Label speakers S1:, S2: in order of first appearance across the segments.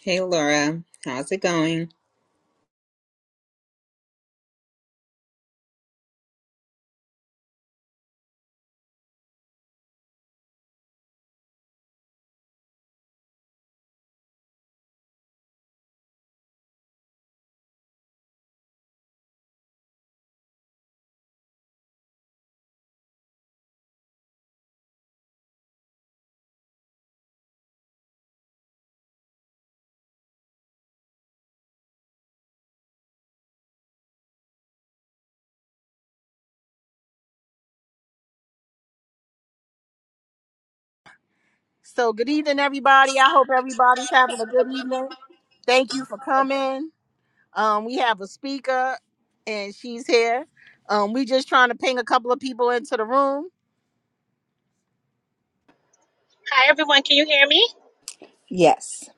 S1: Hey Laura, how's it going?
S2: So good evening, everybody. I hope everybody's having a good evening. Thank you for coming. Um, we have a speaker, and she's here. Um, we just trying to ping a couple of people into the room.
S3: Hi, everyone. Can you hear me?
S1: Yes,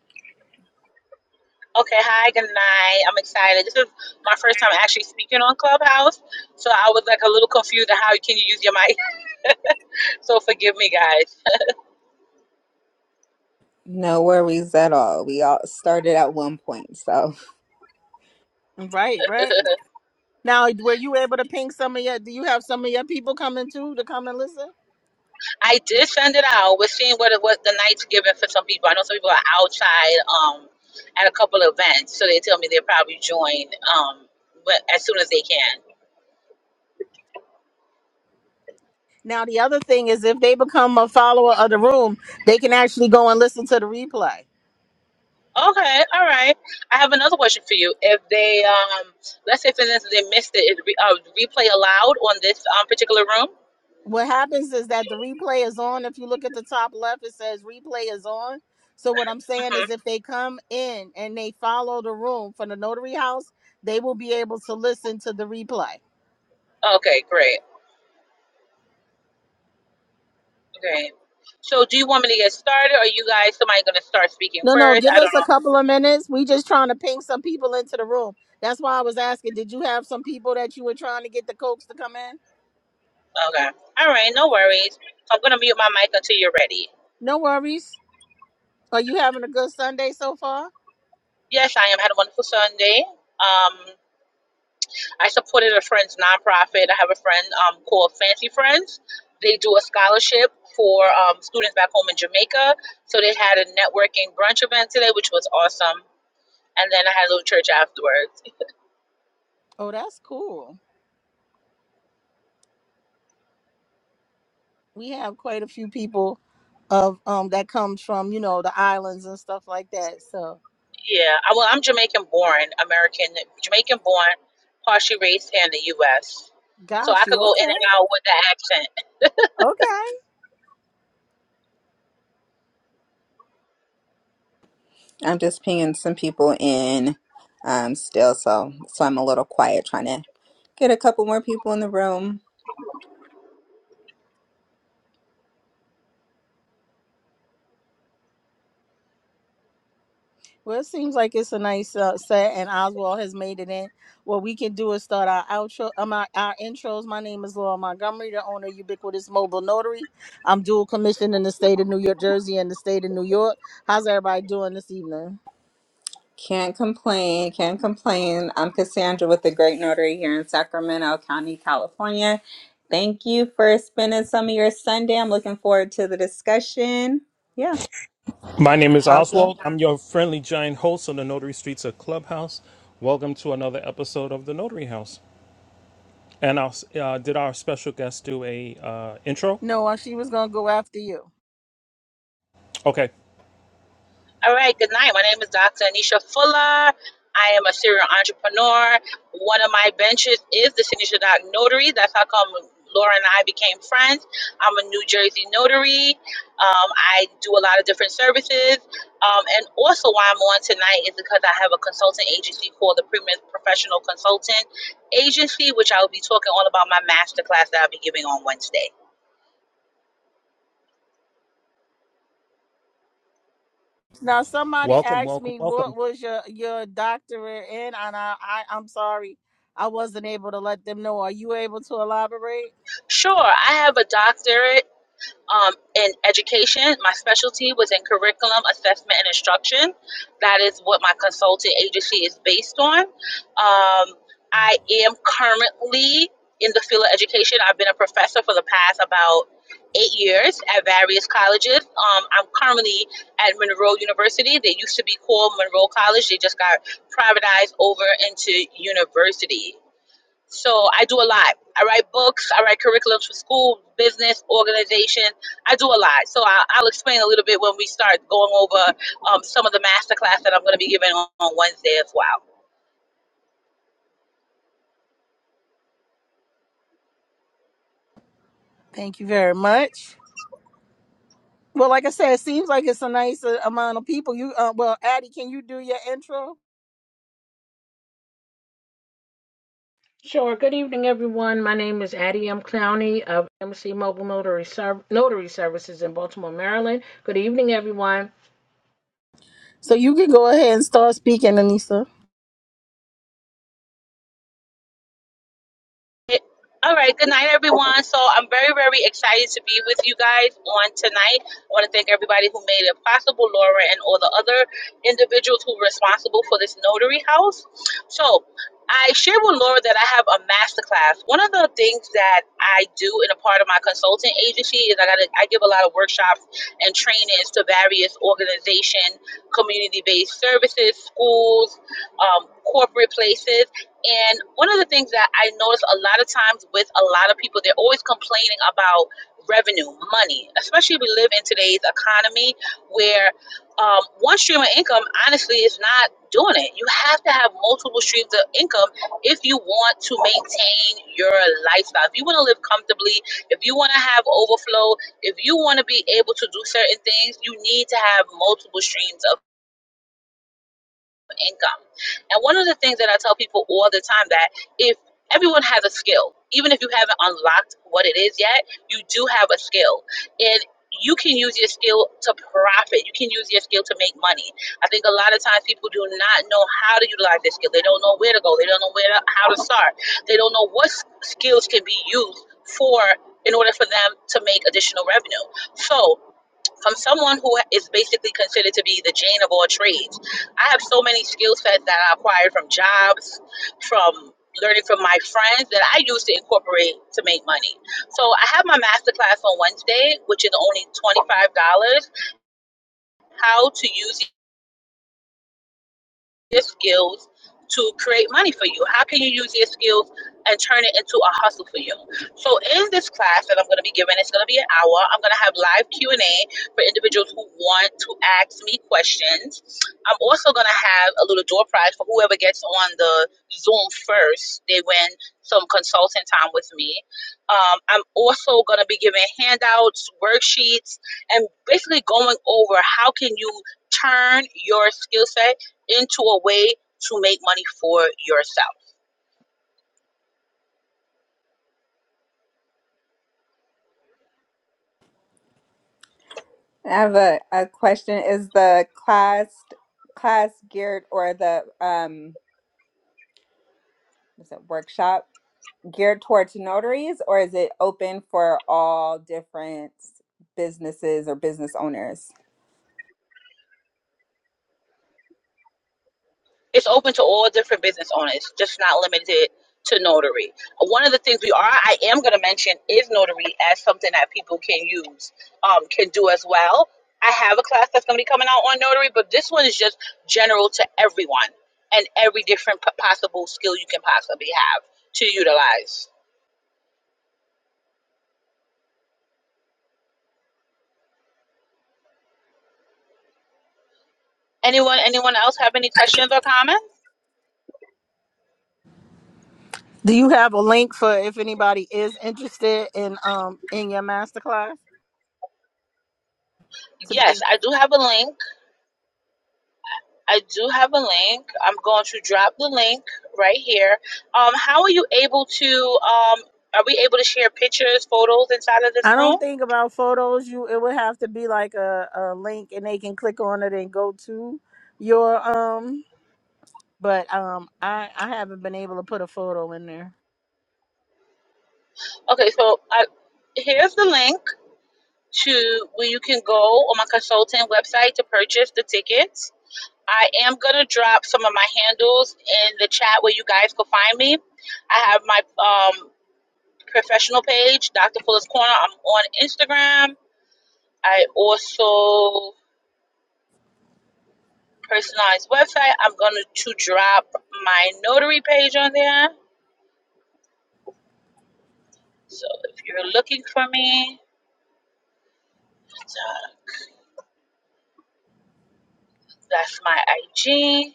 S3: Okay. Hi. Good night. I'm excited. This is my first time actually speaking on Clubhouse, so I was like a little confused on how can you use your mic. So forgive me, guys.
S1: no worries at all. We all started at one point, so
S2: Right, right. Now, were you able to ping some of your? Do you have some of your people coming too to come and listen?
S3: I did send it out. We're seeing what it was the night's giving for some people. I know some people are outside um, at a couple of events, so they tell me they'll probably join um, but as soon as they can.
S2: Now, the other thing is, if they become a follower of the room, they can actually go and listen to the replay.
S3: Okay. All right. I have another question for you. If they, um, let's say, for instance, they missed it, is re- uh, replay allowed on this um, particular room?
S2: what happens is that the replay is on. If you look at the top left, it says replay is on. So what I'm
S3: Mm-hmm.
S2: saying is if they come in and they follow the room from the notary house, they will be able to listen to the replay.
S3: Okay, great. Okay. So, do you want me to get started, or you guys, somebody gonna start speaking
S2: No, no,
S3: first?
S2: give
S3: I don't
S2: us a couple of minutes. We just trying to ping some people into the room. That's why I was asking, did you have some people that you were trying to get the Cokes to come in?
S3: know. Okay. All right, no worries. So I'm gonna mute my mic until you're ready.
S2: No worries. Are you having a good Sunday so far?
S3: Yes, I am. Had a wonderful Sunday. Um, I supported a friend's nonprofit. I have a friend um called Fancy Friends. They do a scholarship for um, students back home in Jamaica. So they had a networking brunch event today, which was awesome. And then I had a little church afterwards.
S2: Oh, that's cool. We have quite a few people of um that comes from, you know, the islands and stuff like that. So
S3: Yeah, I- well, I'm Jamaican born, American, Jamaican born, partially raised here in the U.S. So I
S2: got
S3: could
S2: you.
S3: go in
S2: Okay.
S3: and out with the accent.
S2: Okay.
S1: I'm just pinging some people in um, still, so so I'm a little quiet trying to get a couple more people in the room.
S2: Well, it seems like it's a nice uh, set, and Oswald has made it in. What we can do is start our outro, um, our, our intros. My name is Laura Montgomery, the owner of Ubiquitous Mobile Notary. I'm dual commissioned in the state of New York, Jersey, and the state of New York. How's everybody doing this evening?
S1: Can't complain, can't complain. I'm Cassandra with the Great Notary here in Sacramento County, California. Thank you for spending some of your Sunday. I'm looking forward to the discussion. Yeah.
S4: My name is
S1: Okay.
S4: Oswald. I'm your friendly giant host on the Notary Streets of Clubhouse. Welcome to another episode of the Notary House. And our, uh, did our special guest do a uh, intro?
S2: No, uh, she was gonna go after you.
S4: Okay.
S3: All right, good night. My name is Dr. Anisha Fuller. I am a serial entrepreneur. One of my ventures is the Signature doc Notary. That's how come Laura and I became friends. I'm a New Jersey notary. Um, I do a lot of different services. Um, and also, why I'm on tonight is because I have a consulting agency called the Premier Professional Consultant Agency, which I will be talking all about my masterclass that I'll be giving on Wednesday.
S2: Now, somebody
S4: Welcome,
S2: asked
S4: welcome,
S2: me what
S4: welcome.
S2: was your your doctorate in, and I, I I'm sorry, I wasn't able to let them know. Are you able to elaborate?
S3: Sure, I have a doctorate um, in education. My specialty was in curriculum assessment and instruction. That is what my consulting agency is based on. Um, I am currently in the field of education. I've been a professor for the past about eight years at various colleges. Um, I'm currently at Monroe University. They used to be called Monroe College. They just got privatized over into university. So I do a lot. I write books, I write curriculums for school, business, organization. I do a lot. So I, I'll explain a little bit when we start going over um, some of the masterclass that I'm going to be giving on, on Wednesday as well.
S2: Thank you very much. Well, like I said, it seems like it's a nice uh, amount of people. You, uh, well, Addie, can you do your intro?
S5: Sure. Good evening, everyone. My name is Addie M. Clowney of MC Mobile Notary, Serv- Notary Services in Baltimore, Maryland. Good evening, everyone.
S2: So you can go ahead and start speaking, Anissa.
S3: Yeah. All right. Good night, everyone. So I'm very, very excited to be with you guys on tonight. I want to thank everybody who made it possible, Laura and all the other individuals who were responsible for this notary house. So I shared with Laura that I have a masterclass. One of the things that I do in a part of my consulting agency is I got I give a lot of workshops and trainings to various organization, community-based services, schools, um, corporate places. And one of the things that I notice a lot of times with a lot of people, they're always complaining about revenue, money, especially if we live in today's economy where um, one stream of income honestly is not doing it. You have to have multiple streams of income if you want to maintain your lifestyle. If you want to live comfortably, if you want to have overflow, if you want to be able to do certain things, you need to have multiple streams of income. And one of the things that I tell people all the time that if everyone has a skill, even if you haven't unlocked what it is yet, you do have a skill. And you can use your skill to profit. You can use your skill to make money. I think a lot of times people do not know how to utilize their skill. They don't know where to go. They don't know where to, how to start. They don't know what skills can be used for in order for them to make additional revenue. So from someone who is basically considered to be the Jane of all trades. I have so many skill sets that I acquired from jobs, from learning from my friends that I use to incorporate to make money. So I have my masterclass on Wednesday, which is only $25, how to use your skills to create money for you? How can you use your skills and turn it into a hustle for you? So in this class that I'm going to be giving, it's going to be an hour. I'm going to have live Q&A for individuals who want to ask me questions. I'm also going to have a little door prize for whoever gets on the Zoom first. They win some consulting time with me. Um, I'm also going to be giving handouts, worksheets, and basically going over how can you turn your skill set into a way to make money for yourself.
S1: I have a, a question. Is the class class geared or the um is it workshop geared towards notaries or is it open for all different businesses or business owners?
S3: It's open to all different business owners, just not limited to notary. One of the things we are, I am going to mention, is notary as something that people can use, um, can do as well. I have a class that's going to be coming out on notary, but this one is just general to everyone and every different p- possible skill you can possibly have to utilize. Anyone, anyone else have any questions or comments?
S2: Do you have a link for if anybody is interested in um in your masterclass? To
S3: Yes,
S2: be-
S3: I do have a link I do have a link. I'm going to drop the link right here. Um, how are you able to? Um, are we able to share pictures, photos inside of this
S2: I
S3: room?
S2: don't think about photos. You, it would have to be like a, a link, and they can click on it and go to your um. But um, I I haven't been able to put a photo in there.
S3: Okay, so I, here's the link to where you can go on my consultant website to purchase the tickets. I am gonna drop some of my handles in the chat where you guys can find me. I have my um, professional page, Dr. Fuller's Corner. I'm on Instagram. I also personalized website. I'm going to drop my notary page on there. So if you're looking for me, uh, that's my IG.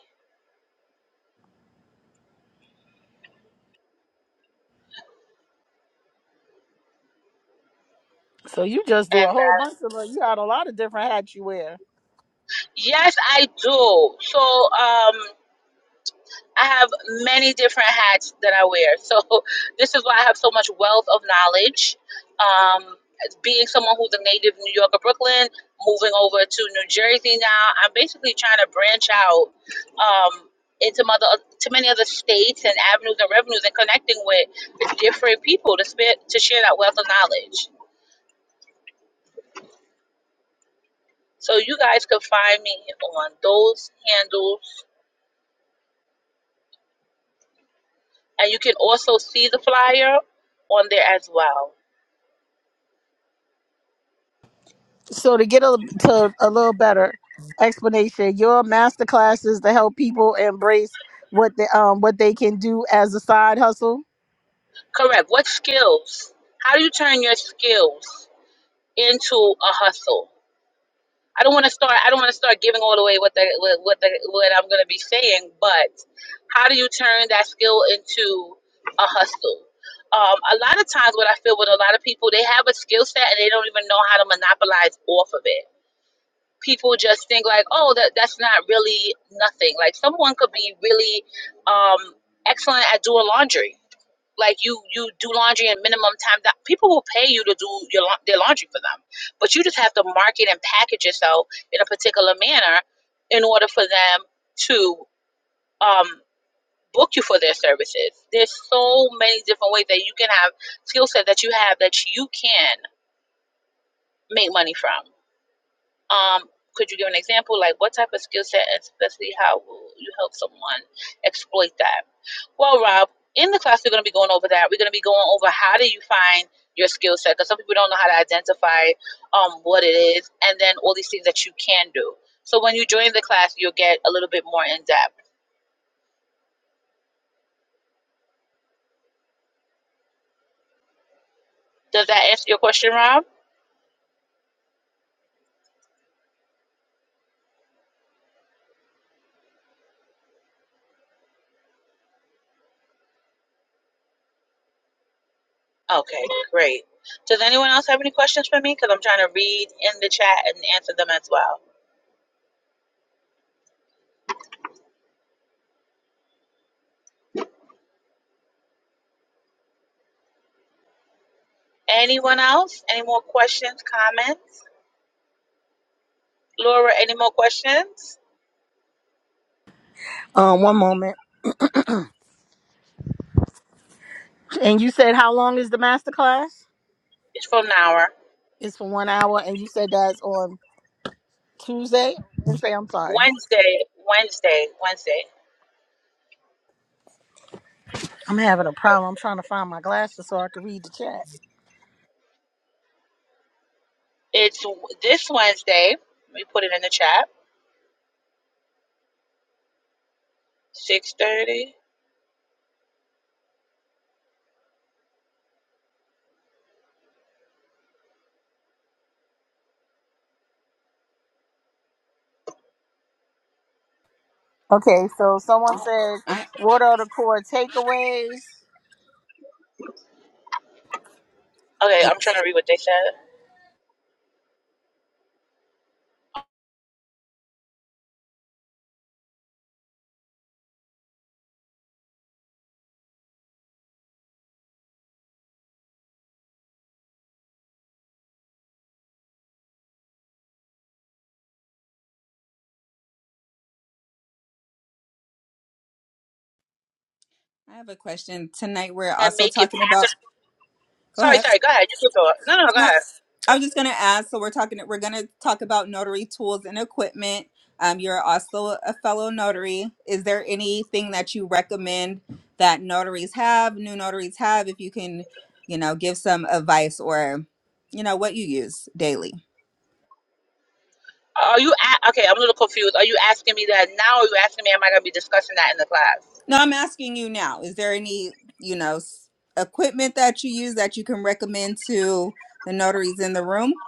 S2: So you just do
S3: And
S2: a whole
S3: uh,
S2: bunch of. like, You got a lot of different hats you wear.
S3: yes, I do. So um, I have many different hats that I wear. So this is why I have so much wealth of knowledge. Um, as being someone who's a native New Yorker, Brooklyn, moving over to New Jersey now, I'm basically trying to branch out um, into mother to many other states and avenues and revenues and connecting with different people to spare, to share that wealth of knowledge. So you guys can find me on those handles, and you can also see the flyer on there as well.
S2: So to get a to a little better explanation, your master classes to help people embrace what they um what they can do as a side hustle.
S3: Correct. What skills? How do you turn your skills into a hustle? I don't want to start. I don't want to start giving all away what the what what, the, what I'm going to be saying. But how do you turn that skill into a hustle? Um, a lot of times, what I feel with a lot of people, they have a skill set and they don't even know how to monopolize off of it. People just think like, oh, that that's not really nothing. Like someone could be really um, excellent at doing laundry like you you do laundry in minimum time that people will pay you to do your lau- their laundry for them but you just have to market and package yourself in a particular manner in order for them to um book you for their services there's so many different ways that you can have skill set that you have that you can make money from um, could you give an example, like what type of skill set, and especially how will you help someone exploit that? Well, Rob, in the class we're going to be going over that. We're going to be going over how do you find your skill set because some people don't know how to identify um, what it is, and then all these things that you can do. So when you join the class, you'll get a little bit more in depth. Does that answer your question, Rob? Okay, great. Does anyone else have any questions for me? Because I'm trying to read in the chat and answer them as well. Anyone else? Any more questions, comments? Laura, any more questions?
S2: Um, one moment. And you said how long is the master class?
S3: It's for Nara.
S2: It's for one hour, and you said that's on Tuesday. Wednesday. I'm sorry.
S3: Wednesday, Wednesday, Wednesday.
S2: I'm having a problem. I'm trying to find my glasses so I can read the chat.
S3: It's w- this Wednesday. Let me put it in the chat. Six thirty.
S2: Okay, so someone said,
S1: I
S2: "What are the core takeaways?"
S3: Okay, I'm trying to read what they said.
S1: I have a question. Tonight we're
S3: And
S1: also
S3: make it.
S1: talking about go
S3: Sorry,
S1: ahead.
S3: sorry. Go ahead. You can go. No, no, go
S1: Not,
S3: ahead.
S1: I was just going to ask. So we're talking. We're going to talk about notary tools and equipment. Um, you're also a fellow notary. Is there anything that you recommend that notaries have, new notaries have? If you can, you know, give some advice or, you know, what you use daily.
S3: Are you a- okay? I'm a little confused. Are you asking me that now? Or are you asking me? Am I gonna be discussing that in the class?
S1: No, I'm asking you now. Is there any, you know, s- equipment that you use that you can recommend to the notaries in the room?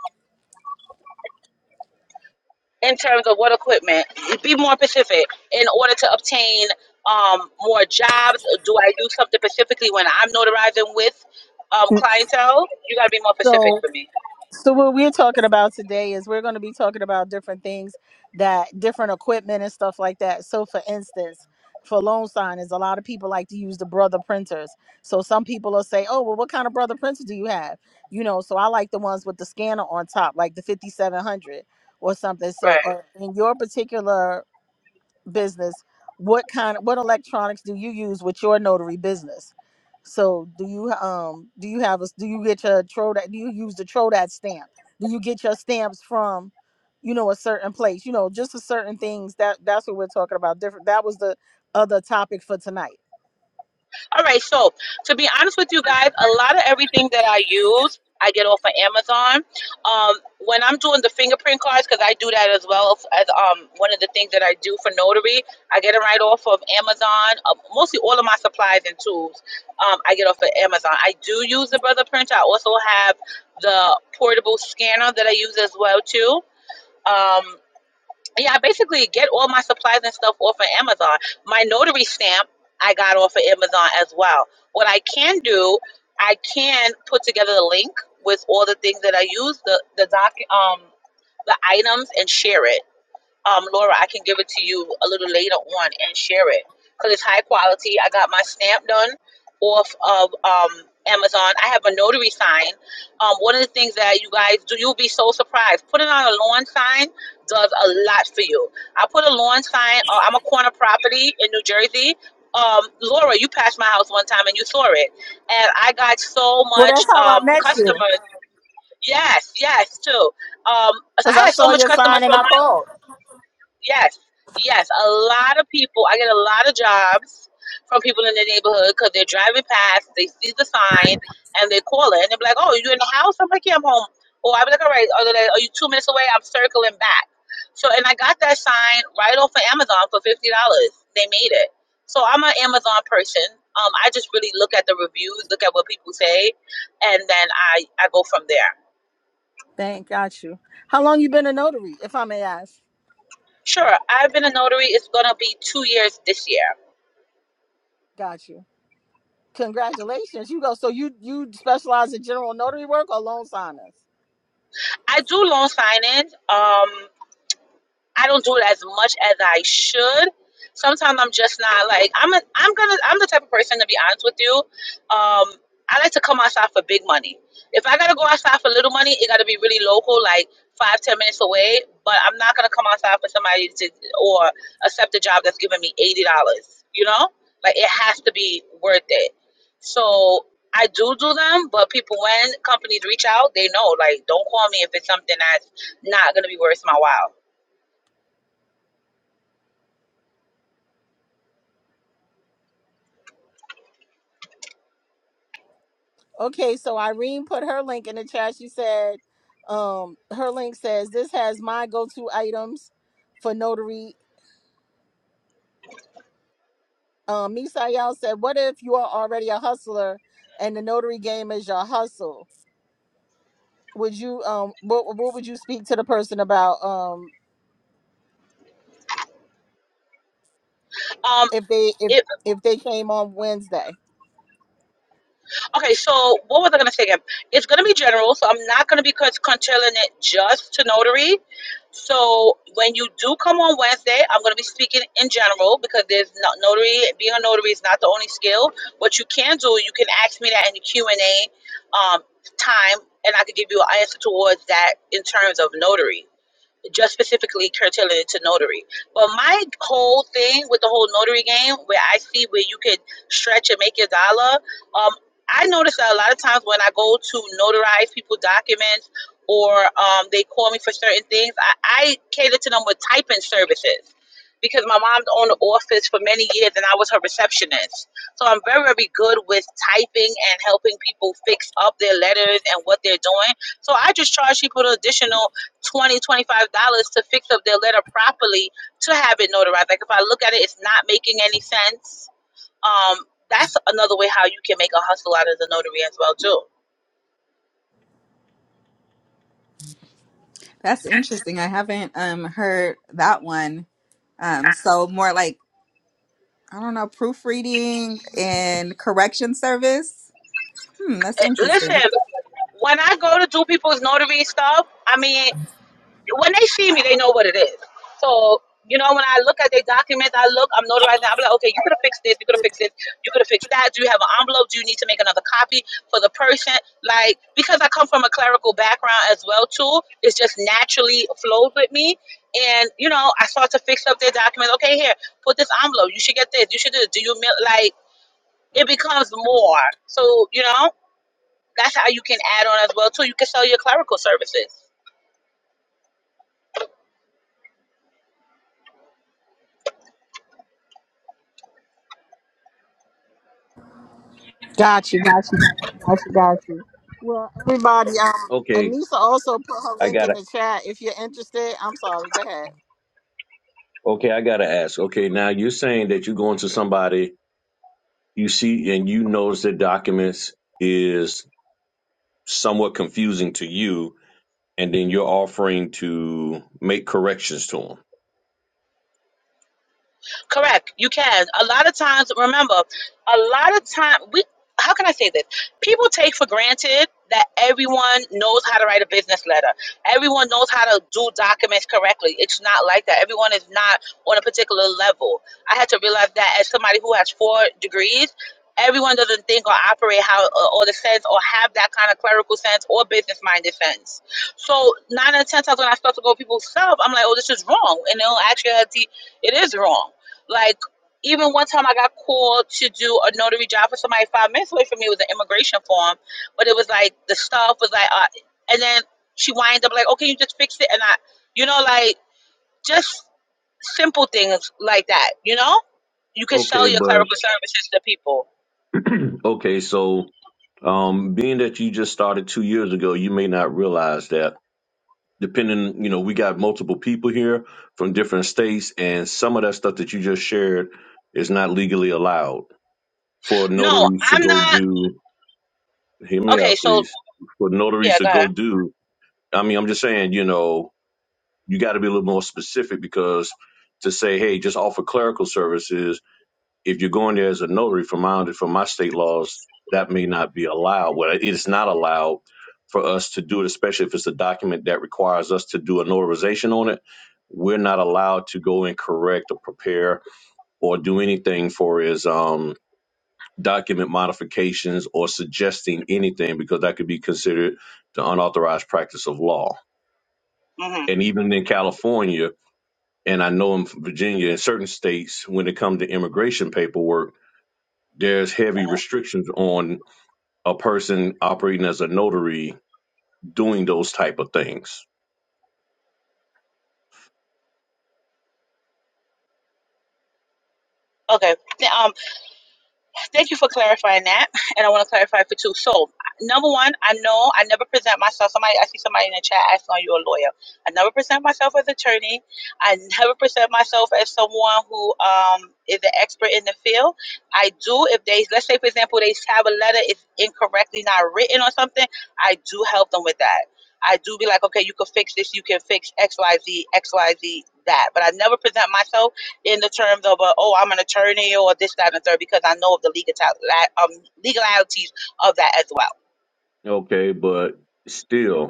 S3: in terms of what equipment? Be more specific. In order to obtain um, more jobs, do I do something specifically when I'm notarizing with um, clientele? You got to be more specific
S2: So
S3: for me.
S2: So what we're talking about today is we're going to be talking about different things that different equipment and stuff like that. So for instance, for loan signers, a lot of people like to use the brother printers. So some people will say, "Oh, well, what kind of brother printer do you have?" You know, so I like the ones with the scanner on top, like the 5700 or something.
S3: Right.
S2: So, or in your particular business what kind what electronics do you use with your notary business so do you um do you have a do you get your trodat do you use the trodat stamp do you get your stamps from you know a certain place you know just a certain things that that's what we're talking about different that was the other topic for tonight
S3: All right, so to be honest with you guys, a lot of everything that I use, I get off of Amazon. Um, when I'm doing the fingerprint cards, because I do that as well as um, one of the things that I do for notary, I get it right off of Amazon. Uh, mostly all of my supplies and tools, um, I get off of Amazon. I do use the Brother Printer. I also have the portable scanner that I use as well too. Um, yeah, I basically get all my supplies and stuff off of Amazon. My notary stamp I got off of Amazon as well. What I can do, I can put together the link with all the things that I use, the the doc, um, the items, and share it um, Laura, I can give it to you a little later on and share it because it's high quality. I got my stamp done off of um, Amazon. I have a notary sign. Um, one of the things that you guys do, you'll be so surprised. Putting on a lawn sign does a lot for you. I put a lawn sign. Uh, I'm a corner property in New Jersey. Um, Laura, you passed my house one time and you saw it, and I got so
S2: well that's
S3: much
S2: how i
S3: um,
S2: met you
S3: customers. Yes, yes, too. Um,
S2: because
S3: I
S2: i
S3: had so
S2: saw
S3: much
S2: your
S3: customers
S2: sign and
S3: from
S2: i called
S3: Yes, yes. A lot of people, I get a lot of jobs from people in the neighborhood because they're driving past, they see the sign, and they call it, and they're like, "Oh, you in the house?" I'm like, "Yeah, I'm home." Or i be like, "All right, are, they, are you two minutes away? I'm circling back." So, and I got that sign right off of Amazon for fifty dollars. They made it. So I'm an Amazon person. Um, I just really look at the reviews, look at what people say, and then I I go from there.
S2: thank got you how long you been a notary if i may ask
S3: Sure, I've been a notary. It's gonna be two years this year
S2: got you Congratulations. You go. So you you specialize in general notary work or loan signers?
S3: I do loan signings. Um, I don't do it as much as I should. Sometimes I'm just not like I'm. A, I'm gonna. I'm the type of person to be honest with you. Um, I like to come outside for big money. If I gotta go outside for little money, it gotta be really local, like five ten minutes away. But I'm not gonna come outside for somebody to or accept a job that's giving me eighty dollars. You know, like it has to be worth it. So I do do them, but people when companies reach out, they know like don't call me if it's something that's not gonna be worth my while.
S2: Okay, so Irene put her link in the chat. She said, um, her link says this has my go-to items for notary. Um, Misael said, What if you are already a hustler and the notary game is your hustle? Would you um what what would you speak to the person about um
S3: Um,
S2: if they if
S3: It,
S2: if they came on Wednesday?
S3: okay, so what was I going to say again? It's going to be general, so I'm not going to be cont- controlling it just to notary. So when you do come on Wednesday, I'm going to be speaking in general because there's not notary. Being a notary is not the only skill. What you can do, you can ask me that in the Q and A um, time, and I could give you an answer towards that in terms of notary. just specifically curtailing it to notary. But my whole thing with the whole notary game, where I see where you could stretch and make your dollar, um, I notice that a lot of times when I go to notarize people's documents or um, they call me for certain things, I, I cater to them with typing services. Because my mom owned an office for many years and I was her receptionist. So I'm very, very good with typing and helping people fix up their letters and what they're doing. So I just charge people the additional 20 dollars, 25 dollars to fix up their letter properly to have it notarized like if i look at it it's not making any sense um that's another way how you can make a hustle out of the notary as well too
S1: That's interesting. I haven't um heard that one. Um, so more like I don't know, proofreading and correction service. Hmm, that's
S3: Eh, listen
S1: interesting.
S3: when i go to do people's notary stuff i mean when they see me, they know what it is. So, you know, when I look at their documents, I look, I'm notarizing, I'm like, okay, you could have fixed this, you could have fixed this, you could have fixed that. Do you have an envelope? Do you need to make another copy for the person? Like, because I come from a clerical background as well, too, it's just naturally flows with me. And, you know, I start to fix up their documents. Okay, here, put this envelope. You should get this. You should do this. Do you, mail- like, it becomes more. So, you know, that's how you can add on as well, too. You can sell your clerical services.
S2: Got you, got you, got you, got you. Well, everybody, um,
S6: Okay,
S2: Anissa also put her
S6: I
S2: link in
S6: gotta.
S2: the chat if you're interested. I'm sorry, go ahead.
S6: Okay, I gotta ask. Okay, now you're saying that you go into somebody you see and you notice that documents is somewhat confusing to you, and then you're offering to make corrections to them.
S3: Correct. You can. A lot of times, remember, a lot of time we how can I say this? People take for granted that everyone knows how to write a business letter. Everyone knows how to do documents correctly. It's not like that. Everyone is not on a particular level. I had to realize that as somebody who has four degrees, everyone doesn't think or operate how or, or the sense or have that kind of clerical sense or business minded sense. So nine out of ten times when I start to go people's self, I'm like, oh, this is wrong, and they'll actually it is wrong like even one time I got called to do a notary job for somebody five minutes away from me It was an immigration form, but it was like the stuff was like, uh, and then she winds up like, okay, you just fix it, and I, you know, like just simple things like that, you know. You can sell
S6: Okay,
S3: your
S6: but
S3: clerical services to people.
S6: okay, so um, being that you just started two years ago, you may not realize that. Depending, you know, we got multiple people here from different states, and some of that stuff that you just shared is not legally allowed for
S3: No,
S6: notaries to
S3: I'm
S6: go
S3: not.
S6: do hear me
S3: Okay,
S6: out,
S3: so
S6: please. For notaries
S3: yeah,
S6: to
S3: go ahead.
S6: go do, I mean, I'm just saying, you know, you got to be a little more specific because to say, hey, just offer clerical services, if you're going there as a notary, from my from my state laws, that may not be allowed. Well, it is not allowed for us to do it, especially if it's a document that requires us to do a notarization on it. We're not allowed to go and correct or prepare or do anything for is document modifications or suggesting anything because that could be considered the unauthorized practice of law.
S3: mm hmm
S6: And even in California, and I know in Virginia, in certain states, when it comes to immigration paperwork, there's heavy restrictions on a person operating as a notary doing those type of things.
S3: Okay. Um. Thank you for clarifying that. And I want to clarify for two. So, number one, I know I never present myself. Somebody, I see somebody in the chat asking, Are you a lawyer? I never present myself as attorney. I never present myself as someone who um, is an expert in the field. I do, if they, let's say, for example, they have a letter, it's incorrectly not written or something, I do help them with that. I do be like, Okay, you can fix this, you can fix X Y Z X Y Z that. But I never present myself in the terms of, uh, oh, I'm an attorney or this, that, and the third, because I know of the legal um, legalities of that as well.
S6: Okay, but still,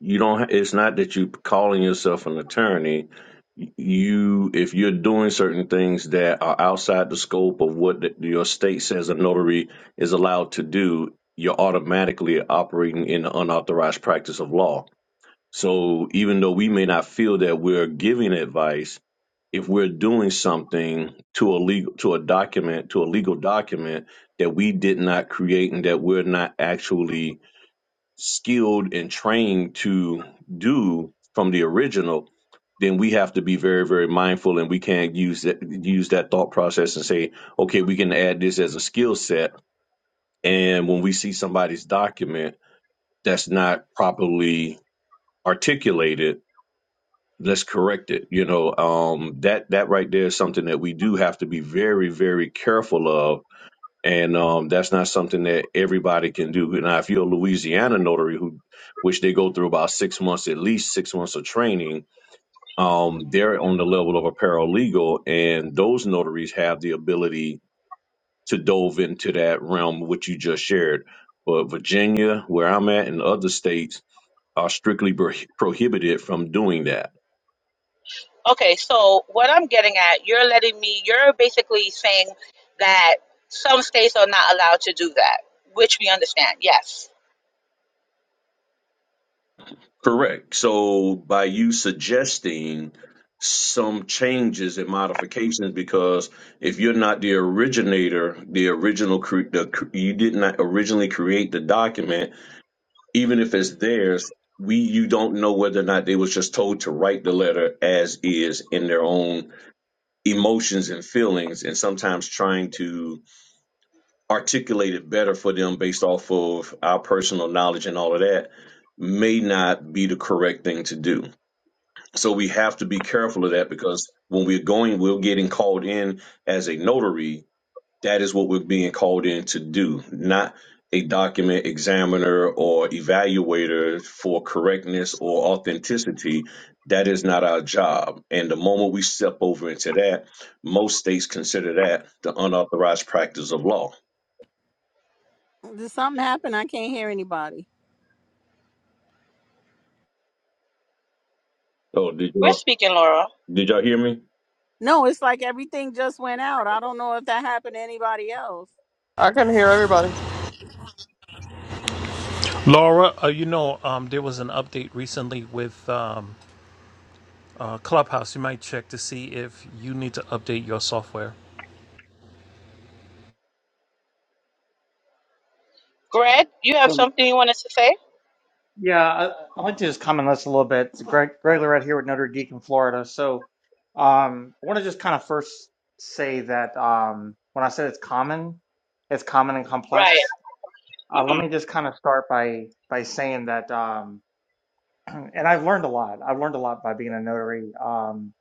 S6: you don't ha- it's not that you calling yourself an attorney you if you're doing certain things that are outside the scope of what the, your state says a notary is allowed to do you're automatically operating in the unauthorized practice of law so even though we may not feel that we're giving advice if we're doing something to a legal to a document to a legal document that we did not create and that we're not actually skilled and trained to do from the original, then we have to be very, very mindful, and we can't use that use that thought process and say, okay, we can add this as a skill set. And when we see somebody's document that's not properly articulated, let's correct it. You know, um, that that right there is something that we do have to be very, very careful of and um, that's not something that everybody can do. Now, if you're a Louisiana notary who, which they go through about six months, at least six months of training, um, they're on the level of a paralegal, and those notaries have the ability to dove into that realm which you just shared. But Virginia, where I'm at, and other states are strictly pro- prohibited from doing that
S3: Okay, so what I'm getting at, you're letting me, you're basically saying that some states are not allowed to do that, which we understand. Yes.
S6: Correct. So by you suggesting some changes and modifications, because if you're not the originator, the original, cre- the, cr- you did not originally create the document, even if it's theirs, we, you don't know whether or not they was just told to write the letter as is in their own emotions and feelings, and sometimes trying to articulate it better for them based off of our personal knowledge and all of that may not be the correct thing to do. So we have to be careful of that because when we're going, we're getting called in as a notary. That is what we're being called in to do, not a document examiner or evaluator for correctness or authenticity. That is not our job. And the moment we step over into that, most states consider that the unauthorized practice of law.
S2: Did something happen? I can't hear anybody.
S6: Oh, did
S3: We're
S6: y'all,
S3: speaking, Laura.
S6: did y'all hear me?
S2: No, it's like everything just went out. I don't know if that happened to anybody else.
S7: I can hear everybody.
S4: Laura, uh, you know um, there was an update recently with um, uh, Clubhouse. You might check to see if you need to update your software.
S3: Greg, you have
S8: So
S3: something you wanted to say?
S8: yeah, I, I'd like to just comment on this a little bit. It's Greg, Greg Lorette here with Notre Dame in Florida. So um, I want to just kind of first say that um, when I said it's common, it's common and
S3: Right.
S8: complex.
S3: mm
S8: Uh,
S3: hmm
S8: let me just kind of start by by saying that, um, and I've learned a lot. I've learned a lot by being a notary. Um,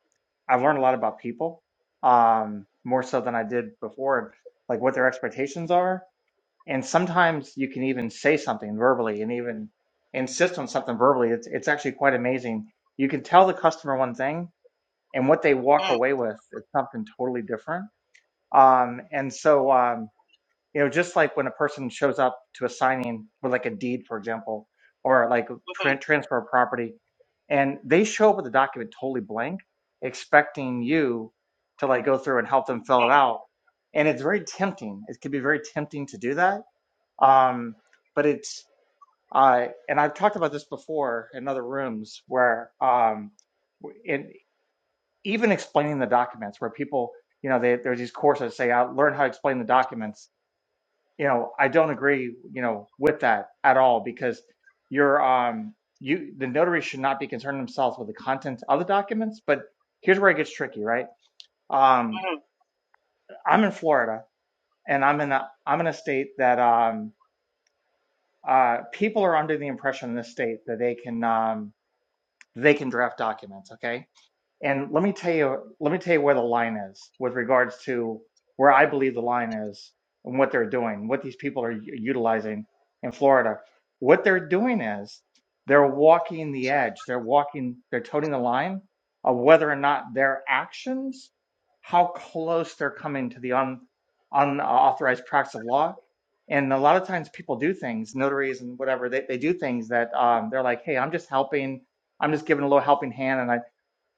S8: I've learned a lot about people, um, more so than I did before, like what their expectations are. and sometimes you can even say something verbally and even insist on something verbally it's it's actually quite amazing you can tell the customer one thing and what they
S3: mm
S8: walk
S3: hmm mm
S8: away with is something totally different um and so um you know just like when a person shows up to a signing with like a deed for example or like tran
S3: hmm
S8: transfer of property and they show up with the document totally blank expecting you to like go through and help them fill it out and it's very tempting it can be very tempting to do that um, but it's uh, and I've talked about this before in other rooms where um, in even explaining the documents where people you know they, there's these courses that say I learn how to explain the documents. You know, I don't agree you know with that at all because you're um you the notary should not be concerned themselves with the contents of the documents. But here's where it gets tricky, right?
S3: mm
S8: Um,
S3: hmm
S8: I'm in Florida and I'm in a I'm in a state that um uh, people are under the impression in this state that they can um, they can draft documents. Okay, and let me tell you, let me tell you where the line is with regards to where I believe the line is and what they're doing, what these people are u- utilizing in Florida. What they're doing is they're walking the edge. They're walking, they're toting the line of whether or not their actions, how close they're coming to the un, unauthorized practice of law. And a lot of times people do things, notaries and whatever, they, they do things that um, they're like, hey, I'm just helping. I'm just giving a little helping hand and I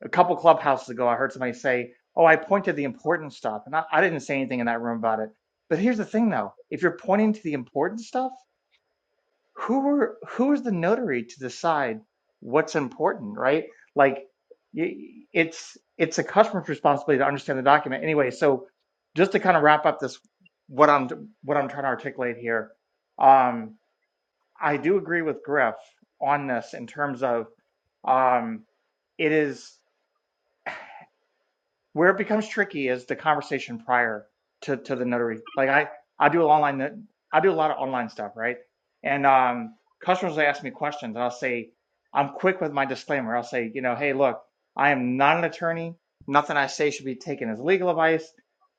S8: a couple clubhouses ago, I heard somebody say, "Oh, I pointed the important stuff," and I, I didn't say anything in that room about it. But here's the thing, though: if you're pointing to the important stuff, who are who is the notary to decide what's important, right? Like, it's it's a customer's responsibility to understand the document anyway. So, just to kind of wrap up this, what I'm what I'm trying to articulate here, um, I do agree with Griff on this in terms of um, it is. where it becomes tricky is the conversation prior to to the notary. Like I I do online I do a lot of online stuff, right? And um, customers will ask me questions, and I'll say I'm quick with my disclaimer. I'll say, you know, hey, look, I am not an attorney. Nothing I say should be taken as legal advice.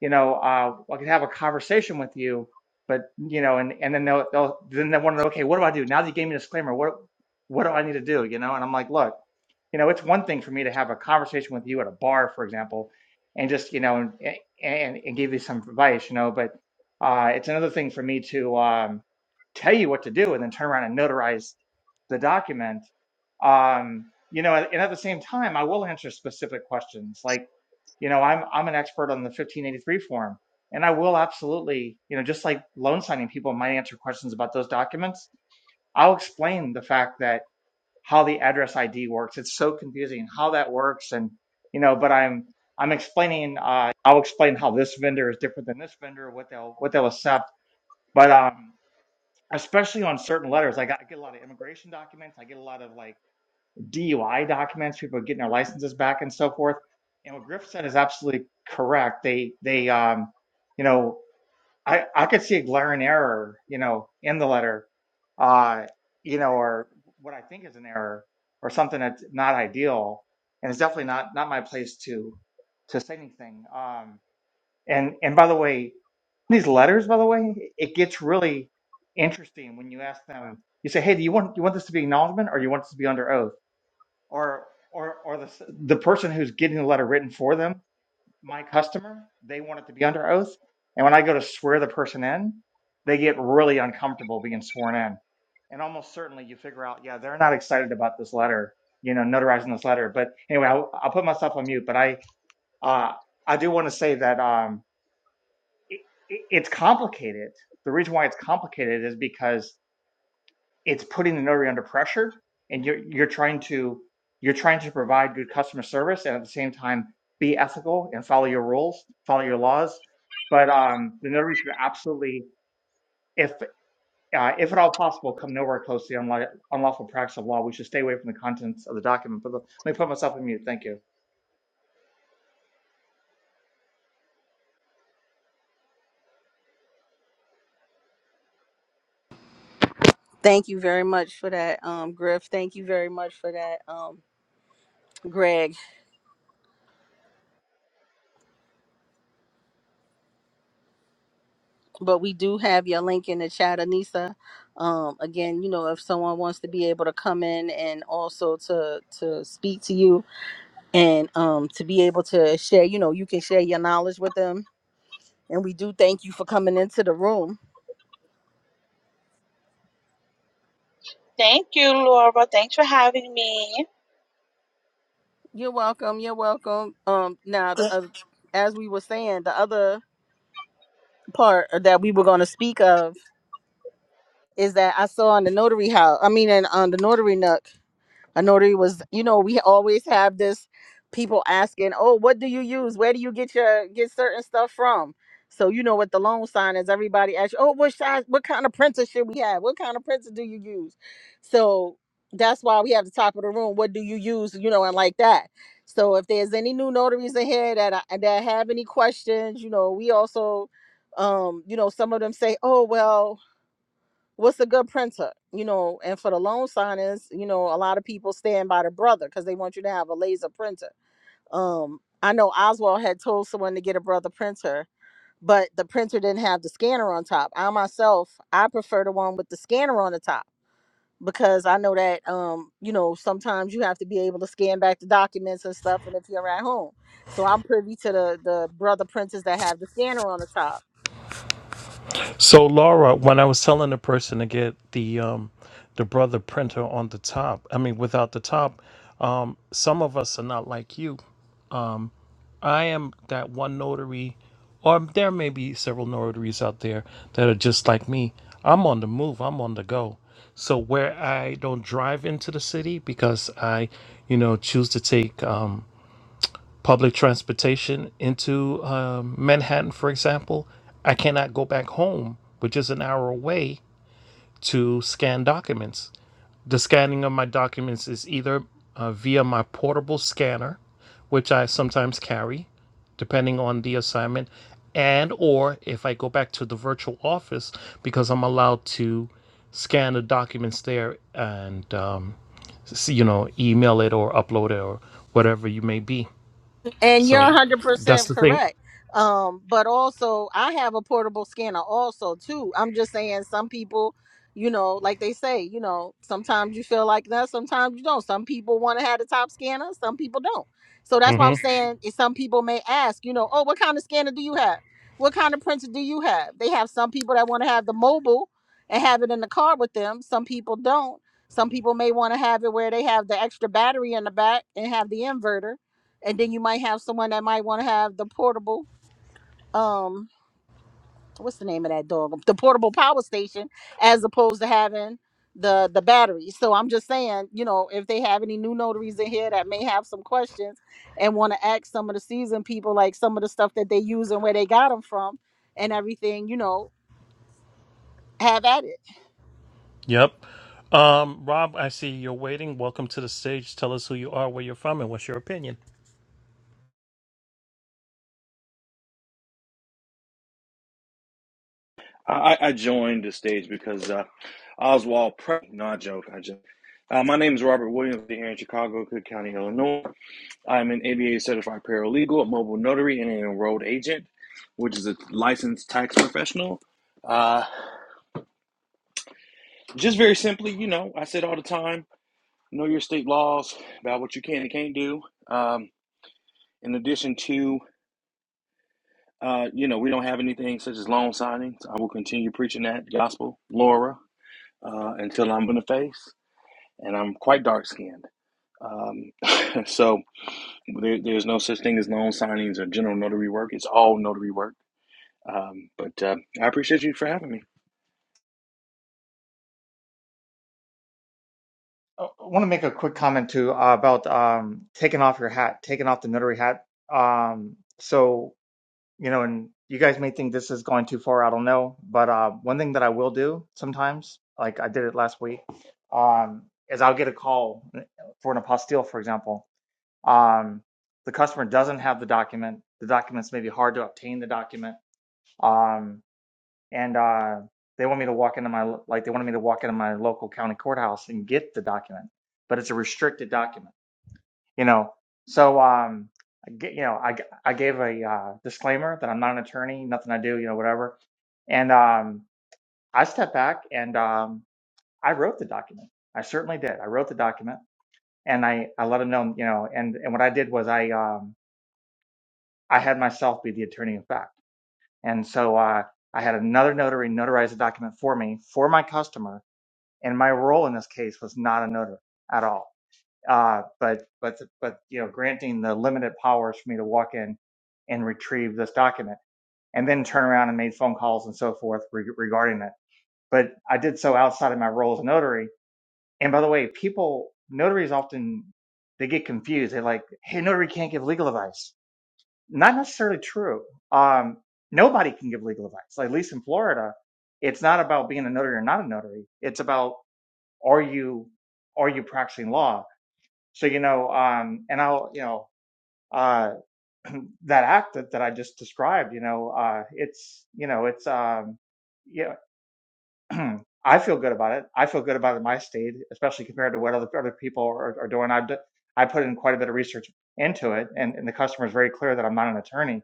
S8: You know, uh, I can have a conversation with you, but you know, and and then they'll, they'll then they want to know, okay, what do I do now that you gave me a disclaimer? What what do I need to do? You know, and I'm like, look, you know, it's one thing for me to have a conversation with you at a bar, for example and just you know and and, and give you some advice you know but uh, it's another thing for me to um, tell you what to do and then turn around and notarize the document um, you know and at the same time i will answer specific questions like you know i'm i'm an expert on the 1583 form and i will absolutely you know just like loan signing people might answer questions about those documents i'll explain the fact that how the address ID works. It's so confusing how that works, and you know, but I'm I'm explaining. Uh, I'll explain how this vendor is different than this vendor, what they'll what they'll accept. But um, especially on certain letters, I got I get a lot of immigration documents. I get a lot of like DUI documents. People getting their licenses back and so forth. And what Griff said is absolutely correct. They they um, you know. I, I could see a glaring error, you know, in the letter, uh, you know, or what I think is an error or something that's not ideal. And it's definitely not, not my place to, to say anything. Um, and, and by the way, these letters, by the way, it gets really interesting when you ask them, you say, Hey, do you want, you want this to be acknowledgement or you want this to be under oath or, or, or the, the person who's getting the letter written for them my customer, they want it to be under oath. And when I go to swear the person in, they get really uncomfortable being sworn in. And almost certainly you figure out, yeah, they're not excited about this letter, you know, notarizing this letter. But anyway, I'll, I'll put myself on mute. But I, uh, I do want to say that um, it, it, it's complicated. The reason why it's complicated is because it's putting the notary under pressure and you're you're trying to you're trying to provide good customer service and at the same time be ethical and follow your rules follow your laws but um the notary should absolutely if uh, if at all possible come nowhere close to the unla- unlawful practice of law we should stay away from the contents of the document but let me put myself on mute thank you
S2: Thank you very much for that, um, Griff. Thank you very much for that, um, Greg. But we do have your link in the chat, Anissa. Um, again, you know, if someone wants to be able to come in and also to to speak to you, and um to be able to share you know you can share your knowledge with them and we do thank you for coming into the room
S3: Thank you, Laura. Thanks for having me.
S2: you're welcome you're welcome um now the, uh, as we were saying the other part that we were going to speak of is that i saw on the notary house i mean in, on the notary nook A notary was, you know, we always have this people asking, "Oh, what do you use? Where do you get your get certain stuff from?" So you know what the loan sign is. Everybody asks, "Oh, what size? What kind of printer should we have? What kind of printer do you use?" So that's why we have the top of the room. What do you use? You know, and like that. So if there's any new notaries in here that I, that have any questions, you know, we also, um, you know, some of them say, "Oh, well." what's a good printer you know and for the loan signers you know a lot of people stand by the brother because they want you to have a laser printer um i know oswald had told someone to get a brother printer but the printer didn't have the scanner on top i myself i prefer the one with the scanner on the top because i know that um you know sometimes you have to be able to scan back the documents and stuff and if you're at home so i'm privy to the the brother printers that have the scanner on the top
S4: So, Laura, when I was telling the person to get the um, the brother printer on the top, I mean without the top, um, some of us are not like you. I am that one notary, or there may be several notaries out there that are just like me. I'm on the move, I'm on the go. So, where I don't drive into the city because I, you know, choose to take um, public transportation into um, Manhattan, for example, I cannot go back home, which is an hour away, to scan documents. The scanning of my documents is either uh, via my portable scanner, which I sometimes carry, depending on the assignment, and or if I go back to the virtual office because I'm allowed to scan the documents there and um, s- you know email it or upload it or whatever you may be.
S2: and you're
S4: So that's
S2: 100%
S4: the thing.
S2: correct um but also i have a portable scanner also too i'm just saying some people you know like they say you know sometimes you feel like that sometimes you don't some people want to have the top scanner some people don't so that's why
S4: hmm
S2: i'm saying is some people may ask you know oh what kind of scanner do you have what kind of printer do you have they have some people that want to have the mobile and have it in the car with them some people don't some people may want to have it where they have the extra battery in the back and have the inverter and then you might have someone that might want to have the portable um what's the name of that dog the portable power station as opposed to having the the battery so i'm just saying you know if they have any new notaries in here that may have some questions and want to ask some of the seasoned people like some of the stuff that they use and where they got them from and everything you know have at it
S4: Yep. Um, Rob, I see you're waiting. Welcome to the stage. Tell us who you are, where you're from, and what's your opinion.
S9: I, I joined the stage because uh, Oswald Pre. No, I joke. I joke. Uh, my name is Robert Williams here in Chicago, Cook County, Illinois. I'm an ABA certified paralegal, a mobile notary, and an enrolled agent, which is a licensed tax professional. Uh, just very simply, you know, I said all the time, know your state laws about what you can and can't do. Um, in addition to, uh, you know, we don't have anything such as loan signings. I will continue preaching that gospel, Laura, uh, until I'm in the face. and I'm quite dark skinned. Um, so there, there's no such thing as loan signings or general notary work. It's all notary work. Um, but uh, I appreciate you for having me.
S8: i want to make a quick comment too uh, about um taking off your hat taking off the notary hat um so you know, and you guys may think this is going too far. I don't know, but uh, one thing that I will do sometimes, like I did it last week, um, is I'll get a call for an apostille, for example. Um, the customer doesn't have the document. The documents may be hard to obtain. The document, um, and uh, they want me to walk into my like they wanted me to walk into my local county courthouse and get the document, but it's a restricted document you know so um I g- you know i g- i gave a uh, disclaimer that i'm not an attorney nothing i do you know whatever and um i stepped back and um i wrote the document i certainly did i wrote the document and i i let him know you know and and what i did was i um i had myself be the attorney of fact and so uh i had another notary notarize the document for me for my customer and my role in this case was not a notary at all Uh, but but but you know, granting the limited powers for me to walk in and retrieve this document, and then turn around and made phone calls and so forth re- regarding it. But I did so outside of my role as a notary. And by the way, people notaries often they get confused. They're like, "Hey, notary can't give legal advice." Not necessarily true. Um, nobody can give legal advice. Like, at least in Florida, it's not about being a notary or not a notary. It's about are you are you practicing law? So, you know, um, and I'll, you know, uh, that act that, that I just described, you know, uh, it's, you know, it's, um, yeah, I feel good about it. I feel good about it in my state, especially compared to what other, other people are, are doing. I've, d- I put in quite a bit of research into it and, and the customer is very clear that I'm not an attorney,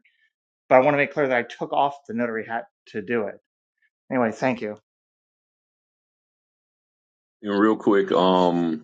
S8: but I want to make clear that I took off the notary hat to do it. Anyway, thank you.
S6: And real quick, um,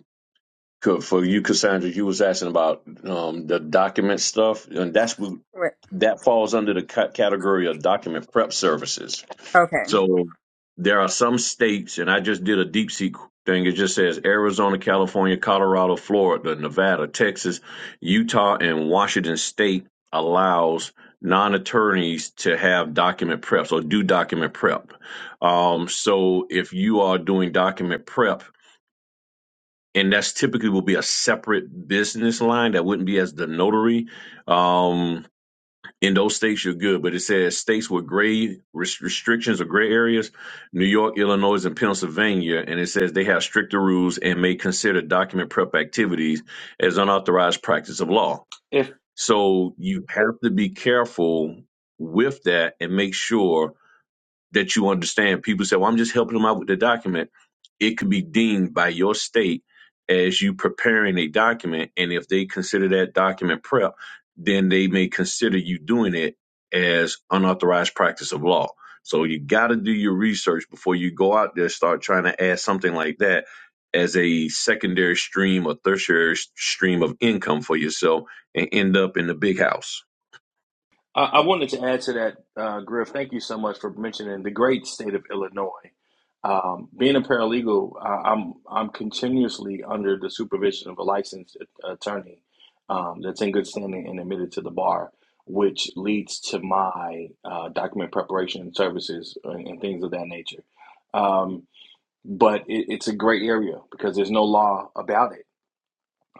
S6: For you, Cassandra, you was asking about um, the document stuff, and that's what
S1: Right.
S6: that falls under the ca- category of document prep services.
S1: Okay.
S6: So there are some states, and I just did a deep seek thing. It just says Arizona, California, Colorado, Florida, Nevada, Texas, Utah, and Washington State allows non-attorneys to have document preps or do document prep. Um, so if you are doing document prep and that's typically will be a separate business line that wouldn't be as the notary. Um, in those states, you're good, but it says states with gray res- restrictions or gray areas, New York, Illinois, and Pennsylvania, and it says they have stricter rules and may consider document prep activities as unauthorized practice of law.
S9: If
S6: So you have to be careful with that and make sure that you understand. People say, well, I'm just helping them out with the document. It could be deemed by your state as you preparing a document. And if they consider that document prep, then they may consider you doing it as unauthorized practice of law. So you got to do your research before you go out there, start trying to add something like that as a secondary stream or tertiary s- stream of income for yourself and end up in the big house.
S9: I, I wanted to add to that, uh, Griff. Thank you so much for mentioning the great state of Illinois. Um, being a paralegal, uh, I'm I'm continuously under the supervision of a licensed attorney um, that's in good standing and admitted to the bar, which leads to my uh, document preparation and services and, and things of that nature. Um, but it, it's a great area because there's no law about it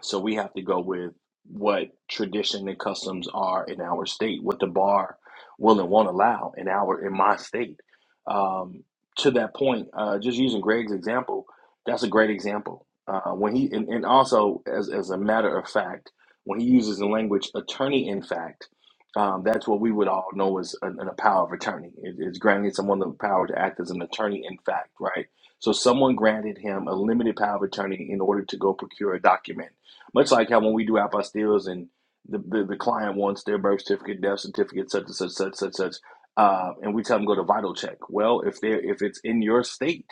S9: so we have to go with what tradition and customs are in our state, what the bar will and won't allow in our in my state. Um, to that point, uh, just using Greg's example, that's a great example. Uh, when he and, and also as as a matter of fact, when he uses the language attorney in fact, um, that's what we would all know as an, a power of attorney. It, it's granting someone the power to act as an attorney in fact, right? So someone granted him a limited power of attorney in order to go procure a document much like how when we do our apostilles and the, the, the client wants their birth certificate, death certificate, such and such, such, such, such, uh, and we tell them go to vital check. Well, if they are if it's in your state,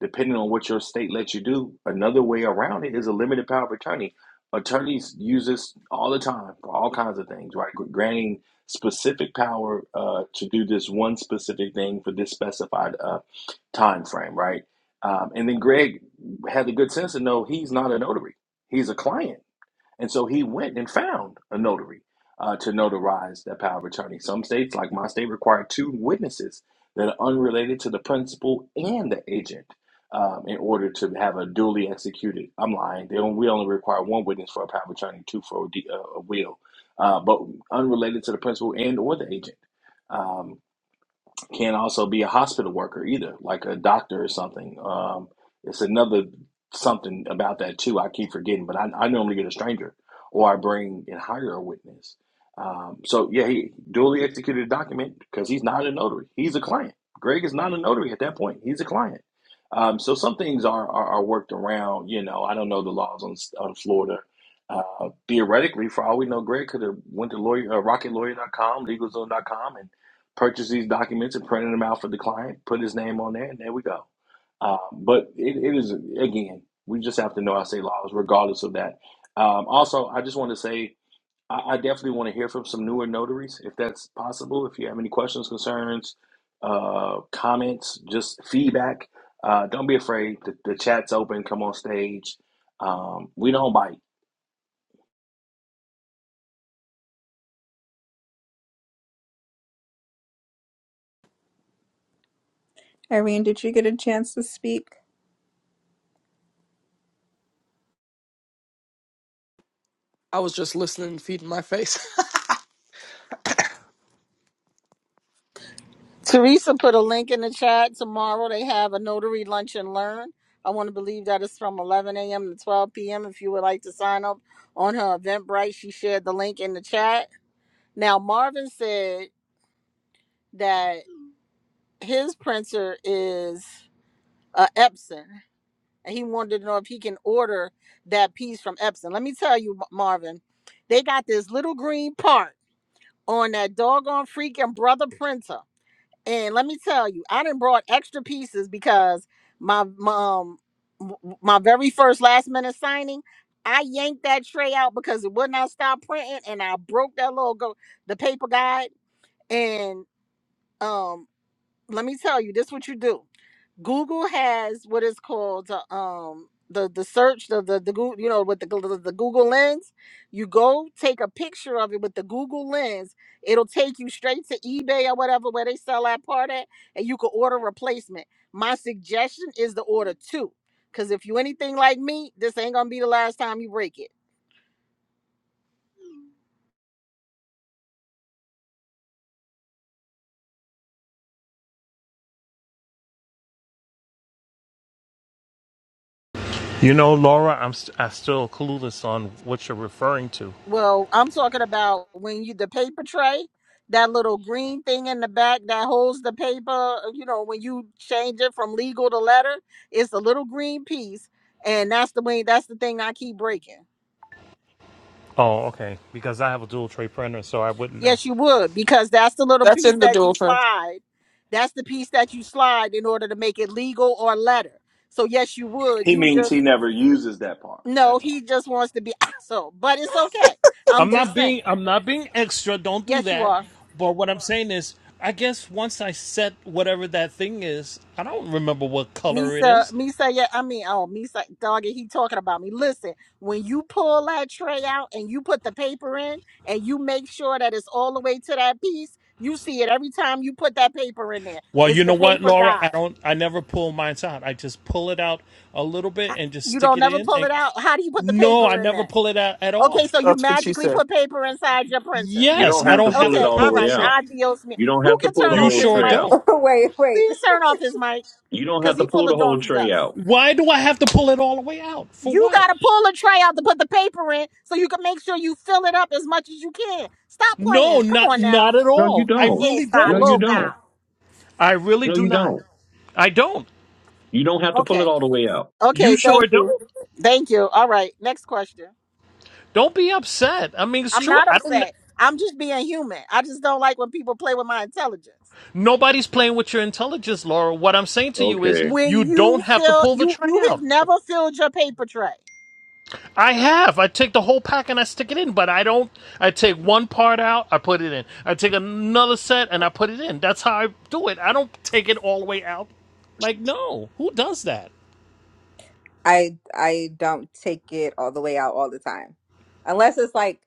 S9: depending on what your state lets you do, another way around it is a limited power of attorney. Attorneys use this all the time for all kinds of things, right? Granting specific power uh, to do this one specific thing for this specified uh, time frame, right? Um, and then Greg had the good sense to know he's not a notary; he's a client and so he went and found a notary uh, to notarize that power of attorney. Some states, like my state, require two witnesses that are unrelated to the principal and the agent um, in order to have a duly executed. I'm lying. They only, we only require one witness for a power of attorney, two for a, de- uh, a will, uh, but unrelated to the principal and or the agent. Um, can also be a hospital worker either, like a doctor or something. Um, it's another something about that too. I keep forgetting, but I, I normally get a stranger or I bring and hire a witness. Um, so yeah, he duly executed a document because he's not a notary. He's a client. Greg is not a notary at that point. He's a client. Um, so some things are, are, are worked around. You know, I don't know the laws on, on Florida. Uh, theoretically, for all we know, Greg could have went to lawyer, uh, rocketlawyer.com, legalzone.com, purchase these documents and printed them out for the client, put his name on there, and there we go. Um, but it, it is, again, we just have to know our state laws regardless of that. Um, also, I just want to say I, I definitely want to hear from some newer notaries if that's possible. If you have any questions, concerns, uh, comments, just feedback, uh, don't be afraid. The, the chat's open. Come on stage. Um, we don't bite.
S1: Irene, did you get a chance to speak?
S7: I was just listening, feeding my face.
S2: Teresa put a link in the chat. Tomorrow they have a notary lunch and learn. I want to believe that it's from 11 a.m. to 12 p.m. If you would like to sign up on her Eventbrite, she shared the link in the chat. Now Marvin said that his printer is uh, Epson, and he wanted to know if he can order that piece from Epson. Let me tell you, Marvin, they got this little green part on that doggone freaking brother printer. And let me tell you, I didn't brought extra pieces because my mom, my very first last minute signing, I yanked that tray out because it would not stop printing, and I broke that little go the paper guide. And um, let me tell you, this what you do. Google has what is called uh, um the the search the the, the Goo- you know with the, the the Google lens. You go take a picture of it with the Google lens. It'll take you straight to eBay or whatever where they sell that part at, and you can order a replacement. My suggestion is to order two, because if you anything like me, this ain't gonna be the last time you break it.
S4: You know, Laura, I'm st- I still clueless on what you're referring to.
S2: Well, I'm talking about when you the paper tray, that little green thing in the back that holds the paper, uh, you know, when you change it from legal to letter, it's a little green piece. And that's the way that's the thing I keep breaking.
S4: Oh, okay. Because I have a dual tray printer, so I wouldn't know.
S2: Yes, you would, because that's the little
S7: That's
S2: piece
S7: in the
S2: that you
S7: dual tray.
S2: slide. That's the piece that you slide in order to make it legal or letter. So yes, you would.
S9: He
S2: You
S9: means
S2: just
S9: he never uses that part.
S2: no,
S9: That's
S2: he
S9: all.
S2: just wants to be so, but it's okay. I'm
S4: I'm not
S2: just saying.
S4: being I'm not being extra. Don't do
S2: Yes, you
S4: that.
S2: are.
S4: But what I'm saying is, I guess once I set whatever that thing is, I don't remember what color it
S2: Misa,
S4: is.
S2: Misa, yeah, I mean, oh, Misa, doggy, he talking about me. Listen, when you pull that tray out and you put the paper in and you make sure that it's all the way to that piece, you see it every time you put that paper in there.
S4: Well,
S2: It's
S4: you
S2: the
S4: know what,
S2: paper
S4: Laura? I
S2: guy.
S4: don't. I never pull mine out. I just pull it out a little bit
S2: I-
S4: and just
S2: You
S4: stick
S2: don't
S4: it
S2: never
S4: in.
S2: pull
S4: And
S2: it out. How do you put the
S4: no, I
S2: paper in
S4: never
S2: there?
S4: pull it out at
S2: Okay,
S4: all.
S2: so you
S7: That's what she
S2: magically
S7: said.
S2: put paper inside your printer.
S6: You
S4: Yes,
S6: don't
S4: I
S6: have
S2: You
S6: to
S4: don't
S6: pull
S4: have
S6: it
S4: to
S2: okay?
S6: all the
S4: pull
S2: All
S4: the
S6: way
S2: right,
S4: tray.
S6: out.
S2: adios, me.
S6: You don't
S2: Who
S6: have to
S2: can
S6: pull the
S2: turn
S4: You
S2: off
S6: whole
S2: his
S4: sure
S6: tray out
S2: mic?
S4: don't.
S1: wait, wait.
S2: Please turn off his mic
S6: You don't
S2: because
S6: have to
S2: he full
S6: pull the
S2: of
S6: whole
S2: donkey
S6: tray
S2: dust.
S6: out.
S4: Why do I have to pull it all the way out? For
S2: You
S4: what?
S2: gotta pull a tray out to put the paper in so you can make sure you fill it up as much as you can. Stop
S4: No,
S2: playing. Come
S4: not
S2: on
S4: not
S2: now.
S4: at
S6: No, you
S4: all. I
S6: don't.
S4: really
S2: Está
S6: No,
S4: don't.
S6: you don't.
S2: loca.
S4: I really
S6: No,
S4: do
S6: you
S4: not.
S6: don't.
S4: I don't.
S6: You don't have to pull it
S2: Okay.
S6: all the way out.
S4: You
S2: Okay,
S4: sure
S2: thank you.
S4: don't?
S2: Thank you. All right. Next question.
S4: Don't be upset. I mean, it's
S2: I'm
S4: true.
S2: not
S4: I don't
S2: upset. I'm just being human. I just don't like when people play with my intelligence.
S4: nobody's playing with your intelligence, Laura. What I'm saying to you is
S6: Okay.
S4: you
S2: When
S4: don't
S2: you
S4: have to
S2: fill
S4: pull the
S2: you
S4: tray
S2: you have
S4: out.
S2: never filled your paper tray.
S4: I have. I take the whole pack and I stick it in, but I don't I take one part out, I put it in. I take another set and I put it in. That's how I do it. I don't take it all the way out. Like no, who does that?
S1: I I don't take it all the way out all the time. Unless it's like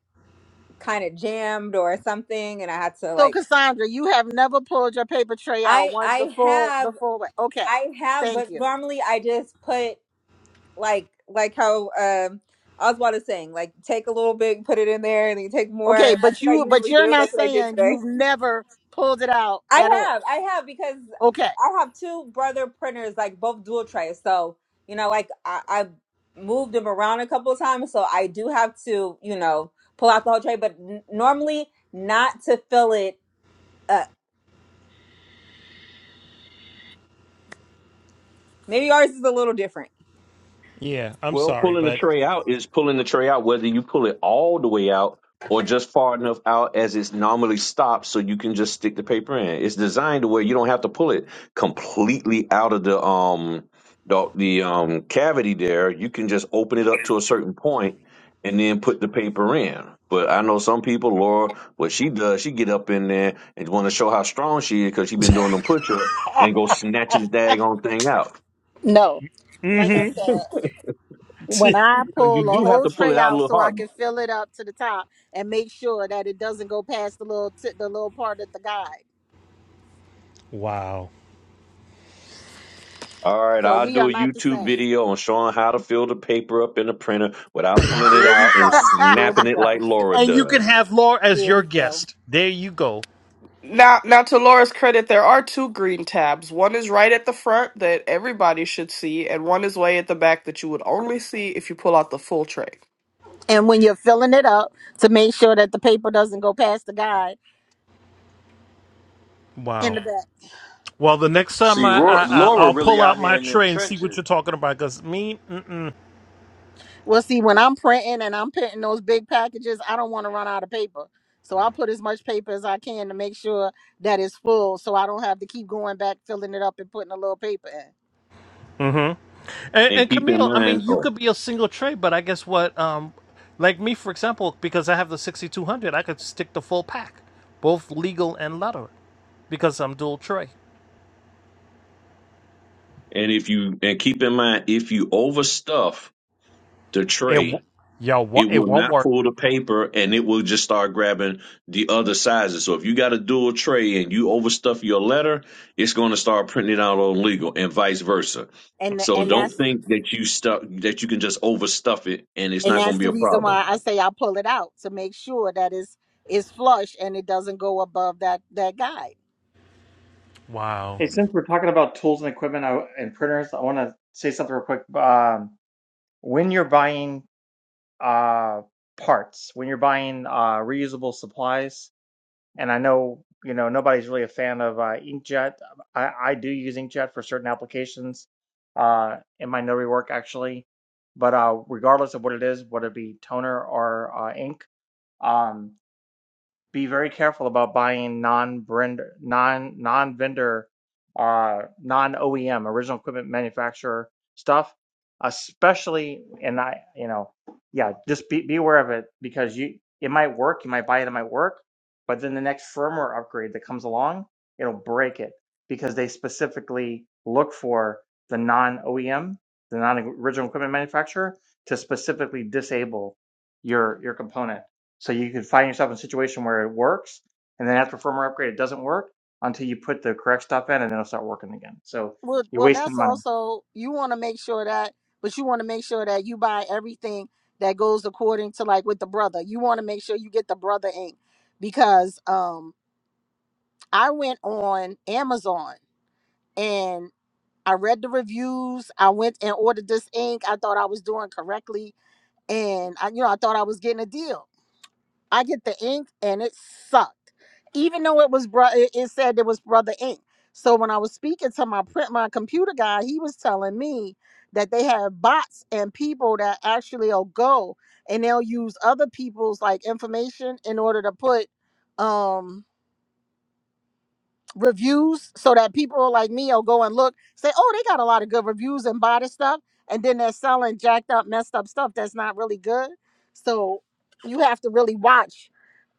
S1: kind of jammed or something and I had to
S2: So
S1: like
S2: Cassandra, you have never pulled your paper tray out
S1: I
S2: once the
S1: I
S2: full the
S1: have
S2: full way. Okay.
S1: I have
S2: Thank
S1: but
S2: you.
S1: normally I just put like like how um Oswald is saying, like take a little bit, put it in there, and then you take
S2: Okay,
S1: more. That's
S2: but
S1: what I
S2: you but
S1: usually
S2: you're
S1: do.
S2: not
S1: That's what I did
S2: saying
S1: today.
S2: you've never pulled it out at
S1: I
S2: all.
S1: have, I have because
S2: Okay.
S1: I have two brother printers, like both dual trays. So you know, like I, I've moved them around a couple of times, so I do have to, you know, pull out the whole tray. But n- normally, not to fill it up. Maybe ours is a little different.
S4: Yeah, I'm
S6: Well,
S4: sorry,
S6: pulling the
S4: but.
S6: tray out is pulling the tray out, whether you pull it all the way out or just far enough out as it's normally stopped so you can just stick the paper in. It's designed to where you don't have to pull it completely out of the um the, the um cavity there. You can just open it up to a certain point and then put the paper in. But I know some people, Laura, what she does, she get up in there and want to show how strong she is because she been doing them push-ups and go snatching the daggone thing out.
S2: No. Like I
S4: hmm
S2: said, when I
S6: So you
S2: pull a
S6: do have
S2: whole
S6: to pull
S2: tray
S6: it out a
S2: out
S6: little
S2: so I
S6: hard,
S2: can fill it up to the top and make sure that it doesn't go past the little tip the little part of the guide.
S4: wow.
S6: All right,
S2: So
S6: I'll
S2: we are
S6: do a
S2: not the
S6: YouTube
S2: same.
S6: video on showing how to fill the paper up in the printer without pulling it
S2: Here we
S6: out and
S2: go. Here we
S6: snapping it like
S2: go.
S6: Laura
S4: And you can
S6: does.
S4: have Laura as
S2: Here
S4: your
S2: we go.
S4: guest. There you go.
S7: Now, now to Laura's credit, there are two green tabs. One is right at the front that everybody should see, and one is way at the back that you would only see if you pull out the full tray.
S2: And when you're filling it up to make sure that the paper doesn't go past the guide in
S4: Wow.
S2: the bag.
S4: Well, the next time
S9: See,
S4: I,
S9: Ro-
S4: I, I
S9: Laura
S4: I'll
S9: really
S4: pull
S9: out
S4: out
S9: here
S4: my
S9: in them
S4: tray and see
S9: trenches.
S4: what you're talking about. Cause me mm.
S2: Well, see, when I'm printing and I'm printing those big packages, I don't want to run out of paper. So I put as much paper as I can to make sure that it's full so I don't have to keep going back, filling it up, and putting a little paper in.
S4: and,
S6: And
S4: and
S6: keep in
S4: Camille, I mean,
S6: mind,
S4: you
S6: oh,
S4: could be a single tray, but I guess what, um, like me for example, because I have the 6200, I could stick the full pack, both legal and letter, because I'm dual tray.
S6: and if you and keep in mind, if you overstuff the
S4: It, w-
S6: tray,
S4: y'all,
S6: it
S4: wa- it
S6: will
S4: won't
S6: not
S4: work.
S6: pull the paper and it will just start grabbing the other sizes. So if you got a dual tray and you overstuff your letter, it's going to start printing it out on legal and vice versa.
S2: and th-
S6: So
S2: and that's
S6: don't think that you stuff that you can just overstuff it and it's
S2: and
S6: not going
S2: that's
S6: to be
S2: the
S6: a
S2: reason
S6: problem
S2: why I say I pull it out to make sure that it's it's flush and it doesn't go above that that guide.
S4: Wow.
S8: Hey, since we're talking about tools and equipment I- and printers, I want to say something real quick. Um, when you're buying uh, parts when you're buying uh, reusable supplies. And I know you know nobody's really a fan of uh, inkjet. I, I do use inkjet for certain applications uh, in my notary work actually, but uh, regardless of what it is, whether it be toner or uh, ink, um, be very careful about buying non-brand, non non-vendor, uh, non-OEM, original equipment manufacturer stuff, especially. And I, you know, yeah, just be be aware of it because you it might work, you might buy it, it might work, but then the next firmware upgrade that comes along, it'll break it because they specifically look for the non-OEM, the non-original equipment manufacturer, to specifically disable your your component so you could find yourself in a situation where it works, and then after firmware upgrade, it doesn't work until you put the correct stuff in, and then it'll start working again. So
S2: Well,
S8: you're
S2: well,
S8: wasting
S2: that's
S8: money.
S2: also you want to make sure that, but you want to make sure that you buy everything that goes according to like with the brother. You want to make sure you get the brother ink because um I went on Amazon and I read the reviews. I went and ordered this ink. I thought I was doing correctly, and I, you know, I thought I was getting a deal. I get the ink and it sucked. Even though it was bro it, it said it was brother ink. So when I was speaking to my print my computer guy, he was telling me that they have bots and people that actually will go and they'll use other people's like information in order to put um reviews so that people like me will go and look, say, oh, they got a lot of good reviews and buy the stuff. And then they're selling jacked up, messed up stuff that's not really good. So you have to really watch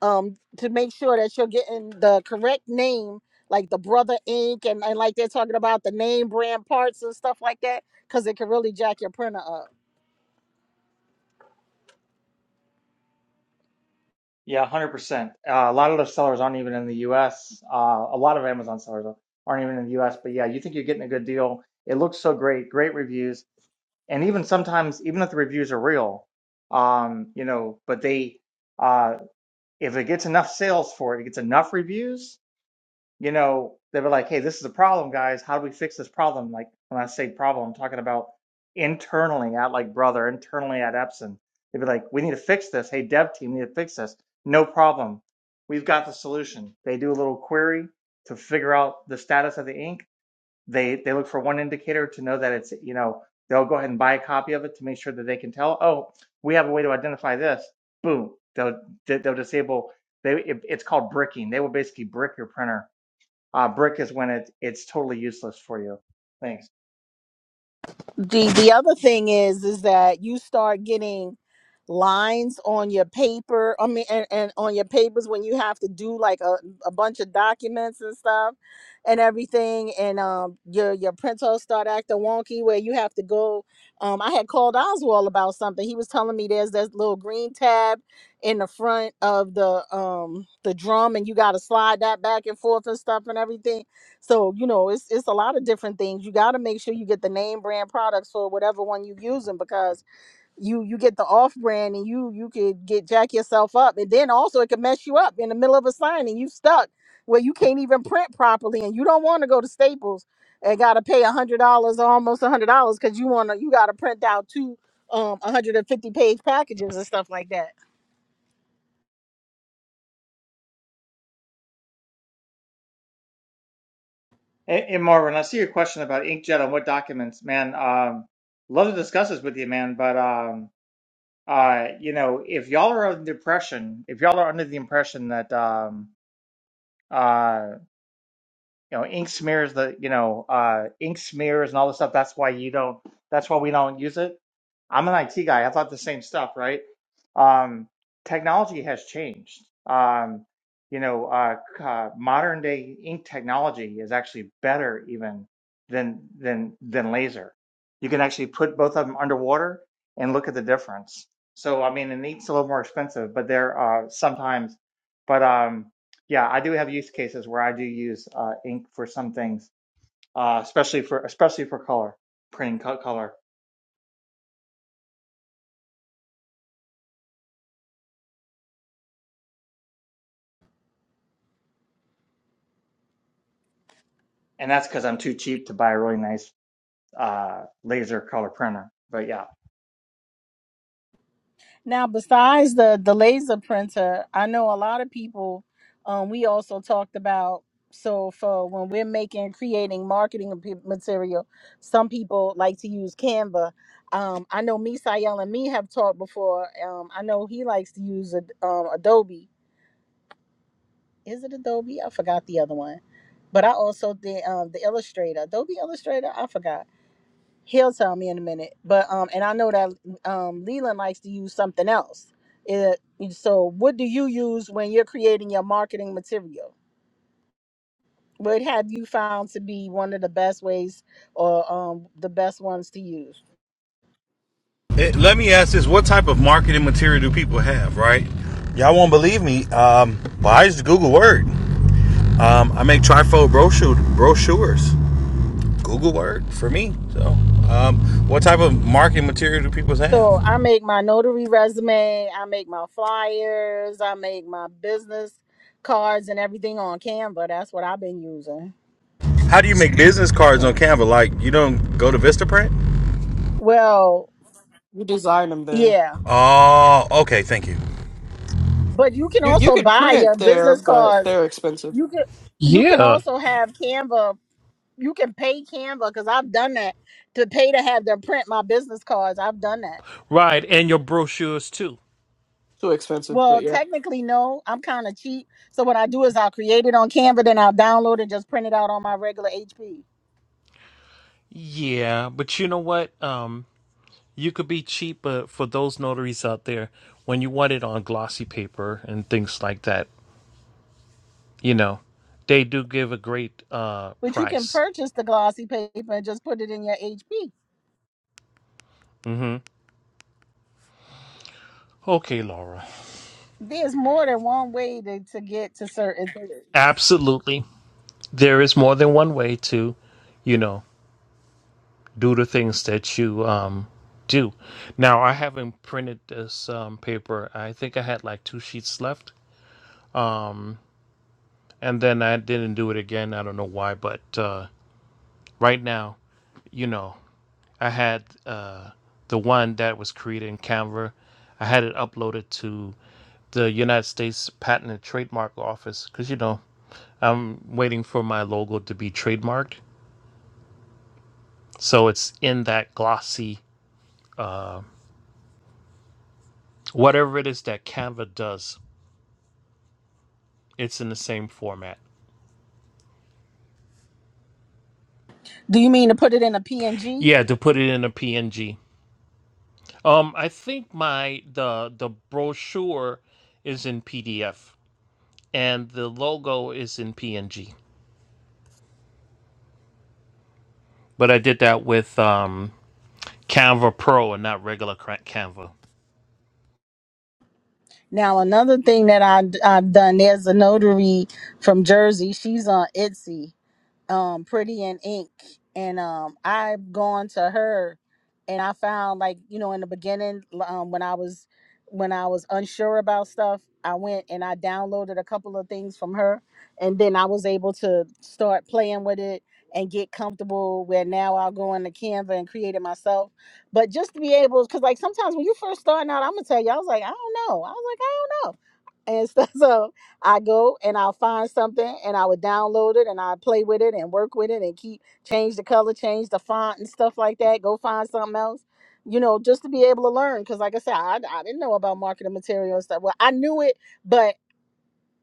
S2: um, to make sure that you're getting the correct name, like the Brother Inc. And, and like they're talking about the name brand parts and stuff like that, because it can really jack your printer up.
S8: Yeah, hundred uh, percent. Uh, a lot of those sellers aren't even in the U.S. Uh, a lot of Amazon sellers aren't even in the U.S. But yeah, you think you're getting a good deal. It looks so great, great reviews, and even sometimes, even if the reviews are real, um, you know, but they, uh, if it gets enough sales for it, it gets enough reviews you know, they were like, hey, this is a problem, guys. How do we fix this problem? Like, when I say problem, I'm talking about internally at like Brother, internally at Epson. They'd be like, we need to fix this. Hey, dev team, we need to fix this. No problem. We've got the solution. They do a little query to figure out the status of the ink. They they look for one indicator to know that it's, you know, they'll go ahead and buy a copy of it to make sure that they can tell, oh, we have a way to identify this. Boom. They'll they'll disable they it, it's called bricking. They will basically brick your printer uh, brick is when it, it's totally useless for you. Thanks.
S2: the the other thing is is that you start getting lines on your paper i mean and, and on your papers when you have to do like a, a bunch of documents and stuff and everything and um your your printouts start acting wonky where you have to go um i had called oswald about something he was telling me there's this little green tab in the front of the um the drum and you got to slide that back and forth and stuff and everything so, you know, it's it's a lot of different things. You got to make sure you get the name brand products for whatever one you're using because you you get the off brand and you you could get jack yourself up. And then also it could mess you up in the middle of a sign and you stuck where you can't even print properly and you don't want to go to Staples and got to pay a $100 or almost a $100 cuz you want to you got to print out two um 150 page packages and stuff like that.
S8: And, and Marvin, I see your question about inkjet on what documents. Man, um, love to discuss this with you, man. But um, uh, you know, if y'all are under the impression, if y'all are under the impression that um, uh. you know ink smears the you know uh ink smears and all this stuff that's why you don't that's why we don't use it i'm an it guy i thought the same stuff right um technology has changed um you know uh, c- uh modern day ink technology is actually better even than than than laser you can actually put both of them underwater and look at the difference so i mean and ink's a little more expensive but they're uh sometimes but um yeah, I do have use cases where I do use uh, ink for some things, uh, especially for especially for color, printing co- color, and that's because I'm too cheap to buy a really nice uh, laser color printer. But yeah,
S2: Now, besides the the laser printer, I know a lot of people. Um, we also talked about so for when we're making creating marketing p- material, some people like to use Canva. Um, I know me, Sayel, and me have talked before. Um, I know he likes to use Ad- um, Adobe. Is it Adobe? I forgot the other one. But I also did um, the Illustrator, Adobe Illustrator. I forgot He'll tell me in a minute. But um, and I know that um, Leland likes to use something else. It, so, what do you use when you're creating your marketing material? What have you found to be one of the best ways or um, the best ones to use?
S9: It, let me ask this: What type of marketing material do people have? Right? Y'all won't believe me, um, but I use Google Word. Um, I make trifold brochure, brochures. Google Word for me. So, um, what type of marketing material do people have?
S2: So, I make my notary resume, I make my flyers, I make my business cards and everything on Canva. That's what I've been using.
S9: How do you make business cards on
S7: Same.
S9: Canva? Like you don't go to VistaPrint?
S2: Well,
S7: You design them there.
S2: yeah,
S9: Oh, okay. Thank you.
S2: but you can
S7: You you
S2: also
S7: can
S2: buy your
S7: print there,
S2: business
S7: but
S2: cards
S7: they're expensive.
S2: You can you can
S4: Yeah,
S2: also have Canva. You can pay Canva because I've done that to pay to have them print my business cards. I've done that.
S4: Right, and your brochures too.
S7: Too expensive. But
S2: Well,
S7: yeah.
S2: technically, no. I'm kind of cheap, so what I do is I'll create it on Canva, then I'll download and just print it out on my regular HP.
S4: Yeah, but you know what? Um, you could be cheap, but for those notaries out there, when you want it on glossy paper and things like that, you know, they do give a great uh
S2: But you can
S4: price.
S2: purchase the glossy paper and just put it in your HP.
S4: hmm Okay, Laura.
S2: There's more than one way to, to get to certain things.
S4: Absolutely, there is more than one way to, you know, do the things that you um do. Now, I haven't printed this um paper. I think I had like two sheets left, and then I didn't do it again. I don't know why, but. uh right now, you know, I had uh, the one that was created in Canva. I had it uploaded to the United States Patent and Trademark Office because you know I'm waiting for my logo to be trademarked. So it's in that glossy, whatever it is that Canva does, it's in the same format.
S2: Do you mean to put it in a PNG?
S4: Yeah, to put it in a PNG. Um, I think my the the brochure is in PDF and the logo is in PNG. But I did that with um, Canva Pro and not regular cra- Canva.
S2: Now, another thing that I, I've done, there's a notary from Jersey. She's on Etsy um Pretty in Ink and um I've gone to her and I found like you know in the beginning um when I was when I was unsure about stuff I went and I downloaded a couple of things from her and then I was able to start playing with it and get comfortable where now I'll go into Canva and create it myself but just to be able because like sometimes when you first starting out I'm gonna tell you I was like I don't know I was like I don't know and stuff I go and I'll find something and I would download it and I play with it and work with it and keep change the color, change the font and stuff like that. Go find something else, you know, just to be able to learn. Because like I said, I, I didn't know about marketing material and stuff. Well, I knew it, but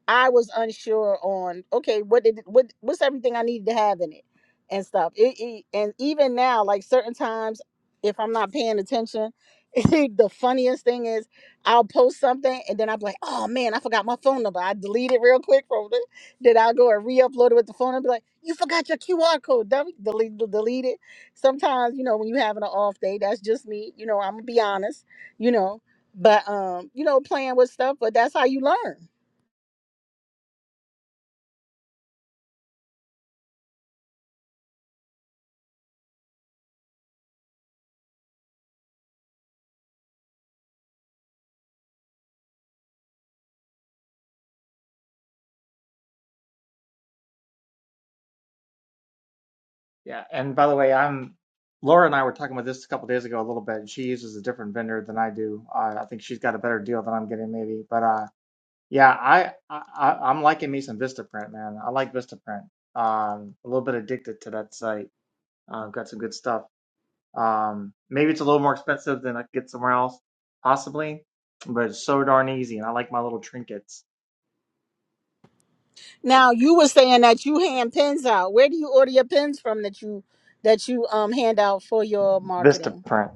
S2: I was unsure on okay, what did it- what what's everything I needed to have in it and stuff. It, it- and even now, like certain times, if I'm not paying attention, the funniest thing is I'll post something and then I'll be like, oh man, I forgot my phone number. I delete it real quick from it. Then I'll go and re-upload it with the phone and be like, you forgot your QR code. Del- Delete delete it. Sometimes, you know, when you're having an off day, that's just me. You know, I'm gonna be honest, you know. But um, you know, playing with stuff, but that's how you learn
S8: yeah. And by the way, I'm Laura and I were talking about this a couple days ago a little bit. and She uses a different vendor than I do. Uh, I think she's got a better deal than I'm getting maybe. But uh, yeah, I, I I- I'm liking me some VistaPrint, man. I like VistaPrint. Um, a little bit addicted to that site. Uh, got some good stuff. Um, maybe it's a little more expensive than I could get somewhere else, possibly, but it's so darn easy, and I like my little trinkets.
S2: Now you were saying that you hand pens out. Where do you order your pens from that you that you um hand out for your
S8: Vista
S2: marketing?
S8: print.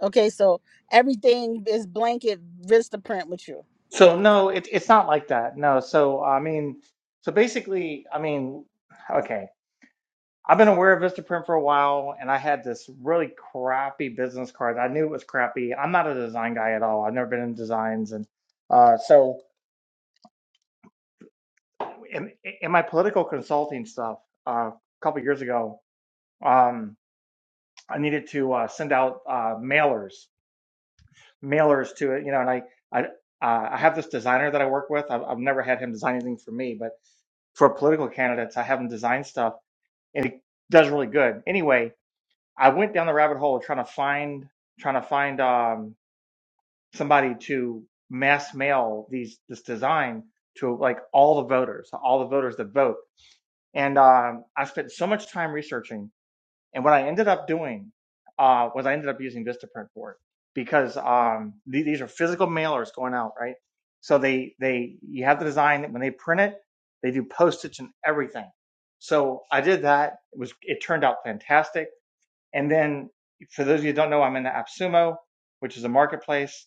S2: Okay, so everything is blanket Vista print with you.
S8: So no, it, it's not like that. No, so I mean, so basically, I mean, okay, I've been aware of Vista print for a while, and I had this really crappy business card. I knew it was crappy. I'm not a design guy at all. I've never been in designs, and uh, so in, in my political consulting stuff uh, a couple years ago. Um, I needed to uh, send out uh, mailers, mailers to it, you know, and I, I, uh, I have this designer that I work with. I've, I've never had him design anything for me, but for political candidates, I have him design stuff, and he does really good. Anyway, I went down the rabbit hole trying to find, trying to find um, somebody to mass mail these this design to like all the voters, all the voters that vote, and um, I spent so much time researching And what I ended up doing uh, was I ended up using Vistaprint for it because um, th- these are physical mailers going out, right? So they they you have the design when they print it, they do postage and everything. So I did that. It was it turned out fantastic. And then for those of you who don't know, I'm in the AppSumo, which is a marketplace.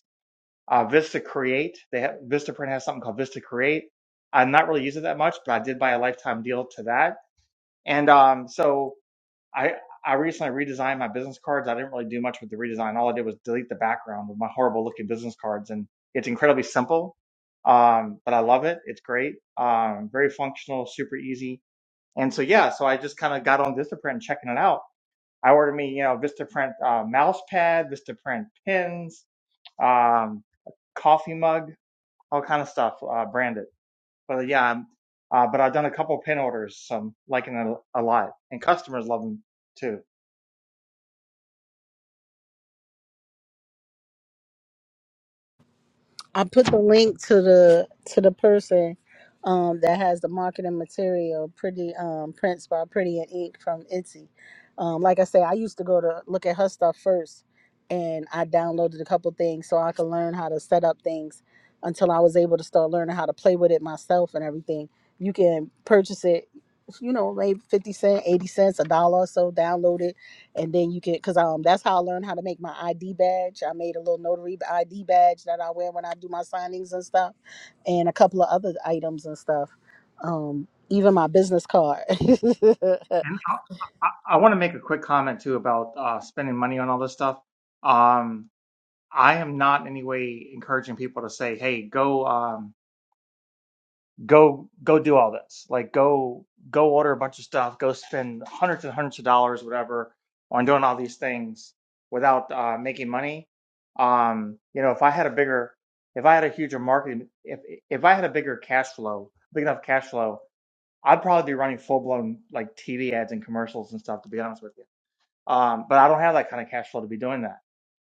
S8: Uh, Vista Create, they have Vistaprint has something called Vista Create. I'm not really using it that much, but I did buy a lifetime deal to that. And um, so I I recently redesigned my business cards. I didn't really do much with the redesign. All I did was delete the background of my horrible looking business cards, and it's incredibly simple. Um, but I love it. It's great. Um, very functional, super easy. And so yeah, so I just kind of got on VistaPrint and checking it out. I ordered me, you know, VistaPrint uh, mouse pad, VistaPrint pins, um, coffee mug, all kind of stuff uh, branded. But yeah, I'm, uh, but I've done a couple pin orders, so I'm liking it a a lot, and customers love them too.
S2: I put the link to the to the person um, that has the marketing material, pretty um, prints by Pretty and Ink from Etsy. Um, like I say, I used to go to look at her stuff first, and I downloaded a couple things so I could learn how to set up things until I was able to start learning how to play with it myself and everything. You can purchase it, you know, maybe fifty cent, eighty cents, a dollar or so. Download it, and then you can because um that's how i learned how to make my id badge i made a little notary id badge that i wear when i do my signings and stuff and a couple of other items and stuff um even my business card
S8: I, I want to make a quick comment too about uh, spending money on all this stuff. Um, I am not in any way encouraging people to say, "Hey, go, um, go, go, do all this." Like, go, go order a bunch of stuff, go spend hundreds and hundreds of dollars, whatever, on doing all these things without uh, making money. Um, you know, if I had a bigger, if I had a huger marketing, if if I had a bigger cash flow, big enough cash flow, I'd probably be running full blown like TV ads and commercials and stuff. To be honest with you um, but I don't have that kind of cash flow to be doing that.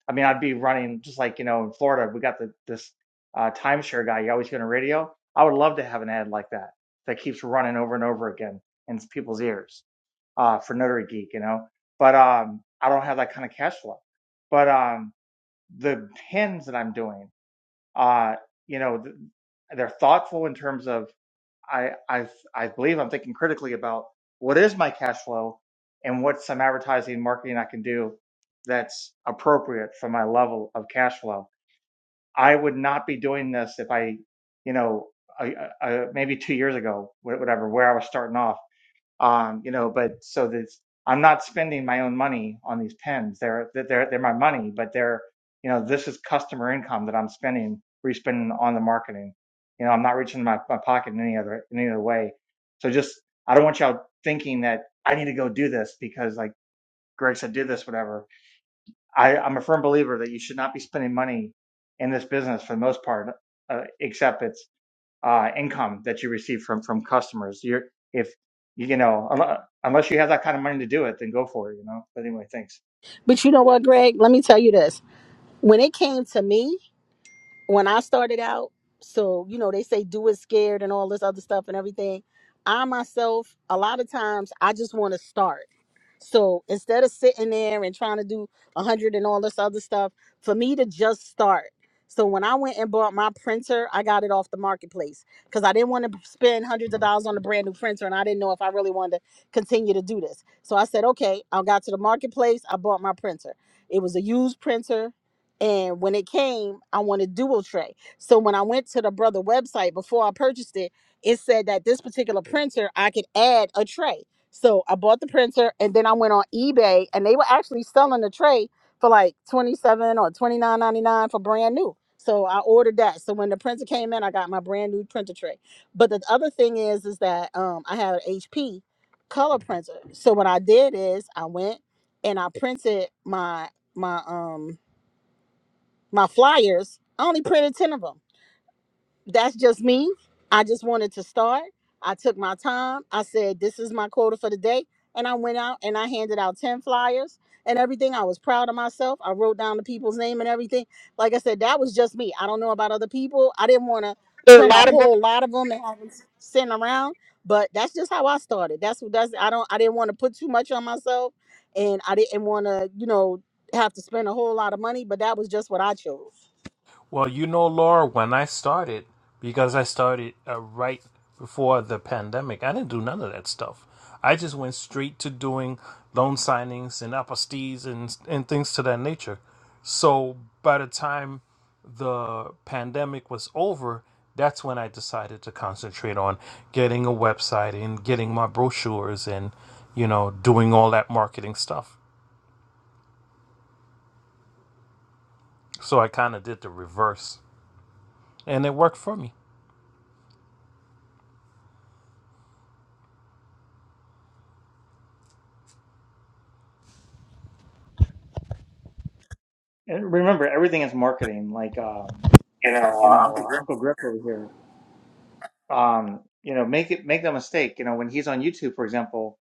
S8: I mean, I'd be running just like, you know, in Florida, we got the, this uh, timeshare guy. You always get on radio. I would love to have an ad like that that keeps running over and over again in people's ears uh, for Notary Geek, you know. But um, I don't have that kind of cash flow. But um, the pins that I'm doing, uh, you know, th- they're thoughtful in terms of I I I believe I'm thinking critically about what is my cash flow and what's some advertising and marketing I can do that's appropriate for my level of cash flow. I would not be doing this if I, you know, I, I, I- maybe two years ago, wh- whatever, where I was starting off um, you know. But so this, I'm not spending my own money on these pens. They're they're they're my money, but they're you know this is customer income that I'm spending, re-spending on the marketing. You know, I'm not reaching my, my pocket in any other in any other way. So just I don't want y'all thinking that I need to go do this because like Greg said, do this whatever. I, I'm a firm believer that you should not be spending money in this business for the most part, uh, except it's uh, income that you receive from from customers. You're if you know unle- unless you have that kind of money to do it, then go for it. You know. But anyway, thanks.
S2: but you know what greg let me tell you this when it came to me when i started out so you know they say do it scared and all this other stuff and everything i myself a lot of times i just want to start So instead of sitting there and trying to do a hundred and all this other stuff, for me to just start. So when I went and bought my printer, I got it off the marketplace because I didn't want to spend hundreds of dollars on a brand new printer, and I didn't know if I really wanted to continue to do this. So I said, okay, I got to the marketplace, I bought my printer. It was a used printer, and when it came, I wanted dual tray. So when I went to the brother website before I purchased it, it said that this particular printer I could add a tray. So I bought the printer and then I went on eBay and they were actually selling the tray for like 27 or 29.99 for brand new. So I ordered that. So when the printer came in, I got my brand new printer tray. But the other thing is is that um I have an HP color printer. So what I did is I went and I printed my my um my flyers. I only printed 10 of them that's just me. I just wanted to start. I took my time. I said, this is my quota for the day. And I went out and I handed out 10 flyers and everything. I was proud of myself. I wrote down the people's name and everything. Like I said, that was just me. I don't know about other people. I didn't want to print a whole lot of them and have them s- sent around. But that's just how I started. That's what that's I don't I didn't want to put too much on myself and I didn't want to, you know, have to spend a whole lot of money, but that was just what I chose.
S4: Well, you know, Laura, when I started, because I started uh, right before the pandemic, I didn't do none of that stuff. I just went straight to doing loan signings and apostilles and, and things to that nature. So by the time the pandemic was over, that's when I decided to concentrate on getting a website and getting my brochures and, you know, doing all that marketing stuff. So I kind of did the reverse, and it worked for me.
S8: And remember, everything is marketing. Like um, you know, uh, Uncle Griff over here. Um, you know, make it make no mistake. You know, when he's on YouTube, for example,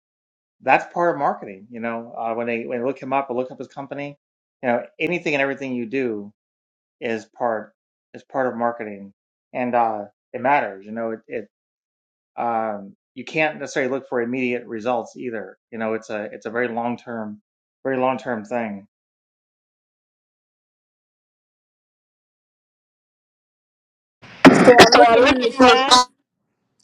S8: that's part of marketing. You know, uh, when they when they look him up or look up his company, you know, anything and everything you do is part is part of marketing, and uh, it matters. You know, it it, um, you can't necessarily look for immediate results either. You know, it's a it's a very long term, very long term thing.
S2: So I'm looking in the chat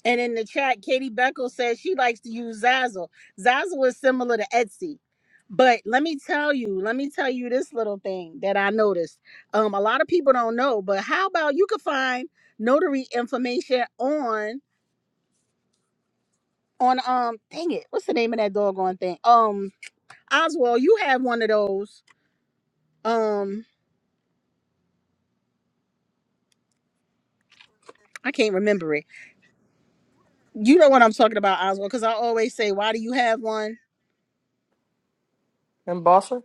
S2: And in the chat, Katie Beckle says she likes to use Zazzle. Zazzle is similar to Etsy. But let me tell you, let me tell you this little thing that I noticed. Um, a lot of people don't know, but how about you can find notary information on on um dang it, what's the name of that doggone thing? Um Oswald, you have one of those. Um, I can't remember it. You know what I'm talking about, Oswald, because I always say, Why do you have one?
S7: Embosser?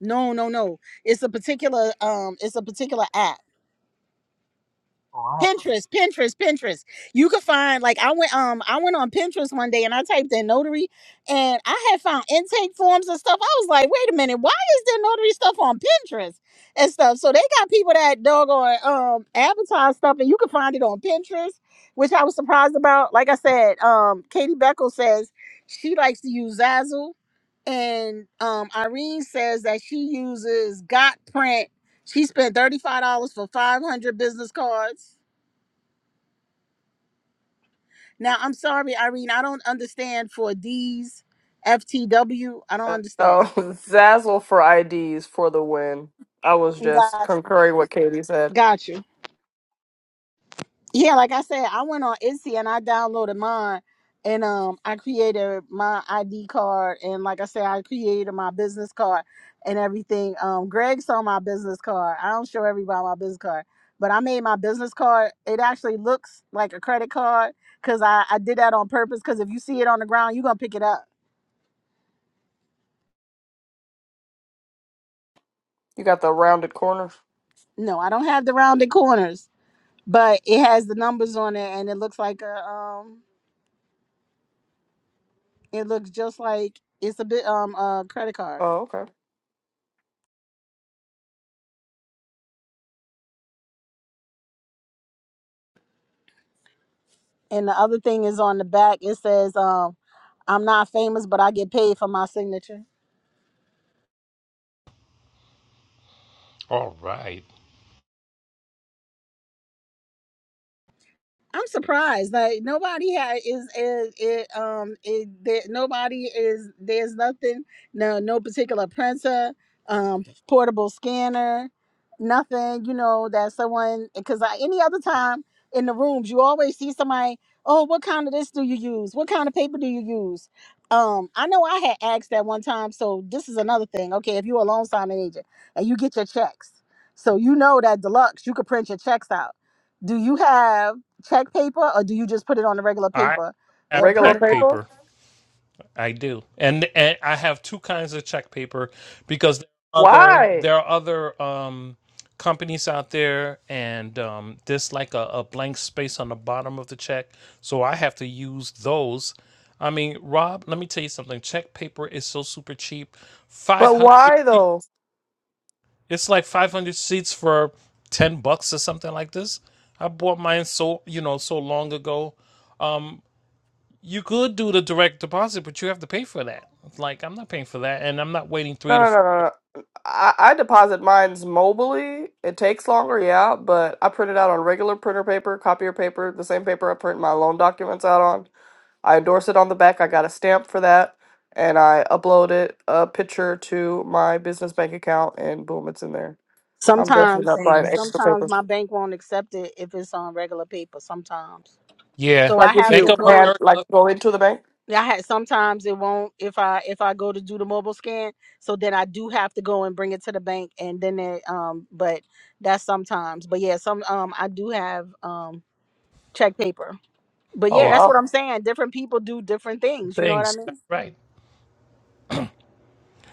S2: No, no, no. It's a particular um, it's a particular app
S4: Oh, I have to.
S2: Pinterest, Pinterest, Pinterest. You could find like I went um I went on Pinterest one day and I typed in notary and I had found intake forms and stuff. I was like, wait a minute, why is there notary stuff on Pinterest and stuff? So they got people that doggone um advertise stuff and you can find it on Pinterest, which I was surprised about. Like I said, um Katie Beckle says she likes to use Zazzle and um Irene says that she uses Got Print. She spent $35 for 500 business cards now, I'm sorry, Irene, I don't understand for D's, FTW. I don't
S7: Uh,
S2: understand.
S7: Oh, Zazzle for IDs for the win. I was just
S2: Got
S7: concurring what
S2: you.
S7: Katie said.
S2: Got you. Yeah, like I said, I went on Etsy and I downloaded mine and um I created my ID card and like I said, I created my business card and everything. Um Greg saw my business card. I don't show everybody my business card, but I made my business card. It actually looks like a credit card because I, I did that on purpose because if you see it on the ground, you're gonna pick it up
S7: You got the rounded corners.
S2: No, I don't have the rounded corners, but it has the numbers on it, and it looks like a um, it looks just like it's a bit um a credit card.
S7: Oh,
S2: And the other thing is on the back. It says um, I'm not famous, but I get paid for my signature.
S4: All right.
S2: I'm surprised Like nobody had is is it um it that nobody is there's nothing no no particular printer um portable scanner nothing you know that someone because any other time in the rooms you always see somebody oh what kind of this do you use what kind of paper do you use um I know I had asked that one time so this is another thing okay if you're a loan signing agent and you get your checks so you know that deluxe you could print your checks out do you have check paper or do you just put it on the regular
S4: I
S2: paper
S4: have
S2: and
S7: Regular
S2: print it
S4: check
S2: out?
S7: paper?
S4: paper. I do, and, and I have two kinds of check paper because there are other
S7: Why?
S4: there are other um, companies out there, and um, there's like a, a blank space on the bottom of the check, so I have to use those. I mean, Rob, let me tell you something. Check paper is so super cheap.
S7: But
S4: 500
S7: why though?
S4: It's like 500 seats for 10 bucks or something like this. I bought mine so, you know, so long ago. Um, you could do the direct deposit, but you have to pay for that. Like, I'm not paying for that. And I'm not waiting three
S7: No,
S4: to
S7: no, no,
S4: four.
S7: no. no. I, I deposit mines mobily. It takes longer, yeah, but I print it out on regular printer paper, copier paper, the same paper I print my loan documents out on. I endorse it on the back. I got a stamp for that, and I upload it a picture to my business bank account, and boom, it's in there. I'm definitely
S2: Sometimes,
S7: not buying
S1: Same.
S7: extra
S2: sometimes
S7: paper.
S2: my bank won't accept it if it's on regular paper. Sometimes,
S4: Yeah.
S2: so
S7: Like
S2: I
S7: if
S2: have
S4: Bank
S2: to
S7: you
S4: of
S7: had,
S2: go.
S7: like
S4: America.
S7: go into the bank.
S2: I had sometimes it won't if I if I go to do the mobile scan. So then I do have to go and bring it to the bank, and then it um. But that's sometimes. But yeah, some um I do have um check paper. But
S7: Oh
S2: yeah,
S4: Yeah.
S2: that's
S7: wow.
S2: what I'm saying. Different people do different things. You know what I
S4: Things. That's
S2: mean?
S4: right.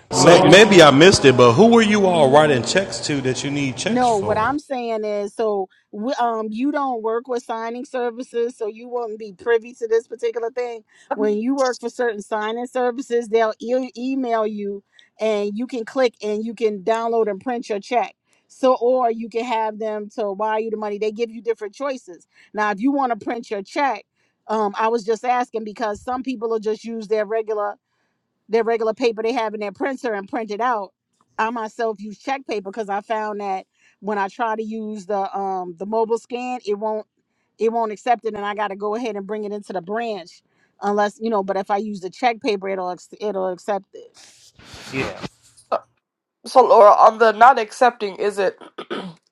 S4: So, you know.
S9: Maybe I missed it, but who are you all writing checks to that you need checks
S2: No, what
S9: for?
S2: I'm saying is, so we, um, you don't work with signing services, so you wouldn't be privy to this particular thing. When you work for certain signing services, they'll e- email you, and you can click and you can download and print your check. So, or you can have them to wire you the money. They give you different choices. Now, if you want to print your check, um, I was just asking because some people will just use their regular their regular paper they have in their printer and print it out. I myself use check paper because I found that when I try to use the um the mobile scan, it won't it won't accept it, and I got to go ahead and bring it into the branch unless you know. But if I use the check paper, it'll ac- it'll accept it.
S4: Yeah.
S7: So Laura, on the not accepting, is it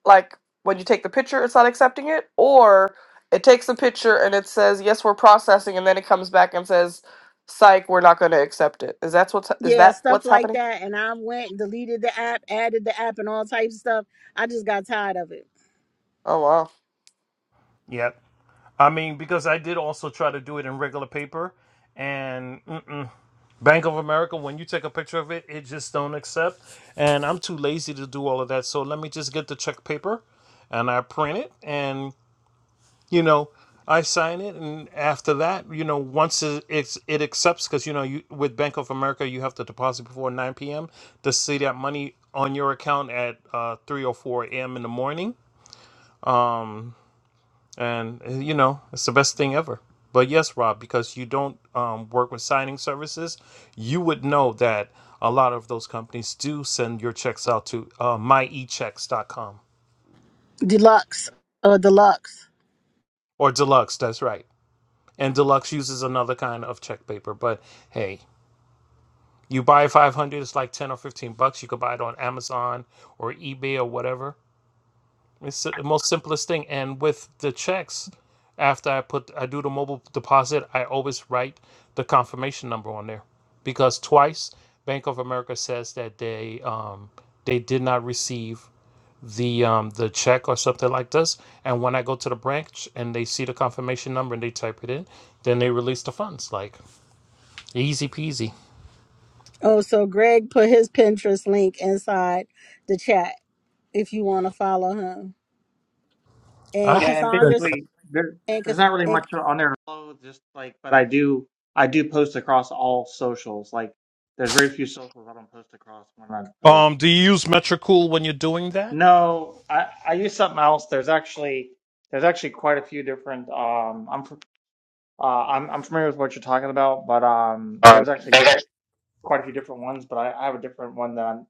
S7: like when you take the picture, it's not accepting it, or it takes the picture and it says yes, we're processing, and then it comes back and says, "Psych, we're not going to accept it." Is that what's is
S2: Yeah,
S7: that
S2: stuff
S7: what's
S2: like
S7: happening?
S2: that. And I went and deleted the app, added the app, and all types of stuff. I just got tired of it.
S7: Oh wow.
S4: Yep. I mean, because I did also try to do it in regular paper. And Bank of America, when you take a picture of it, it just don't accept. And I'm too lazy to do all of that. So let me just get the check paper and I print it and, you know, I sign it. And after that, you know, once it, it's, it accepts, because, you know, you with Bank of America, you have to deposit before 9 p.m. to see that money on your account at uh, 3 or 4 a.m. in the morning and uh, you know it's the best thing ever but yes rob because you don't um, work with signing services you would know that a lot of those companies do send your checks out to uh, myechecks.com
S2: Deluxe, uh, deluxe.
S4: or deluxe that's right and deluxe uses another kind of check paper but hey you buy 500 it's like 10 or 15 bucks you could buy it on amazon or ebay or whatever It's the most simplest thing. And with the checks, after I put I do the mobile deposit, I always write the confirmation number on there because twice Bank of America says that they um, they did not receive the um, the check or something like this. And when I go to the branch and they see the confirmation number and they type it in, then they release the funds. Like easy peasy.
S2: Oh, so Greg put his Pinterest link inside the chat if you want to follow him. and
S4: I
S8: Yeah, and
S4: haven't-
S2: Cassandra's
S8: basically there
S2: and,
S8: there's
S2: Cass-
S8: not really
S2: and
S8: much on there. to Just like, but I do I do post across all socials. Like, there's very few socials I don't post across when I post.
S4: um, do you use Metricool when you're doing that?
S8: No, I I use something else. There's actually there's actually quite a few different. Um, I'm f- uh, I'm I'm familiar with what you're talking about, but um, there's actually quite a few different ones, but I, I have a different one that I'm,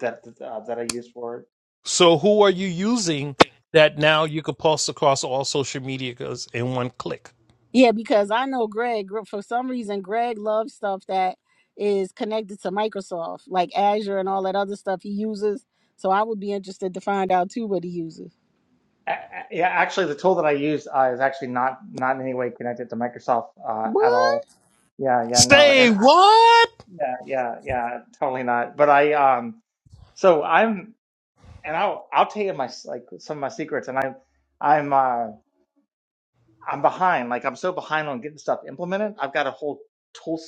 S8: that uh, that I use for it.
S4: So who are you using that now you could post across all social medias in one click?
S2: yeah, because I know Greg Gr- for some reason. Greg loves stuff that is connected to Microsoft, like Azure and all that other stuff he uses. So I would be interested to find out too what he uses.
S8: Yeah, actually, the tool that I use uh, is actually not not in any way connected to Microsoft uh, at
S2: What
S8: all. Yeah, yeah, no,
S4: Stay
S8: and I,
S4: what?
S8: yeah, yeah, yeah, totally not. But I um, so I'm, and I'll I'll tell you my s- like some of my secrets, and I'm I'm uh I'm behind. Like I'm so behind on getting stuff implemented. I've got a whole tool,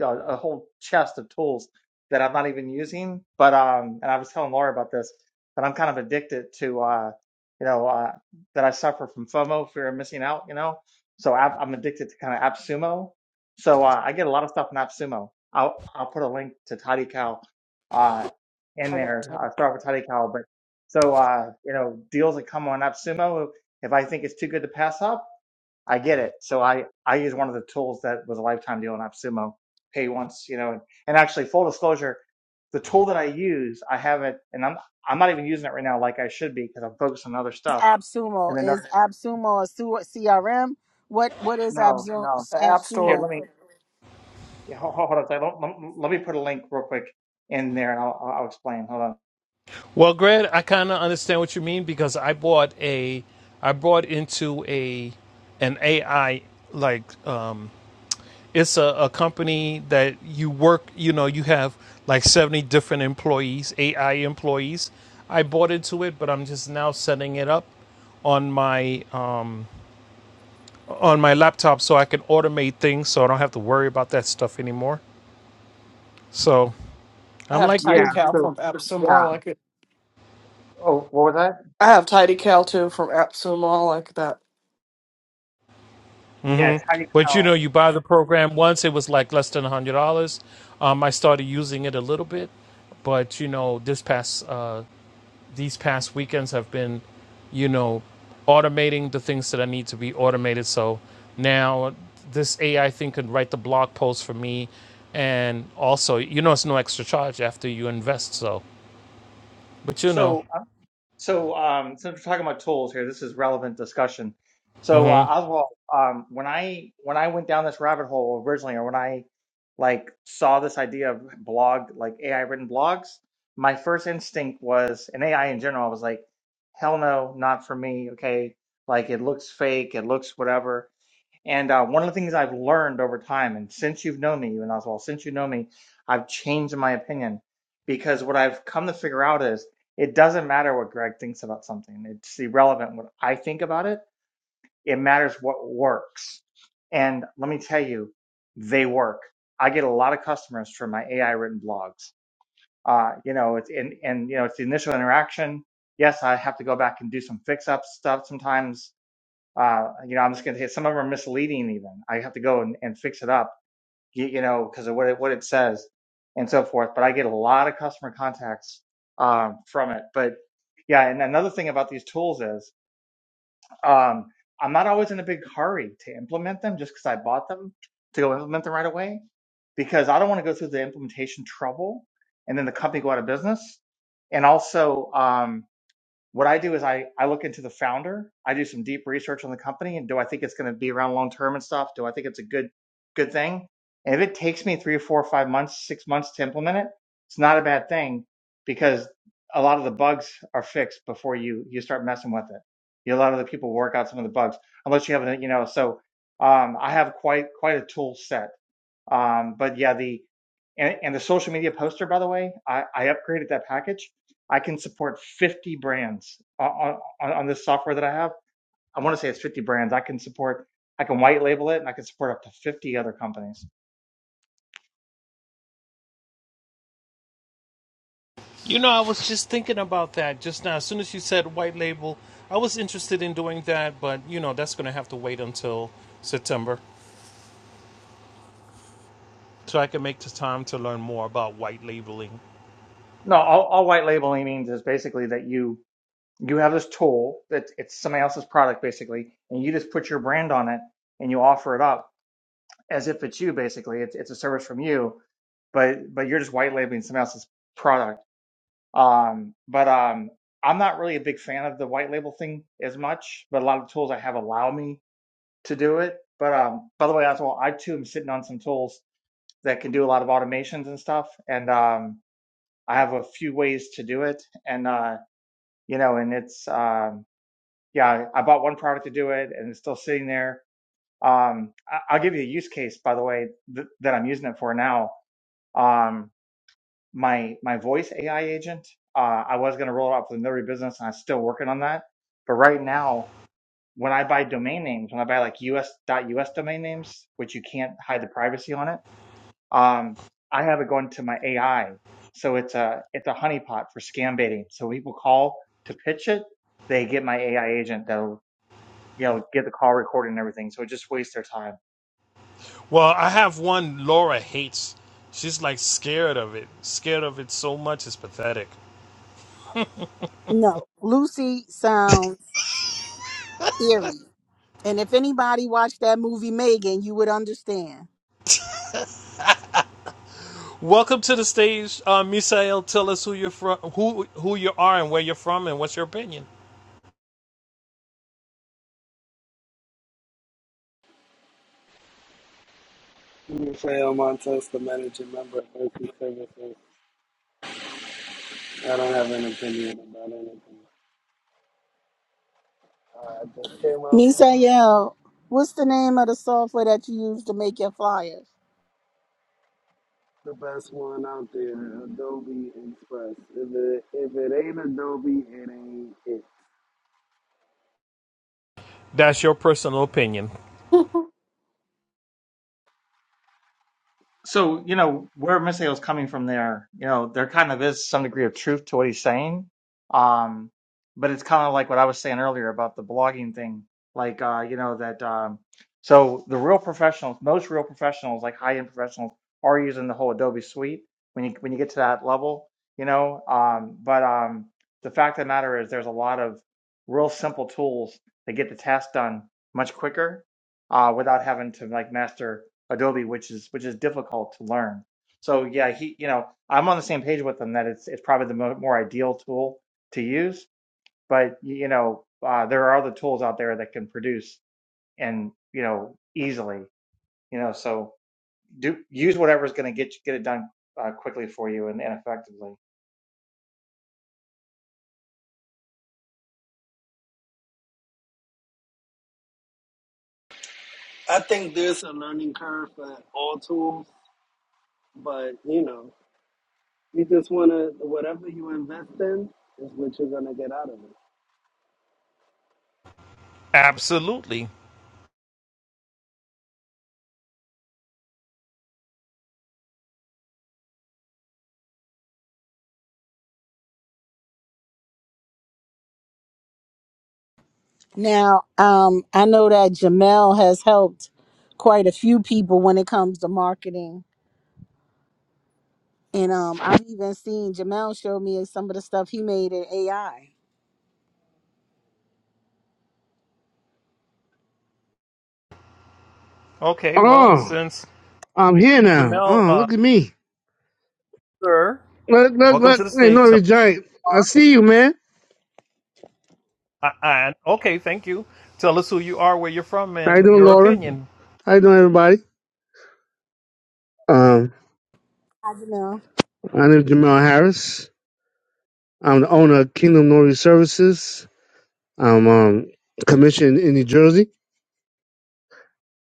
S8: uh, a whole chest of tools that I'm not even using. But um, and I was telling Laura about this, that I'm kind of addicted to uh, you know, uh, that I suffer from FOMO, fear of missing out. You know, so I, I'm addicted to kind of AppSumo. So uh, I get a lot of stuff in AppSumo. I'll I'll put a link to Tidy uh, in
S7: I got
S8: there.
S7: Tidy-
S8: I'll start with Tidy but so uh, you know, deals that come on AppSumo. If I think it's too good to pass up I get it. So I I use one of the tools that was a lifetime deal in AppSumo, pay once, you know, and, and actually full disclosure, the tool that I use, I have it, and I'm I'm not even using it right now like I should be because I'm focused on other
S2: is
S8: stuff.
S2: AppSumo?
S8: And then no,
S2: Is AppSumo a su- CRM? What what is
S8: no,
S2: AppSumo?
S8: no.
S7: the App
S8: Here,
S7: Store.
S2: AppSumo?
S8: let me yeah, hold, hold on. a second. Let, let- let me put a link real quick in there, and I'll I'll explain. Hold on.
S4: Well, Grant, I kind of understand what you mean because I bought a, I brought into a, an AI like um, it's a, a company that you work, you know, you have like seventy different employees, AI employees. I bought into it, but I'm just now setting it up on my um, on my laptop so I can automate things so I don't have to worry about that stuff anymore. So
S7: I
S4: I'm
S7: have
S4: like
S8: Yeah.
S7: Tidy
S4: you.
S7: Cow
S8: So
S7: from App
S8: yeah.
S7: Store,
S8: Oh, what was that?
S7: I have Tidy Cal too from Absol Mall. like that.
S8: Yeah,
S4: hmm
S8: it's how you
S4: But you
S8: tell.
S4: know, you buy the program once, it was like less than $100. Um, I started using it a little bit, but you know, this past, uh, these past weekends have been, you know, automating the things that I need to be automated. So now this AI thing can write the blog post for me. And also, you know, it's no extra charge after you invest. So, but you know.
S8: So So, um, since we're talking about tools here, this is relevant discussion. So, uh, Oswald, um, when I when I went down this rabbit hole originally, or when I like saw this idea of blog, like AI written blogs, my first instinct was, and AI in general, I was like, hell no, not for me. Okay, like it looks fake, it looks whatever. And uh, one of the things I've learned over time, and since you've known me, you and Oswald, since you know me, I've changed my opinion because what I've come to figure out is it doesn't matter what Greg thinks about something. It's irrelevant what I think about it. It matters what works. And let me tell you, they work. I get a lot of customers from my AI written blogs. Uh, you know, it's and and you know, it's the initial interaction. Yes, I have to go back and do some fix up stuff sometimes uh, you know, I'm just going to say some of them are misleading. Even I have to go and, and fix it up, you, you know, because of what it, what it says and so forth. But I get a lot of customer contacts um, from it. But yeah, and another thing about these tools is um, I'm not always in a big hurry to implement them just because I bought them to go implement them right away because I don't want to go through the implementation trouble and then the company go out of business. And also, um, what I do is I, I look into the founder. I do some deep research on the company and do I think it's going to be around long term and stuff? Do I think it's a good good thing? And if it takes me three or four or five months, six months to implement it, it's not a bad thing because a lot of the bugs are fixed before you you start messing with it. You, a lot of the people work out some of the bugs unless you have a you know. So um, I have quite quite a tool set um, but yeah, the and, and the social media poster, by the way, I, I upgraded that package. I can support 50 brands on, on, on this software that I have. I want to say it's 50 brands. I can support, I can white label it and I can support up to 50 other companies.
S4: You know, I was just thinking about that just now. As soon as you said white label, I was interested in doing that, but you know, that's going to have to wait until September so I can make the time to learn more about white labeling.
S8: No, all, all white labeling means is basically that you, you have this tool that it's somebody else's product basically, and you just put your brand on it and you offer it up as if it's you basically. It's, it's a service from you, but, but you're just white labeling somebody else's product Um, but um, I'm not really a big fan of the white label thing as much, but a lot of the tools I have allow me to do it. But um, by the way, as well, I too am sitting on some tools that can do a lot of automations and stuff, and um, I have a few ways to do it. And uh, you know, and it's um, yeah, I bought one product to do it, and it's still sitting there. Um, I- I'll give you a use case, by the way, th- that I'm using it for now. Um, my my voice AI agent. Uh, I was going to roll it out for the notary business, and I'm still working on that. But right now, when I buy domain names, when I buy like US .us domain names, which you can't hide the privacy on it, um, I have it going to my AI. So it's a it's a honeypot for scam baiting. So when people call to pitch it, they get my AI agent that'll you know get the call recorded and everything. So it just wastes their time.
S4: Well, I have one Laura hates. She's like scared of it, scared of it so much it's pathetic.
S2: No, Lucy sounds eerie. And if anybody watched that movie Megan, you would understand.
S4: Welcome to the stage, uh, Misael. Tell us who you're from, who who you are, and where you're from, and what's your opinion.
S10: Rafael Montes, the managing member of Mercy Services. I don't have an opinion about anything. I just came up
S2: Misael, what's the name of the software that you use to make your flyers?
S10: the best one out there, Adobe Express. If it, if it ain't Adobe, it ain't it.
S4: That's your personal opinion.
S7: Hmm.
S8: so you know where Misael's coming from there, you know, there kind of is some degree of truth to what he's saying. Um, but it's kind of like what I was saying earlier about the blogging thing. Like uh, you know, that um so the real professionals, most real professionals, like high end professionals, are using the whole Adobe suite when you when you get to that level, you know. Um, but um the fact of the matter is there's a lot of real simple tools that get the task done much quicker uh, without having to like master Adobe, which is which is difficult to learn. So yeah, he, you know, I'm on the same page with him that it's it's probably the mo more ideal tool to use, but you know, uh, there are other tools out there that can produce and you know easily, you know, so do use whatever's going to get get it done uh, quickly for you and, and effectively.
S10: I think there's a learning curve for all tools, but you know, you just want to, whatever you invest in is what you're going to get out of it.
S4: Absolutely.
S2: Now, um, I know that Jamel has helped quite a few people when it comes to marketing. And um, I've even seen Jamel show me some of the stuff he made in AI.
S4: Okay. Well,
S11: Oh,
S4: since
S11: I'm here now.
S4: Jamel,
S11: Oh,
S4: uh,
S11: look at me.
S4: sir.
S11: Look, look,
S4: Welcome
S11: look.
S4: to the
S11: Hey,
S4: stage. Tell
S11: Nori Giant. I see you, man.
S4: uh, uh, okay, thank you. Tell us who you are, where you're from,
S11: How you
S4: and
S11: doing,
S4: your
S11: Laura?
S4: opinion.
S11: How you doing, everybody? Um,
S2: Hi, Jamel.
S11: my name is Jamal Harris. I'm the owner of Kingdom Notary Services. I'm um, commissioned in New Jersey.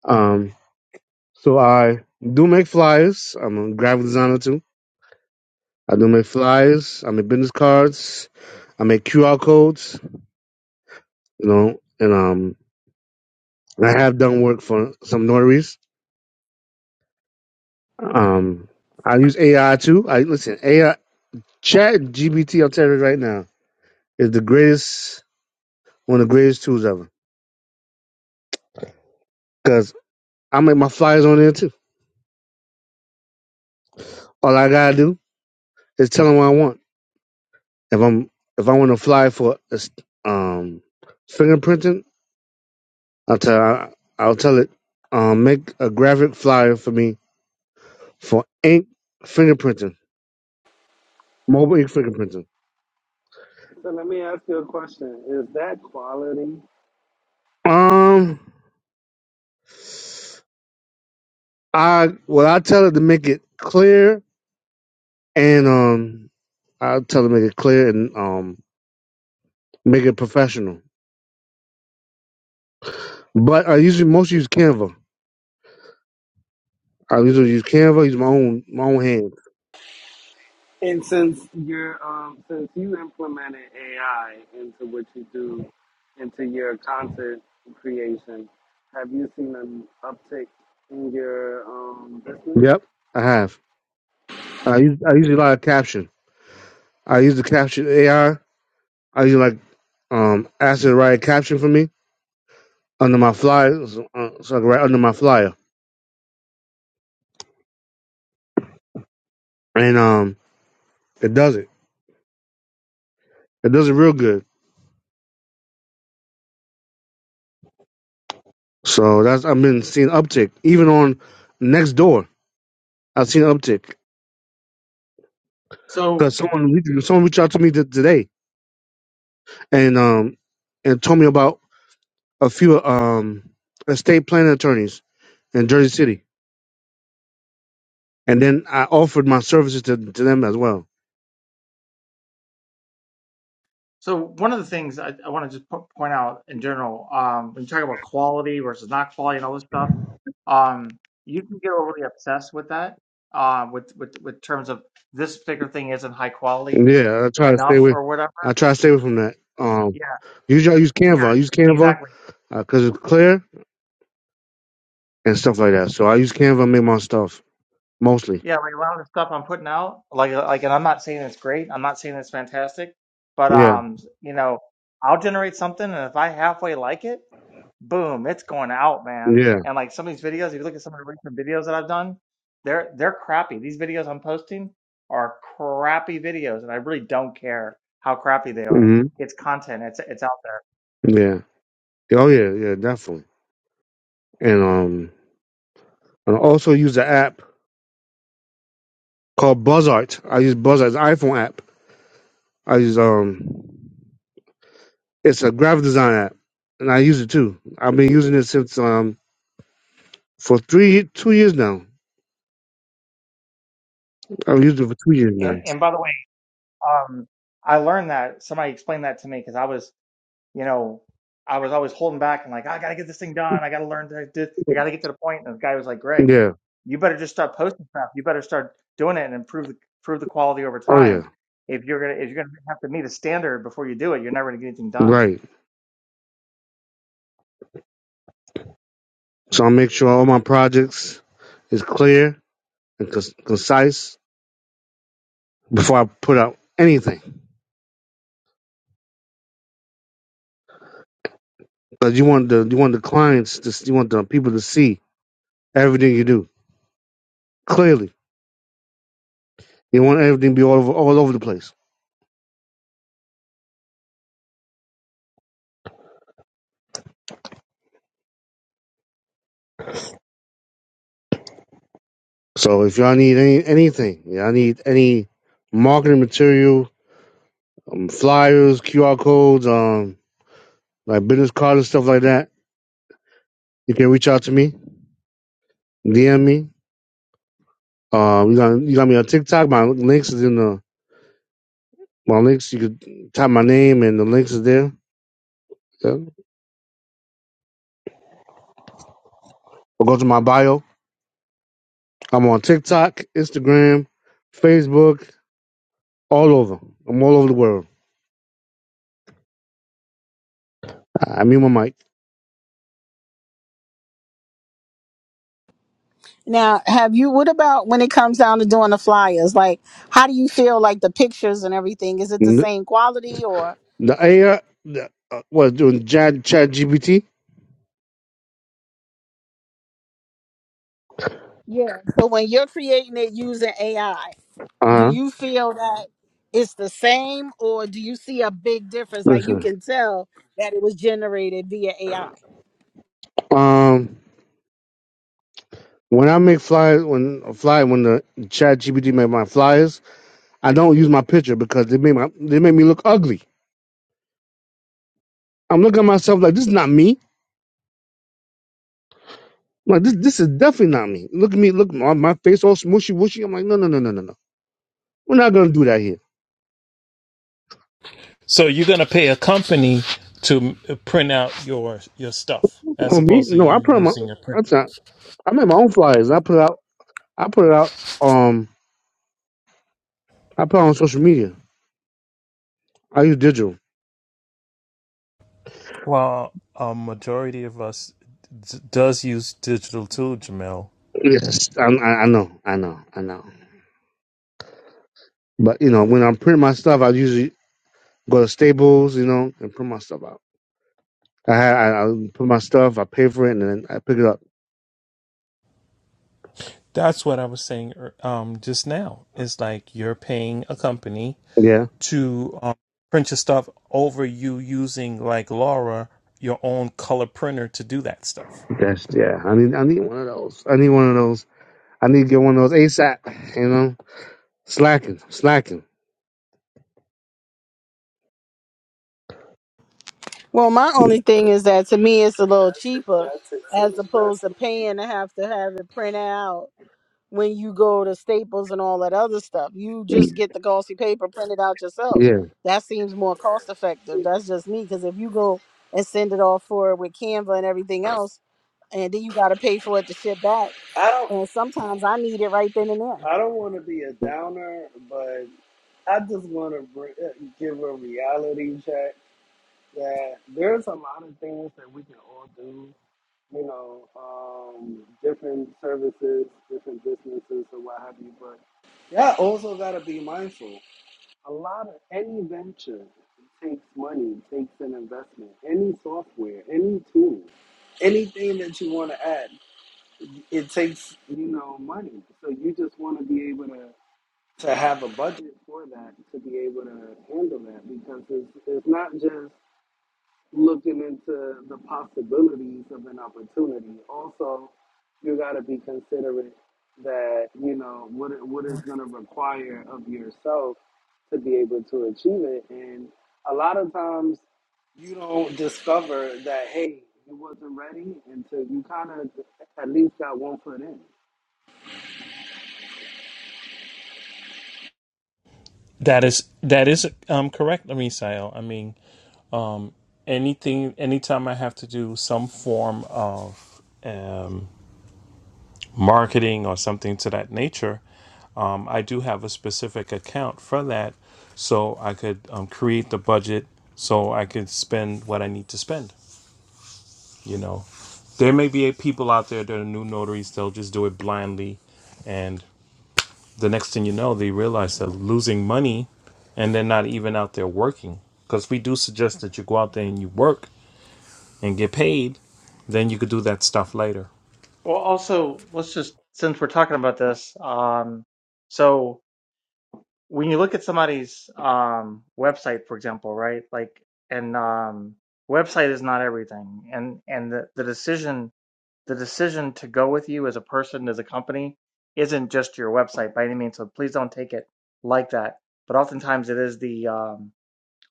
S11: Um, so I do make flyers. I'm a graphic designer too. I do make flyers. I make business cards. I make QR codes. You know, and um, I have done work for some notaries Um, I use AI too. I listen AI Chat GBT. I'm telling you right now is the greatest one of the greatest tools ever. Cause I make my flyers on there too. All I gotta do is tell them what I want. If I'm if I want to fly for um fingerprinting, I'll tell I'll tell it um make a graphic flyer for me for ink fingerprinting, mobile ink fingerprinting.
S10: So let me ask you a question. Is that quality
S11: Um, I well I tell it to make it clear and um, I'll tell them to make it clear and um, make it professional. But I usually mostly use Canva. I usually use Canva. Use my own my own hand.
S10: And since you're um, since you implemented AI into what you do, into your content creation, have you seen an uptick in your um, business?
S11: Yep, I have. I use I use a lot of caption. I use the caption AI. I I use like um ask it to write a caption for me under my flyer, so, uh, so I can write under my flyer, and um it does it. It does it real good. So that's I've been seeing uptick even on next door. I've seen uptick
S8: So
S11: because someone someone reached out to me t- today and um and told me about a few um estate planning attorneys in Jersey City, and then I offered my services to, to them as well.
S8: So one of the things I, I want to just po- point out in general, um, when you talk about quality versus not quality and all this stuff, um, you can get overly obsessed with that, uh, with, with with terms of this particular thing isn't high quality
S11: Yeah, I try to stay
S8: enough
S11: away.
S8: or whatever.
S11: I try to stay away from that. Um,
S8: Yeah,
S11: usually I use
S8: yeah,
S11: Canva. I use Canva
S8: exactly.
S11: because it's clear and stuff like that. So I use Canva and make my stuff mostly.
S8: Yeah, like a lot of the stuff I'm putting out, like uh, like, and I'm not saying it's great. I'm not saying it's fantastic, but
S11: Yeah,
S8: um, you know, I'll generate something, and if I halfway like it, boom, it's going out, man.
S11: yeah,
S8: And like some of these videos, if you look at some of the recent videos that I've done, they're they're crappy. These videos I'm posting are crappy videos, and I really don't care how crappy they are.
S11: hmm
S8: It's content. It's it's out there.
S11: yeah. Oh yeah, yeah, definitely. And um, and I also use the app called Buzzart. I use BuzzArt Buzzart's iPhone app. I use um. It's a graphic design app, and I use it too. I've been using it since um for three two years now. I've used it for two years now.
S8: And and by the way, um, I learned that somebody explained that to me because I was you know, I was always holding back and like, I gotta get this thing done. I gotta learn to do, I gotta get to the point. And the guy was like, Greg,
S11: Yeah.
S8: you better just start posting stuff. You better start doing it and improve the improve the quality over
S11: Oh yeah.
S8: time. If you're gonna if you're gonna have to meet a standard before you do it, you're never gonna get anything done.
S11: Right. So I make sure all my projects is clear and con- concise before I put out anything. Because you want the you want the clients to s- you want the people to see everything you do clearly. You want everything to be all over all over the place. So if y'all need any anything, y'all need any marketing material, um, flyers, QR codes, um, like business cards and stuff like that. You can reach out to me, DM me. Uh, you got you got me on TikTok. My links is in the my links. You could type my name and the links is there. Yeah. Or go to my bio. I'm on TikTok, Instagram, Facebook, all over. I'm all over the world. I I mean my mic.
S2: Now, have you, what about when it comes down to doing the flyers? Like, how do you feel like the pictures and everything? Is it the
S11: N-
S2: same quality or?
S11: The AI, the, uh, what doing? Chat Chat GPT.
S2: Yeah. So when you're creating it using AI,
S11: Uh
S2: do
S11: huh.
S2: you feel that it's the same or do you see a big difference like you
S11: Listen.
S2: can tell that it was generated via ai
S11: Um, when I make flyers, when a flyer, when the Chat GPT make my flyers I don't use my picture because they make my they make me look ugly. I'm looking at myself like this is not me. I'm like this this is definitely not me. Look at me, look my, my face all smooshy wooshy. I'm like no no no no no no. We're not gonna do that here.
S4: So you're gonna pay a company to uh, print out your your stuff as
S11: For me,
S4: opposed to
S11: no. I
S4: you
S11: put on my
S4: using a
S11: that's
S4: printer.
S11: not. I made my own flyers. I put it out. I put it out. Um, I put it on social media. I use digital.
S4: Well, a majority of us d- does use digital too, Jamel.
S11: Yes, I, I, I know, I know, I know. But you know, when I'm printing my stuff, I usually go to Staples, you know, and print my stuff out. I had I, I put my stuff. I pay for it, and then I pick it up.
S4: That's what I was saying er, um, just now. It's like you're paying a company
S11: Yeah.
S4: to um, print your stuff over you using, like Laura, your own color printer to do that stuff.
S11: That's yeah. I need I need one of those. I need one of those. I need to get one of those ASAP. You know, slacking, slacking.
S2: well my only thing is that to me it's a little cheaper
S10: That takes an
S2: as opposed to
S10: investment.
S2: paying to have to have it printed out when you go to staples and all that other stuff you just get the glossy paper printed out yourself
S11: Yeah.
S2: that seems more cost effective that's just me because if you go and send it off for it with canva and everything else and then you got to pay for it to ship back
S10: I don't.
S2: and sometimes i need it right then and there
S10: I don't want to be a downer, but I just want to br- uh, give a reality check that there's a lot of things that we can all do you know, um, different services, different businesses, or what have you. But yeah, also gotta be mindful. A lot of any venture takes money, takes an investment. Any software, any tool, anything that you want to add, it takes you know money. So you just want to be able to to have a budget for that to be able to handle that because it's it's not just looking into the possibilities of an opportunity. Also, you got to be considerate that you know what it- what is going to require of yourself to be able to achieve it. And a lot of times, you don't discover that hey, you wasn't ready until you kind of at least got one foot in.
S4: That is that is um correct, Misael. I mean, anything anytime I have to do some form of um, marketing or something to that nature, um, I do have a specific account for that, so I could um, create the budget so I could spend what I need to spend. You know, there may be people out there that are new notaries; they'll just do it blindly, and the next thing you know, they realize they're losing money and they're not even out there working. Because we do suggest that you go out there and you work and get paid, then you could do that stuff later.
S8: Well, also, let's just since we're talking about this, um, so when you look at somebody's um website, for example, right? Like, and um, website is not everything, and and the, the decision the decision to go with you as a person, as a company, isn't just your website by any means. So please don't take it like that. But oftentimes it is the um,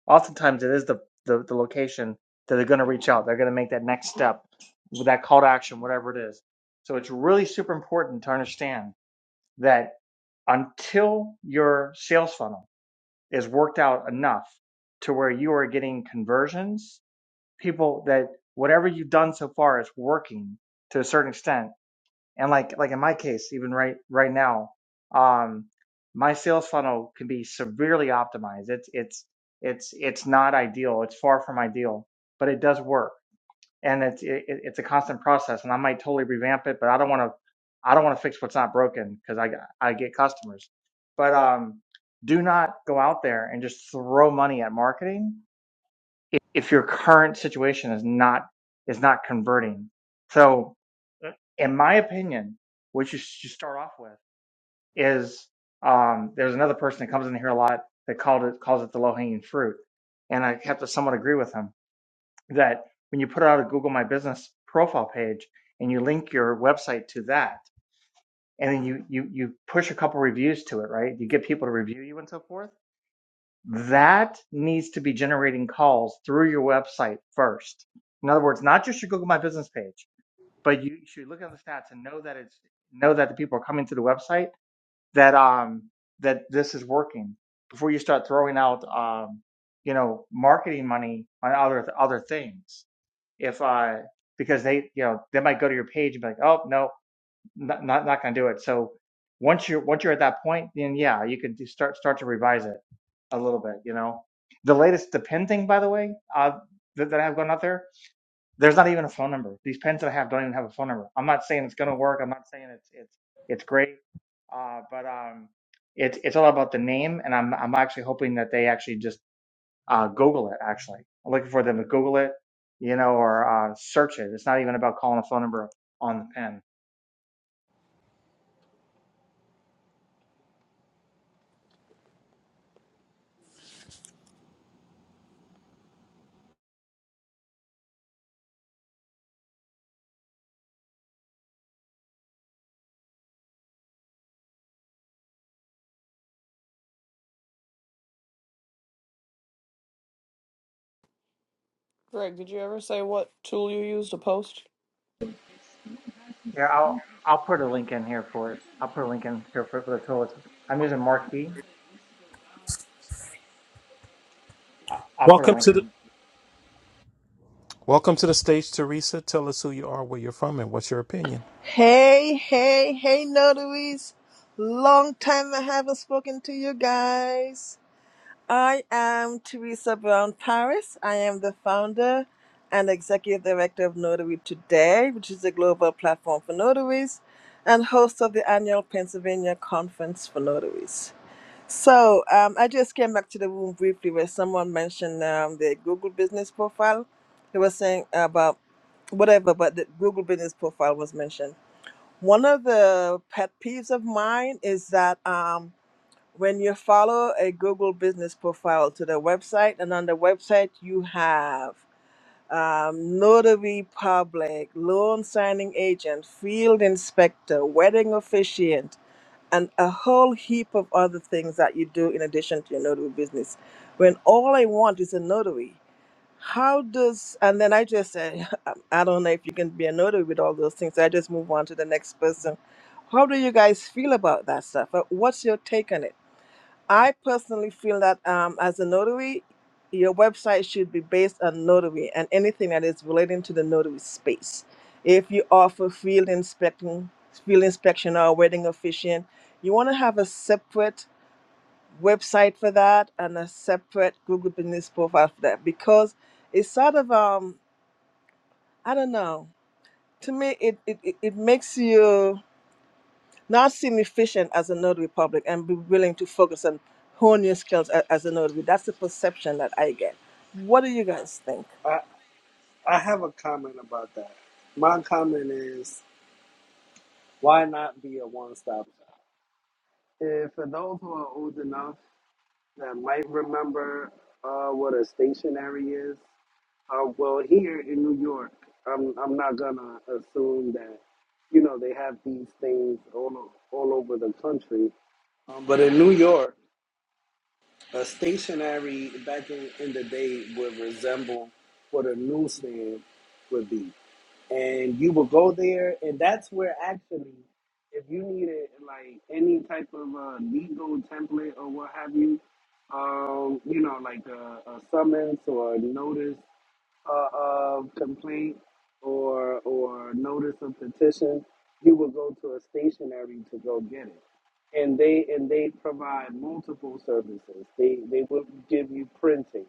S8: oftentimes it is the the, the location that they're going to reach out. They're going to make that next step with that call to action, whatever it is. So it's really super important to understand that until your sales funnel is worked out enough to where you are getting conversions, people that whatever you've done so far is working to a certain extent and like like in my case even right right now um my sales funnel can be severely optimized it's it's it's it's not ideal it's far from ideal but it does work and it's it, it- it's a constant process and i might totally revamp it but i don't want to i don't want to fix what's not broken because i got- i get customers but um do not go out there and just throw money at marketing if, if your current situation is not is not converting. So, in my opinion, what you should start off with is um, there's another person that comes in here a lot that called it calls it the low hanging fruit, and I have to somewhat agree with him that when you put out a Google My Business profile page and you link your website to that, and then you you you push a couple reviews to it, right? You get people to review you and so forth that needs to be generating calls through your website first. In other words, not just your Google My Business page, but you should look at the stats and know that it's know that the people are coming to the website that um that this is working before you start throwing out um you know marketing money on other other things if uh because they you know they might go to your page and be like oh no not not, not going to do it. So once you're once you're at that point, then yeah, you could start start to revise it a little bit. You know, the latest the pen thing, by the way, uh, that, that I have gone out there, there's not even a phone number. These pens that I have don't even have a phone number. I'm not saying it's going to work. I'm not saying it's it's it's great, uh, but um, it's it's all about the name, and I'm I'm actually hoping that they actually just uh, Google it. Actually, I'm looking for them to Google it, you know, or uh, search it. It's not even about calling a phone number on the pen
S7: Greg, did you ever say what tool you use to post?
S8: Yeah, I'll I'll put a link in here for it. I'll put a link in here for, for the tool. It's, I'm using Marquee. I'll, I'll put a
S4: Welcome
S8: link
S4: to
S8: in.
S4: the Welcome to the stage, Teresa. Tell us who you are, where you're from, and what's your opinion.
S12: Hey, hey, hey, notaries. Long time I haven't spoken to you guys. I am Teresa Brown Paris. I am the founder and executive director of Notary Today, which is a global platform for notaries, and host of the annual Pennsylvania Conference for Notaries. So um, I just came back to the room briefly where someone mentioned um, the Google business profile. They were saying about whatever, but the Google business profile was mentioned. One of the pet peeves of mine is that um, when you follow a Google business profile to the website, and on the website you have um, notary public, loan signing agent, field inspector, wedding officiant, and a whole heap of other things that you do in addition to your notary business. When all I want is a notary, how does, and then I just said, I don't know if you can be a notary with all those things. I just move on to the next person. How do you guys feel about that stuff? Uh, What's your take on it? I personally feel that um, as a notary, your website should be based on notary and anything that is relating to the notary space. If you offer field inspection, field inspection or wedding officiant, you want to have a separate website for that and a separate Google Business profile for that because it's sort of um I don't know. To me, it it, it it makes you not seem efficient as a notary public and be willing to focus on hone your skills a- as a notary. That's the perception that I get. What do you guys think,
S10: I I have a comment about that. My comment is why not be a one stop shop? And for those who are old enough that might remember uh, what a stationary is. Uh, well, here in New York, I'm I'm not gonna assume that you know they have these things all o- all over the country. Um, but in New York, a stationary back in, in the day would resemble what a newsstand would be and you will go there and that's where actually if you needed like any type of uh, legal template or what have you um, you know like a, a summons or a notice uh, of complaint or or notice of petition you would go to a stationery to go get it and they and they provide multiple services. They they would give you printing.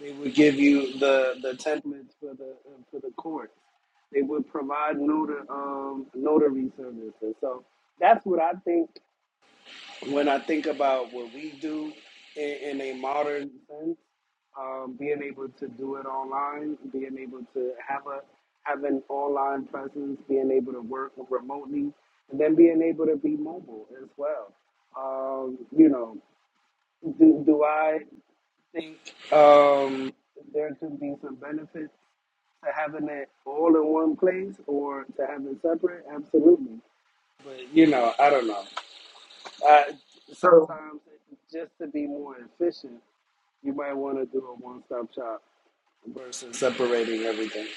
S10: They would give you the the templates for the uh, for the courts. They would provide notary um, notary services. So that's what I think when I think about what we do in, in a modern sense, um, being able to do it online, being able to have a have an online presence, being able to work remotely, and then being able to be mobile as well. Um, you know, do do I think um, there could be some benefits to having it all in one place or to having it separate? Absolutely. But you know, I don't know. Uh,
S8: So
S10: sometimes just to be more efficient, you might want to do a one-stop shop versus separating everything.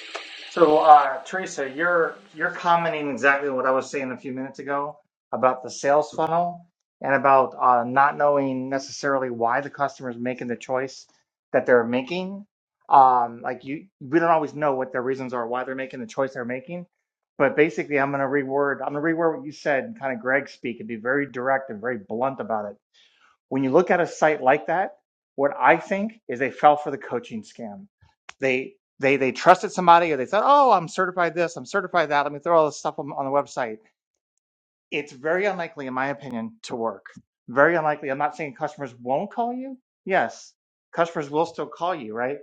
S8: so uh, Teresa, you're you're commenting exactly what I was saying a few minutes ago about the sales funnel and about uh, not knowing necessarily why the customer is making the choice that they're making. Um, like you, we don't always know what their reasons are why they're making the choice they're making. But basically, I'm going to reword. I'm going to reword what you said, and kind of Greg speak, and be very direct and very blunt about it When you look at a site like that, what I think is they fell for the coaching scam. They they they trusted somebody or they said, "Oh, I'm certified this, I'm certified that. Let me throw all this stuff on, on the website." It's very unlikely, in my opinion, to work. Very unlikely. I'm not saying customers won't call you. Yes, customers will still call you, right?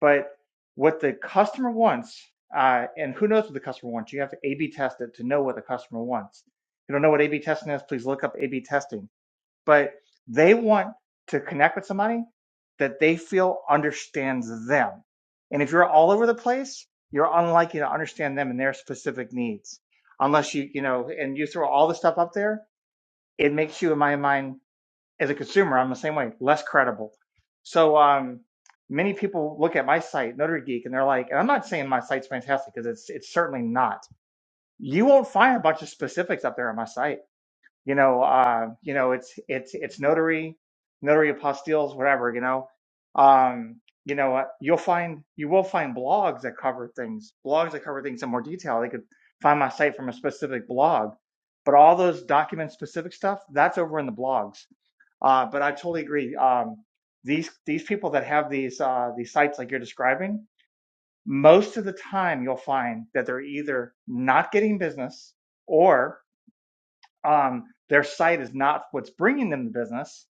S8: But what the customer wants, uh, and who knows what the customer wants? You have to A/B test it to know what the customer wants. If you don't know what A/B testing is? Please look up A/B testing but they want to connect with somebody that they feel understands them. And if you're all over the place, you're unlikely to understand them and their specific needs. Unless you, you know, and you throw all the stuff up there, it makes you, in my mind, as a consumer, I'm the same way, less credible. So, um, many people look at my site, Notary Geek, and they're like, and I'm not saying my site's fantastic because it's, it's certainly not. You won't find a bunch of specifics up there on my site you know, uh, you know, it's it's it's notary, notary apostilles, whatever, you know. Um, you know, uh, you'll find you will find blogs that cover things, blogs that cover things in more detail. They could find my site from a specific blog, but all those document specific stuff that's over in the blogs. Uh, but I totally agree. Um, these these people that have these uh, these sites like you're describing, most of the time you'll find that they're either not getting business or um, their site is not what's bringing them the business,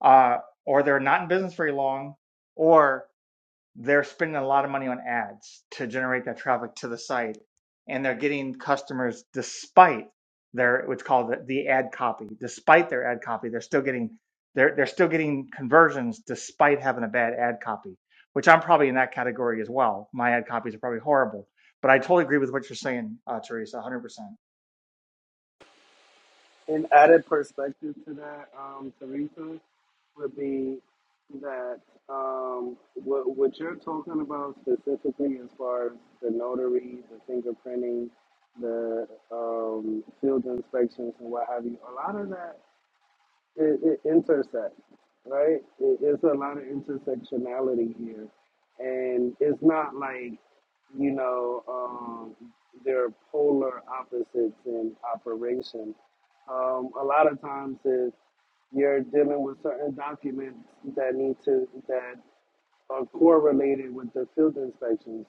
S8: uh, or they're not in business very long, or they're spending a lot of money on ads to generate that traffic to the site, and they're getting customers despite their what's called the, the ad copy. Despite their ad copy, they're still getting they're they're still getting conversions despite having a bad ad copy, which I'm probably in that category as well. My ad copies are probably horrible, but I totally agree with what you're saying, uh, Teresa, 100%.
S10: An added perspective to that, um, Teresa, would be that um, what, what you're talking about specifically as far as the notary, the fingerprinting, the um, field inspections and what have you, a lot of that it, it intersects, right? It, it's a lot of intersectionality here, and it's not like you know um, they're polar opposites in operation. Um, a lot of times, is you're dealing with certain documents that need to that are correlated with the field inspections.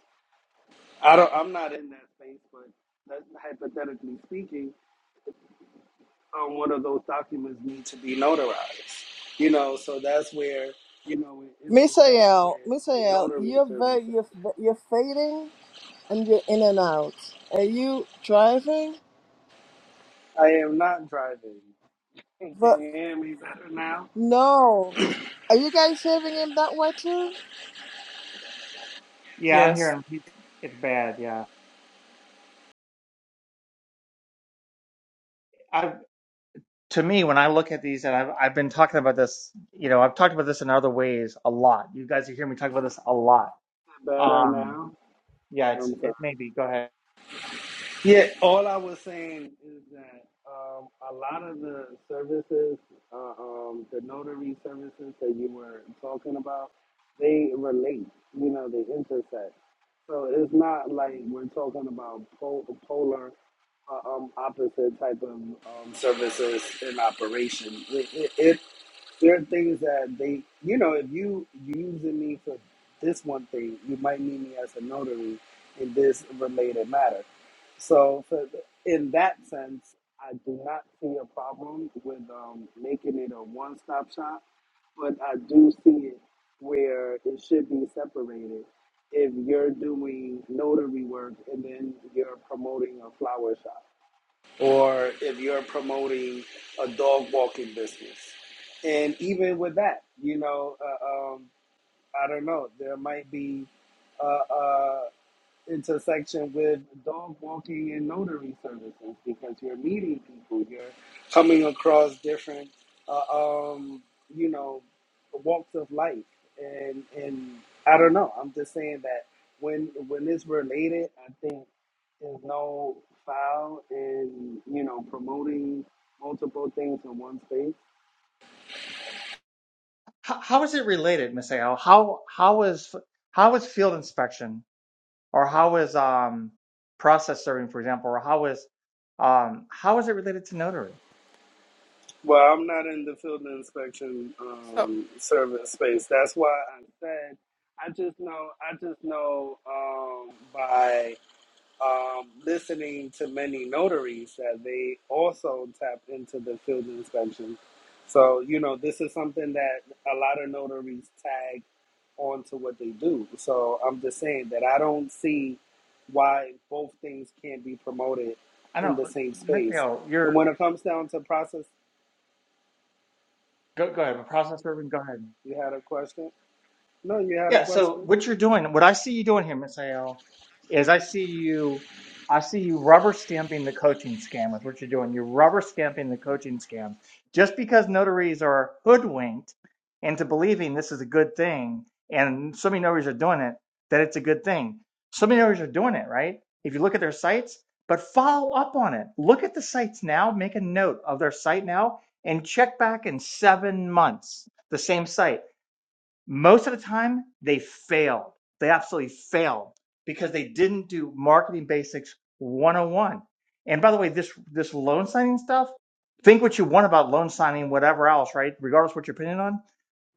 S10: I don't. I'm not in that space, but that, hypothetically speaking um, one of those documents need to be notarized. You know, so that's where you know it intersects with
S12: Misael?
S10: the
S12: Misael,
S10: notary
S12: you're
S10: services.
S12: very you're f- you're fading and you're in and out. Are you driving?
S10: I am not driving. Can
S12: But
S10: you hear me better now?
S12: no, are you guys having him that way too?
S8: Yeah, I'm
S7: Yes.
S8: hearing it's bad. Yeah. I. to me, when I look at these, and I've, I've been talking about this, you know, I've talked about this in other ways a lot. You guys hear me talk about this a lot.
S10: Better
S8: Um,
S10: now.
S8: yeah, it's
S10: I'm sorry.
S8: it may be. Go ahead.
S10: Yeah, all I was saying is that um, a lot of the services, uh, um, the notary services that you were talking about, they relate, you know, they intersect. So it's not like we're talking about pol- polar uh, um, opposite type of um, services in operation. It, it, it, there are things that they, you know, if you using me for this one thing, you might need me as a notary in this related matter. So, for th- in that sense, I do not see a problem with um, making it a one-stop shop, but I do see it where it should be separated. If you're doing notary work and then you're promoting a flower shop, or if you're promoting a dog walking business, and even with that, you know, uh, um, I don't know, there might be. uh, uh, intersection with dog walking and notary services because you're meeting people, you're coming across different, uh, um, you know, walks of life, and and I don't know. I'm just saying that when when it's related, I think there's no foul in you know promoting multiple things in one space.
S8: How, how is it related, Miss Ao? How how is how is field inspection, or how is um, process serving, for example, or how is um, how is it related to notary?
S10: Well, I'm not in the field inspection
S7: So
S10: um, service space. That's why I said I just know I just know um, by um, listening to many notaries that they also tap into the field inspection. So you know this is something that a lot of notaries tag onto what they do. So I'm just saying that I don't see why both things can't be promoted
S8: I don't
S10: in the
S8: know,
S10: same
S8: Miss
S10: space.
S8: Ao, you're
S10: And when it comes down to process.
S8: go go ahead. Process serving, go ahead.
S10: You had a question? No, you had a
S8: Yeah, so
S10: question?
S8: what you're doing, what I see you doing here, Miss AL, is I see you, I see you rubber stamping the coaching scam with what you're doing. You're rubber stamping the coaching scam. Just because notaries are hoodwinked into believing this is a good thing, and so many notaries are doing it, that it's a good thing. So many notaries are doing it, right? If you look at their sites, but follow up on it. Look at the sites now, make a note of their site now, and check back in seven months, the same site most of the time, they failed. They absolutely failed because they didn't do marketing basics 101. And by the way, this this loan signing stuff, think what you want about loan signing, whatever else, right? Regardless what your opinion on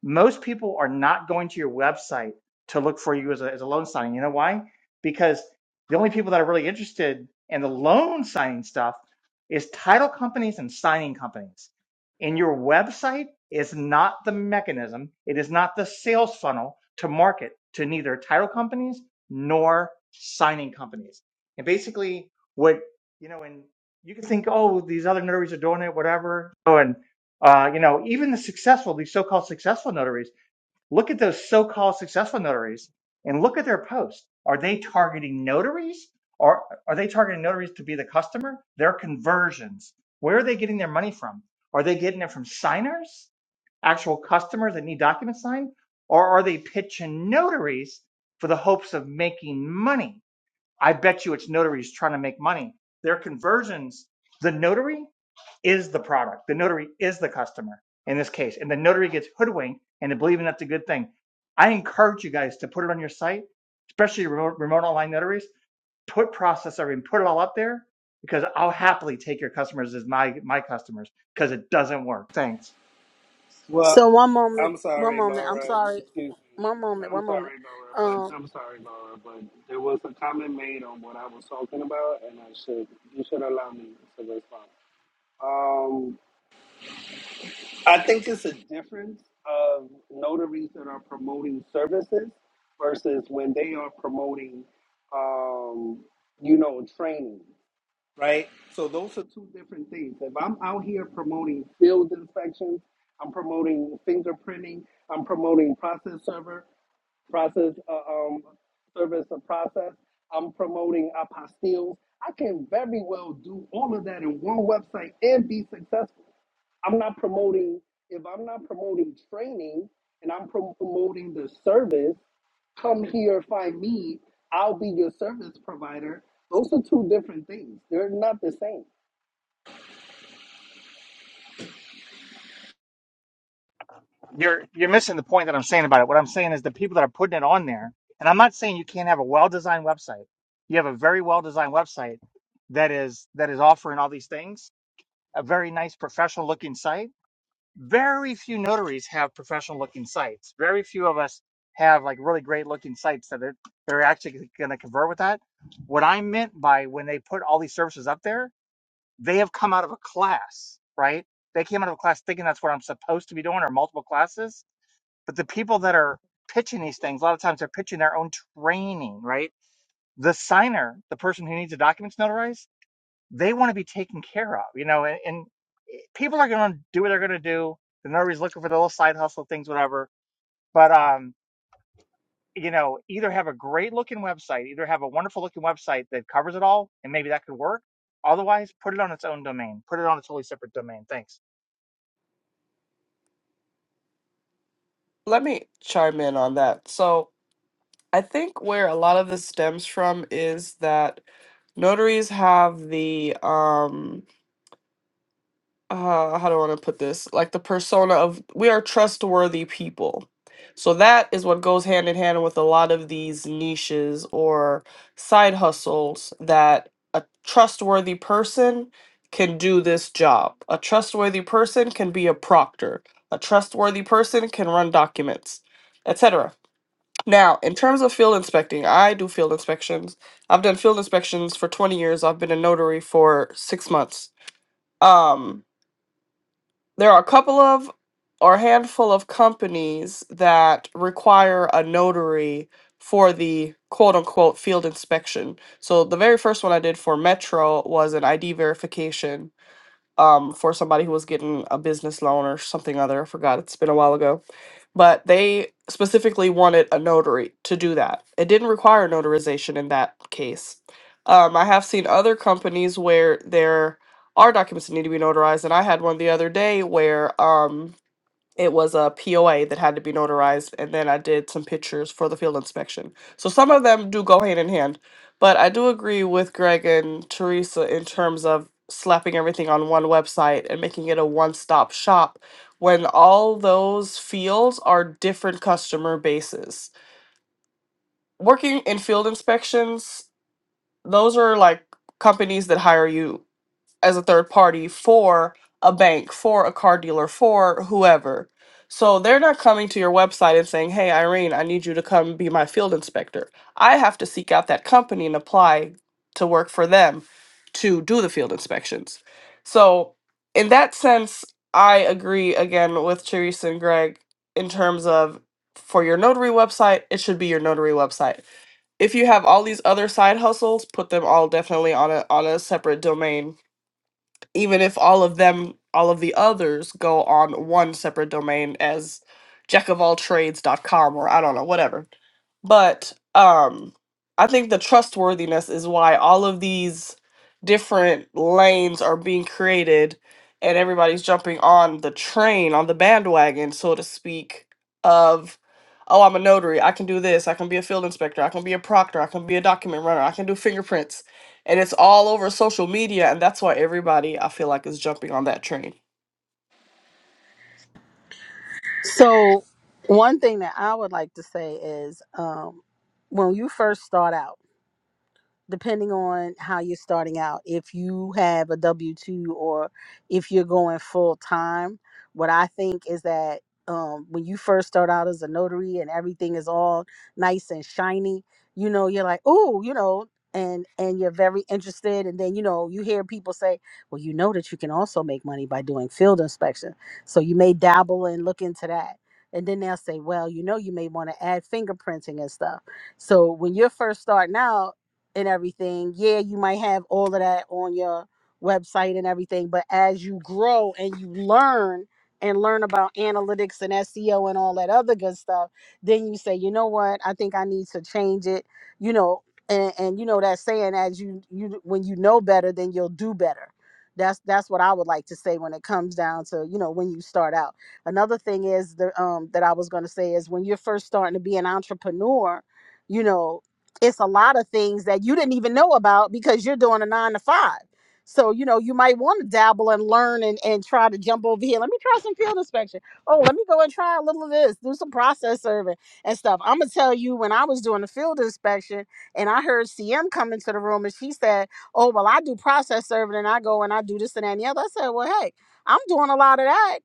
S8: most people are not going to your website to look for you as a, as a loan signing. You know why? Because the only people that are really interested in the loan signing stuff is title companies and signing companies. And your website is not the mechanism, it is not the sales funnel to market to neither title companies nor signing companies. And basically, what you know, and you can think, oh, these other notaries are doing it, whatever. Oh, and. Uh, you know, even the successful, these so-called successful notaries, look at those so-called successful notaries and look at their posts. Are they targeting notaries or are they targeting notaries to be the customer? Their conversions. Where are they getting their money from? Are they getting it from signers, actual customers that need documents signed? Or are they pitching notaries for the hopes of making money? I bet you it's notaries trying to make money. Their conversions, the notary is the product. The notary is the customer in this case. And the notary gets hoodwinked into believing that's a good thing. I encourage you guys to put it on your site, especially remote, remote online notaries. Put process serving, put it all up there because I'll happily take your customers as my my customers because it doesn't work. Thanks.
S10: Well,
S2: So one moment,
S10: I'm
S2: one
S10: sorry,
S2: moment. I'm
S10: Laura.
S2: sorry.
S10: Excuse me.
S2: One moment,
S10: I'm
S2: one moment.
S10: sorry, Laura, but
S2: Um,
S10: I'm sorry, Laura, but there was a comment made on what I was talking about, and I should you should allow me to respond. Um, I think it's a difference of notaries that are promoting services versus when they are promoting, um, you know, training. right? So those are two different things. If I'm out here promoting field inspections, I'm promoting fingerprinting, I'm promoting process server, process uh, um, service of process, I'm promoting apostilles. I can very well do all of that in one website and be successful. I'm not promoting if I'm not promoting training and I'm prom- promoting the service. Come here, find me. I'll be your service provider. Those are two different things. They're not the same.
S8: You're you're missing the point that I'm saying about it. What I'm saying is the people that are putting it on there, and I'm not saying you can't have a well-designed website. You have a very well-designed website that is that is offering all these things, a very nice professional looking site very few notaries have professional looking sites. Very few of us have like really great looking sites that are they're actually going to convert with that. What I meant by when they put all these services up there, they have come out of a class, right? They came out of a class thinking that's what I'm supposed to be doing or multiple classes. But the people that are pitching these things, a lot of times they're pitching their own training, right? The signer, the person who needs the documents notarized they want to be taken care of, you know, and, and eh, people are going to do what they're going to do. And They're nobody's looking for the little side hustle things, whatever. But, um, you know, either have a great looking website, either have a wonderful looking website that covers it all, and maybe that could work. Otherwise, put it on its own domain. Put it on a totally separate domain. Thanks.
S7: let me chime in on that. So I think where a lot of this stems from is that notaries have the um uh how do I want to put this? Like the persona of we are trustworthy people. So that is what goes hand in hand with a lot of these niches or side hustles that a trustworthy person can do this job. A trustworthy person can be a proctor. A trustworthy person can run documents, etc. Now, in terms of field inspecting, I do field inspections. I've done field inspections for 20 years. I've been a notary for 6 months. Um there are a couple of or a handful of companies that require a notary for the quote unquote field inspection. So the very first one I did for Metro was an ID verification um, for somebody who was getting a business loan or something other. I forgot. It's been a while ago. But they specifically wanted a notary to do that. It didn't require notarization in that case. Um, I have seen other companies where there are documents that need to be notarized, and I had one the other day where. Um, it was a POA that had to be notarized, and then I did some pictures for the field inspection. So some of them do go hand in hand, but I do agree with Greg and Teresa in terms of slapping everything on one website and making it a one-stop shop when all those fields are different customer bases. Working in field inspections, those are like companies that hire you as a third party for a bank, for a car dealer, for whoever. So they're not coming to your website and saying, "Hey Irene, I need you to come be my field inspector." I have to seek out that company and apply to work for them to do the field inspections. So in that sense, I agree again with Teresa and Greg in terms of for your notary website, it should be your notary website if you have all these other side hustles, put them all definitely on a on a separate domain even if all of them all of the others go on one separate domain as jack of all trades.com or i don't know whatever but um i think the trustworthiness is why all of these different lanes are being created and everybody's jumping on the train on the bandwagon so to speak of oh i'm a notary i can do this i can be a field inspector i can be a proctor i can be a document runner i can do fingerprints and it's all over social media and that's why everybody i feel like is jumping on that train
S2: so one thing that I would like to say is, um, when you first start out. depending on how you're starting out. If you have a W 2 or if you're going full time, what I think is that um, when you first start out as a notary and everything is all nice and shiny, you know, you're like, oh, you know, and and you're very interested and then you know you hear people say well you know that you can also make money by doing field inspection so you may dabble and look into that and then they'll say well you know you may want to add fingerprinting and stuff so when you're first starting out and everything. Yeah, you might have all of that on your website and everything, but as you grow and you learn and learn about analytics and SEO and all that other good stuff, then you say, you know what, I think I need to change it, you know, and, and you know that saying as you you when you know better, then you'll do better. That's that's what I would like to say when it comes down to, you know, when you start out. Another thing is the um that I was gonna say is when you're first starting to be an entrepreneur, you know it's a lot of things that you didn't even know about because you're doing a nine to five. So, you know, you might want to dabble and learn and, and try to jump over here. Let me try some field inspection. Oh, let me go and try a little of this, do some process serving and stuff. I'm going to tell you, when I was doing the field inspection and I heard CM come into the room and she said, Oh, well, I do process serving and I go and I do this and that and the other. I said, Well, hey, I'm doing a lot of that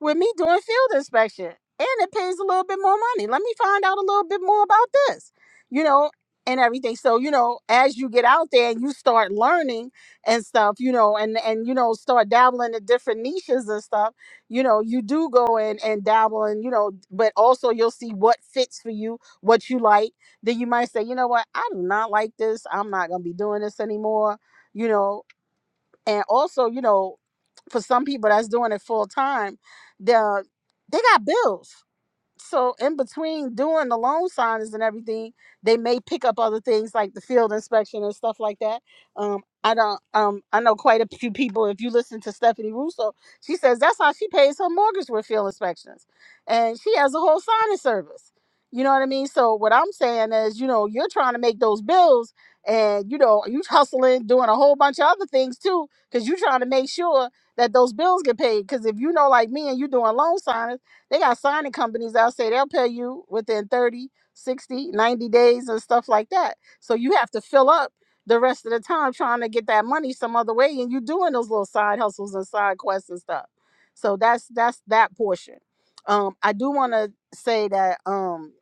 S2: with me doing field inspection and it pays a little bit more money let me find out a little bit more about this you know and everything so you know as you get out there and you start learning and stuff you know and and you know start dabbling in different niches and stuff you know you do go in and dabble and you know but also you'll see what fits for you what you like then you might say you know what i do not like this i'm not going to be doing this anymore you know and also you know for some people that's doing it full time, they they got bills so in between doing the loan signings and everything, they may pick up other things like the field inspection and stuff like that. Um, I don't. Um, I know quite a few people. If you listen to Stephanie Russo, she says that's how she pays her mortgage with field inspections, and she has a whole signing service. You know what I mean? So what I'm saying is, you know, you're trying to make those bills, and you know, you hustling, doing a whole bunch of other things too, because you're trying to make sure that those bills get paid. Because if you know, like me, and you doing loan signings they got signing companies I'll say they'll pay you within 30, 60, 90 days and stuff like that. So you have to fill up the rest of the time trying to get that money some other way and you doing those little side hustles and side quests and stuff. So that's that's that portion. Um I do want to say that um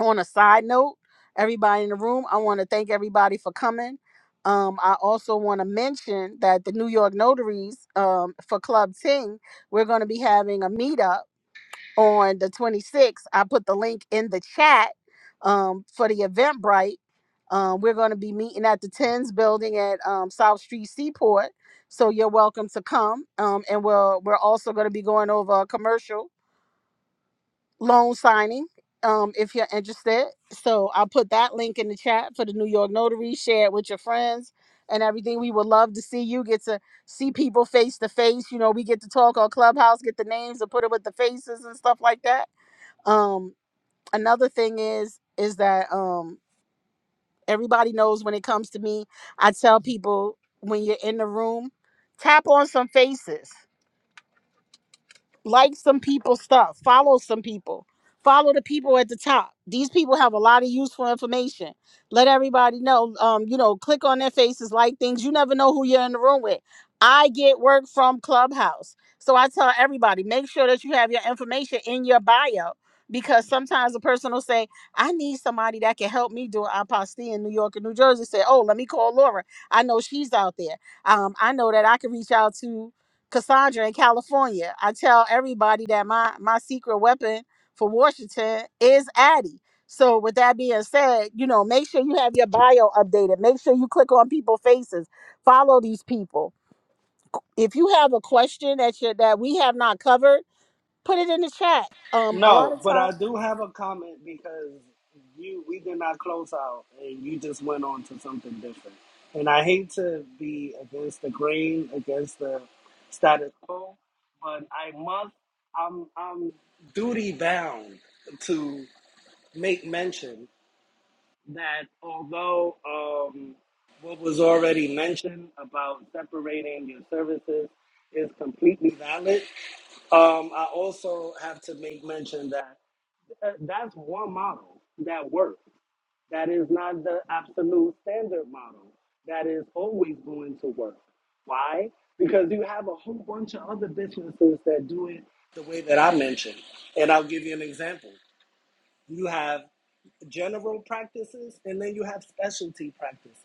S2: on a side note, everybody in the room, I want to thank everybody for coming. Um, I also want to mention that the New York Notaries um, for Club Ting, we're going to be having a meetup on the 26th. I put the link in the chat um, for the Eventbrite. Um, we're going to be meeting at the Tens building at um, South Street Seaport. So you're welcome to come. Um, and we'll, we're also going to be going over a commercial loan signing um, if you're interested. So I'll put that link in the chat for the New York Notary. Share it with your friends and everything. We would love to see you get to see people face to face. You know, we get to talk on Clubhouse, get the names and put it with the faces and stuff like that um, another thing is is that um everybody knows when it comes to me, I tell people when you're in the room, tap on some faces like some people's stuff, follow some people, follow the people at the top. These people have a lot of useful information. Let everybody know. Um, you know, click on their faces, like things. You never know who you're in the room with. I get work from Clubhouse. So I tell everybody, make sure that you have your information in your bio because sometimes a person will say, I need somebody that can help me do an apostille in New York and New Jersey. Say, oh, let me call Laura. I know she's out there. Um, I know that I can reach out to. Cassandra in California. I tell everybody that my my secret weapon for Washington is Addie. So with that being said, you know, make sure you have your bio updated. Make sure you click on people's faces. Follow these people. If you have a question that you that we have not covered, put it in the chat. Um, a lot
S10: No,
S2: of
S10: but I
S2: times.
S10: do have a comment because you we did not close out and you just went on to something different. And I hate to be against the grain, against the status quo, but I must I'm I'm duty bound to make mention that although um, what was already mentioned about separating your services is completely valid, um, I also have to make mention that uh, that's one model that works. That is not the absolute standard model that is always going to work. Why? Because you have a whole bunch of other businesses that do it the way that I mentioned. And I'll give you an example. You have general practices and then you have specialty practices.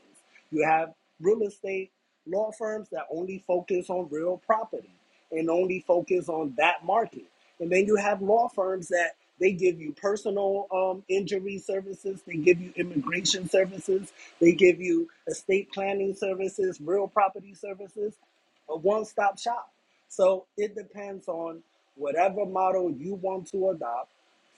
S10: You have real estate law firms that only focus on real property and only focus on that market. And then you have law firms that they give you personal um, injury services, they give you immigration services, they give you estate planning services, real property services, a one stop shop. So it depends on whatever model you want to adopt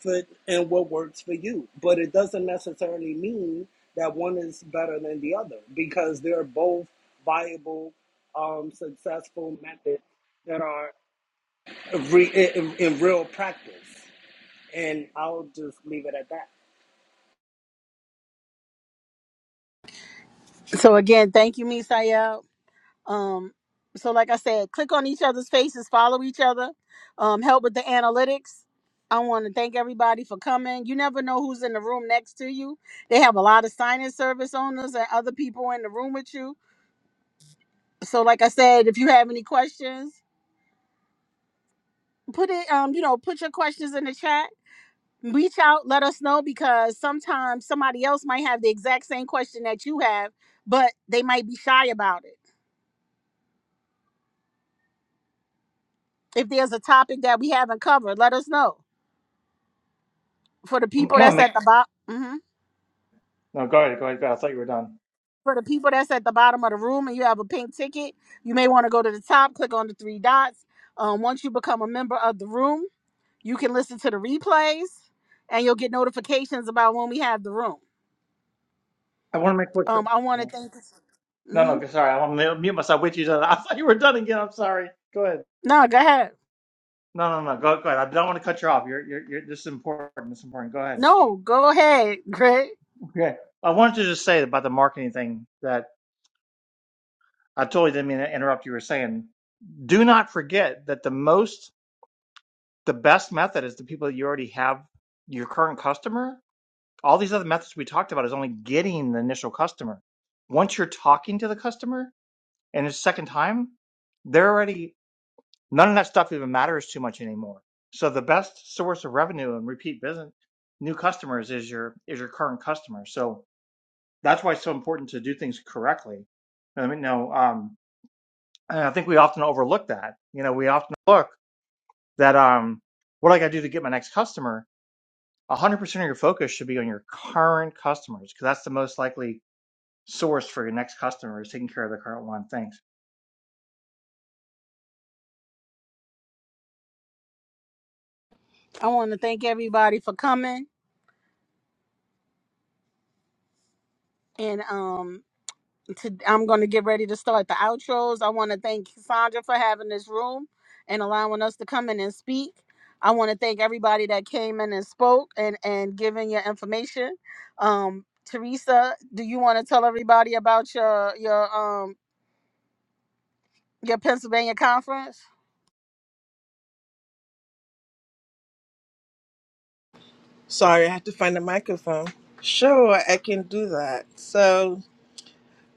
S10: fit and what works for you. But it doesn't necessarily mean that one is better than the other because they're both viable, um, successful methods that are re- in, in real practice. And I'll just leave it at that.
S2: So again, thank you, Misael. Um, so, like I said, click on each other's faces, follow each other, um, help with the analytics. I want to thank everybody for coming. You never know who's in the room next to you. They have a lot of sign-in service owners and other people in the room with you. So, like I said, if you have any questions, put it, um, you know, put your questions in the chat. Reach out, let us know because sometimes somebody else might have the exact same question that you have, but they might be shy about it. If there's a topic that we haven't covered, let us know for the
S8: I
S2: people
S8: want to
S2: that's
S8: make
S2: at the bottom. hmm
S8: no. Go ahead. Go ahead. Go ahead. I thought you were done.
S2: For the people that's at the bottom of the room and you have a pink ticket, you may want to go to the top, click on the three dots. Um, once you become a member of the room, you can listen to the replays and you'll get notifications about when we have the room.
S8: I want to make quick.
S2: Um, I want to
S8: No,
S2: thank. hmm
S8: no. Sorry, I want to mute myself with you. I thought you were done again. I'm sorry. Go ahead.
S2: No, go ahead.
S8: No, no, no. Go, go ahead. I don't want to cut you off. You're, you're, you're. This is important. This is important. Go ahead.
S2: No, go ahead, Greg.
S8: Okay. I wanted to just say about the marketing thing that I totally didn't mean to interrupt you were saying. Do not forget that the most, the best method is the people that you already have, your current customer. All these other methods we talked about is only getting the initial customer. Once you're talking to the customer and it's second time, they're already, none of that stuff even matters too much anymore. So the best source of revenue and repeat business, new customers is your, is your current customer. So that's why it's so important to do things correctly. I mean, no, um, and I think we often overlook that. You know, we often look that um, what do I got to do to get my next customer. 100% of your focus should be on your current customers because that's the most likely source for your next customer is taking care of the current one. Thanks.
S2: I want to thank everybody for coming and um to, I'm going to get ready to start the outros. I want to thank Sandra for having this room and allowing us to come in and speak. I want to thank everybody that came in and spoke and and giving your information. Um, Teresa, do you want to tell everybody about your your um your Pennsylvania conference?
S12: Sorry, I had to find a microphone. Sure, I can do that. So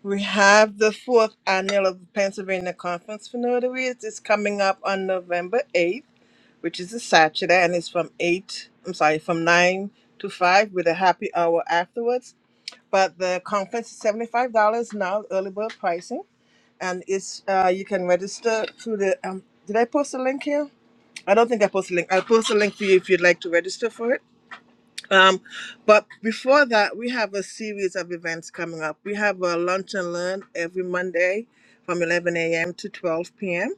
S12: we have the fourth annual of the Pennsylvania Conference for Notaries. It's coming up on November 8th, which is a Saturday, and it's from 8, I'm sorry, from 9 to 5 with a happy hour afterwards. But the conference is $75 now, early bird pricing, and it's uh, you can register through the. Um, did I post a link here? I don't think I posted a link. I'll post a link for you if you'd like to register for it um, but before that, we have a series of events coming up. We have a lunch and learn every Monday from 11 a.m. to 12 p.m.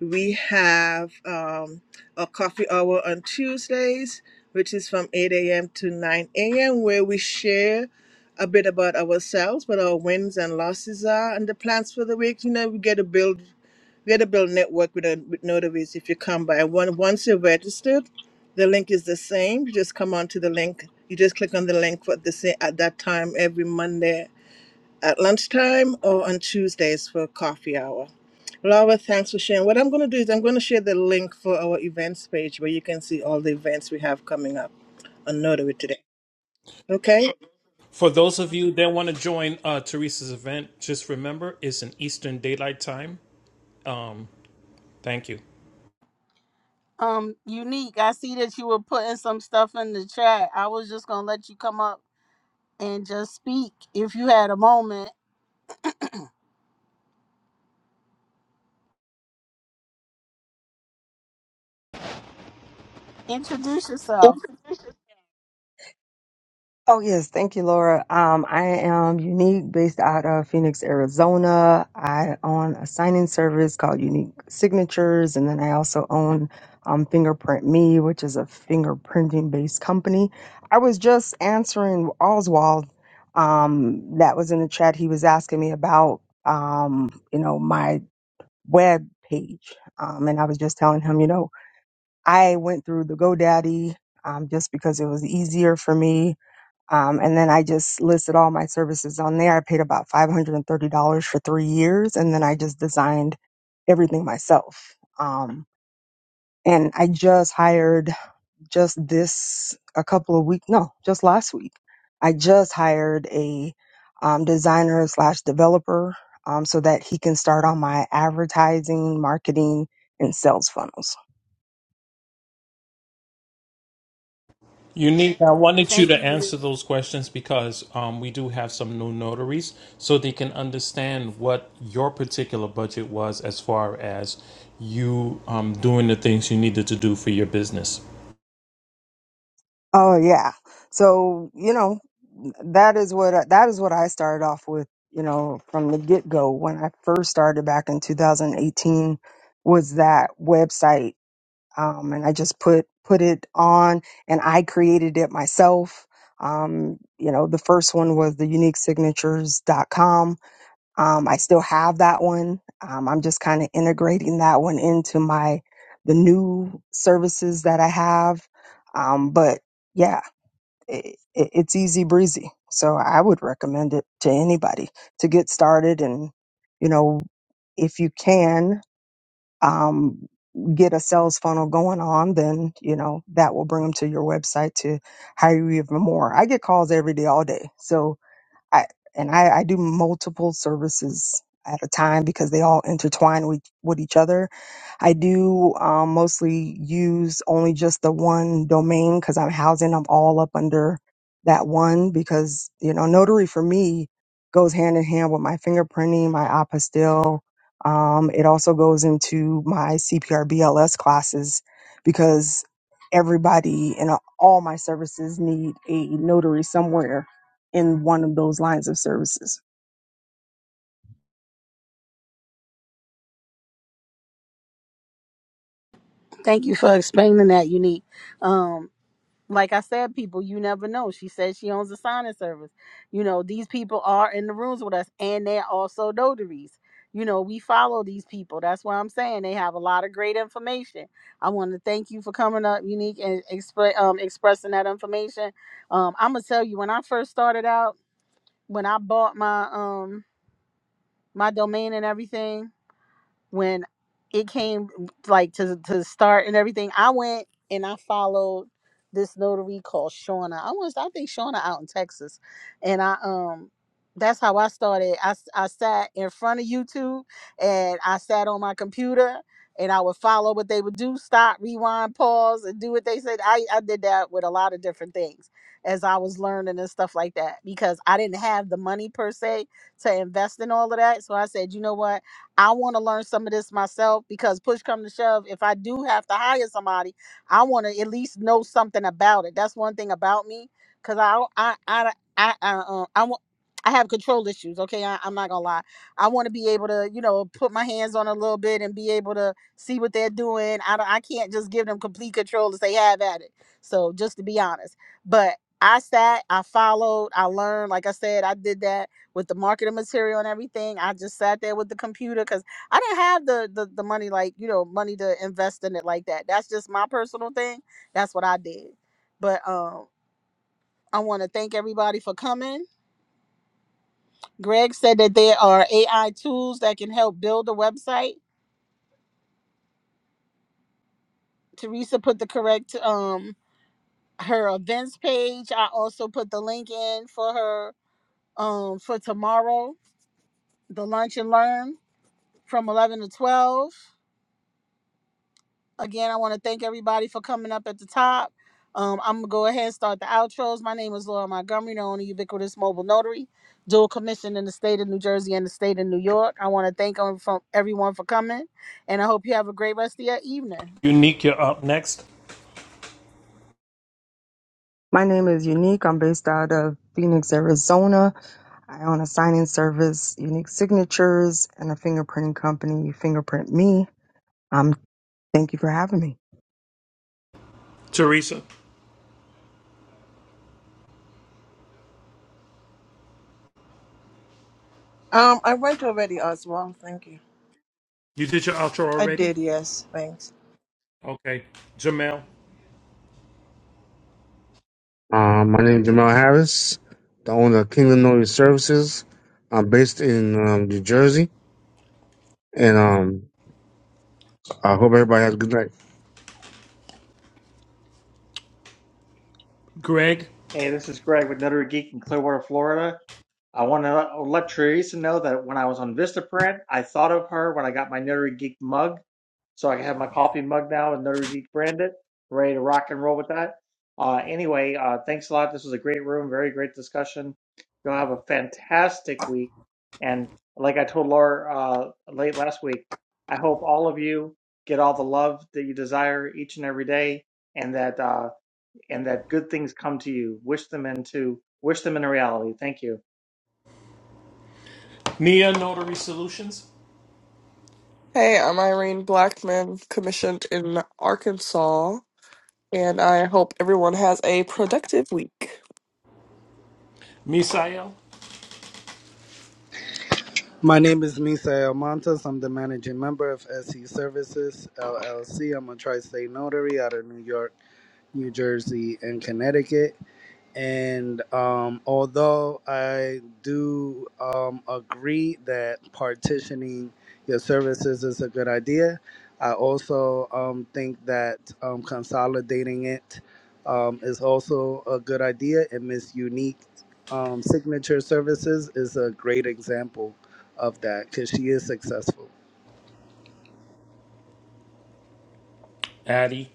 S12: We have um, a coffee hour on Tuesdays, which is from 8 a.m. to 9 a.m., where we share a bit about ourselves, what our wins and losses are, and the plans for the week. You know, we get to build we had to build a network with, a, with notaries if you come by. One, once you're registered, the link is the same. You just come onto the link. You just click on the link for the same at that time every Monday at lunchtime or on Tuesdays for coffee hour. Laura, thanks for sharing. What I'm going to do is I'm going to share the link for our events page where you can see all the events we have coming up on Notary today. Okay.
S4: For those of you that want to join uh, Teresa's event, just remember it's an Eastern Daylight Time. Um, thank you.
S2: Um, unique. I see that you were putting some stuff in the chat. I was just gonna let you come up and just speak if you had a moment. Introduce yourself.
S13: Oh, yes. Thank you, Laura. Um, I am Unique based out of Phoenix, Arizona. I own a signing service called Unique Signatures. And then I also own um, Fingerprint Me, which is a fingerprinting based company. I was just answering Oswald um, that was in the chat. He was asking me about, um, you know, my web page. Um, and I was just telling him, you know, I went through the GoDaddy um, just because it was easier for me um, and then I just listed all my services on there. I paid about $530 for three years. And then I just designed everything myself. Um, and I just hired just this a couple of weeks no just last week i just hired a um, designer slash developer um, so that he can start on my advertising marketing and sales funnels
S4: Unique, I wanted you
S2: Thank
S4: to
S2: you.
S4: answer those questions because um, we do have some new notaries, so they can understand what your particular budget was as far as you um, doing the things you needed to do for your business.
S13: Oh yeah. So, you know, that is what that is what I started off with, you know, from the get-go when I first started back in 2018 was that website um and I just put put it on and I created it myself. Um, you know, the first one was the uniquesignatures.com. Um I still have that one. Um I'm just kind of integrating that one into my the new services that I have. Um but yeah it, it- it's easy breezy. So I would recommend it to anybody to get started. And, you know, if you can um, get a sales funnel going on, then, you know, that will bring them to your website to hire you even more. I get calls every day, all day. So I and I, I do multiple services at a time because they all intertwine with, with each other. I do um, mostly use only just the one domain because I'm housing them all up under that one because you know notary for me goes hand in hand with my fingerprinting, my apostille. Um, it also goes into my CPR BLS classes because everybody and all my services need a notary somewhere in one of those lines of services.
S2: Thank you for explaining that, Unique. Um, like I said, people, you never know. She says she owns a signing service. You know, these people are in the rooms with us, and they're also notaries. You know, we follow these people. That's why I'm saying they have a lot of great information. I want to thank you for coming up, Unique, and expre- um, expressing that information. Um, I'm gonna tell you, when I first started out, when I bought my um my domain and everything, when it came like to to start and everything, I went and I followed this notary called Shauna. I was I think Shauna out in Texas, and I um that's how I started. I s- I sat in front of YouTube and I sat on my computer and I would follow what they would do, stop, rewind, pause, and do what they said. I I did that with a lot of different things as I was learning and stuff like that because I didn't have the money per se to invest in all of that. So I said, you know what? I want to learn some of this myself because push come to shove, if I do have to hire somebody, I want to at least know something about it. That's one thing about me because I, I, I, I, I, uh, I, wa- I have control issues. Okay, I, I'm not gonna lie. I want to be able to, you know, put my hands on a little bit and be able to see what they're doing. I, don't- I can't just give them complete control and say have at it. So just to be honest, but I sat, I followed, I learned. Like I said, I did that with the marketing material and everything. I just sat there with the computer because I didn't have the, the the money like you know money to invest in it like that. That's just my personal thing. That's what I did. But um, I want to thank everybody for coming. Greg said that there are AI tools that can help build a website. Teresa put the correct um her events page. I also put the link in for her um for tomorrow the lunch and learn from 11 to 12 Again, I want to thank everybody for coming up at the top. Um, I'm gonna go ahead and start the outros. My name is Laura Montgomery, the only ubiquitous mobile notary, dual commission in the state of New Jersey and the state of New York. I want to thank um, everyone for coming, and I hope you have a great rest of your evening.
S4: Unique, you're up next.
S13: My name is Unique. I'm based out of Phoenix, Arizona. I own a signing service, Unique Signatures, and a fingerprinting company, Fingerprint Me. Um, thank you for having me.
S4: Teresa,
S12: Um, I went already, Oswald. Thank you.
S4: you did your outro
S12: I
S4: already?
S12: did. Yes. Thanks.
S4: Okay. Jamel,
S11: Um, my name is Jamal Harris, the owner of Kingdom Noise Services. I'm based in um, New Jersey, and um, I hope everybody has a good night.
S4: Greg,
S8: Hey, this is Greg with Notary Geek in Clearwater, Florida. I want to let Teresa know that when I was on Vistaprint, I thought of her when I got my Notary Geek mug. So I have my coffee mug now with Notary Geek branded, ready to rock and roll with that. Uh, anyway, uh, thanks a lot. This was a great room, very great discussion. You'll have a fantastic week. And like I told Laura uh, late last week, I hope all of you get all the love that you desire each and every day, and that. uh, and that good things come to you. Wish them into wish them into reality. Thank you.
S4: Nia Notary Solutions,
S7: hey i'm irene blackman commissioned in arkansas And I hope everyone has a productive week.
S4: Misael,
S10: My name is Misael Montes. I'm the managing member of SE Services LLC. I'm a tri state notary out of New York, New Jersey, and Connecticut. And um, although I do um, agree that partitioning your services is a good idea, I also um, think that um, consolidating it um, is also a good idea. And Miss Unique um, Signature Services is a great example of that because she is successful.
S4: Addie,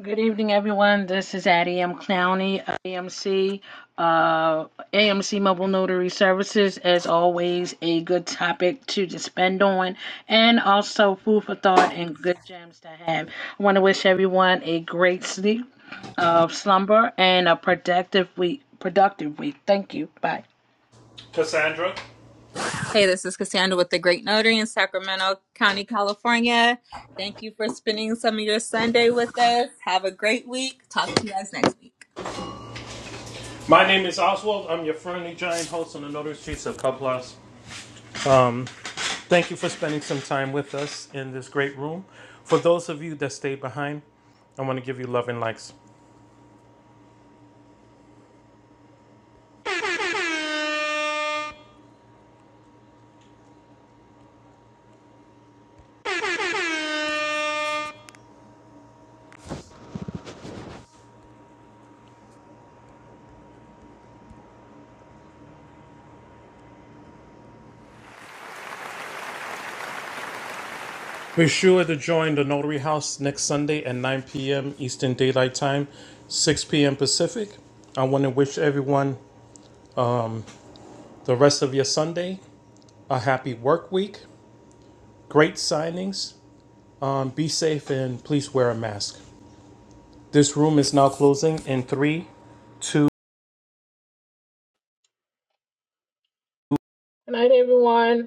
S5: Good evening, everyone. This is Addie M. Clowney of AMC, uh, AMC Mobile Notary Services. As always, a good topic to just spend on and also food for thought and good gems to have. I want to wish everyone a great sleep of slumber and a productive week. Productive week. Thank you. Bye.
S4: Cassandra.
S1: Hey, this is Cassandra with the Great Notary in Sacramento County, California. Thank you for spending some of your Sunday with us. Have a great week. Talk to you guys next week.
S4: My name is Oswald. I'm your friendly giant host on the Notary Streets of Cubs. Um, Thank you for spending some time with us in this great room. For those of you that stayed behind, I want to give you love and likes. Be sure to join the Notary House next Sunday at 9 p.m. Eastern Daylight Time, 6 p.m. Pacific. I want to wish everyone the rest of your Sunday a happy work week, great signings. Um, be safe and please wear a mask. This room is now closing in three, two.
S5: Good night, everyone.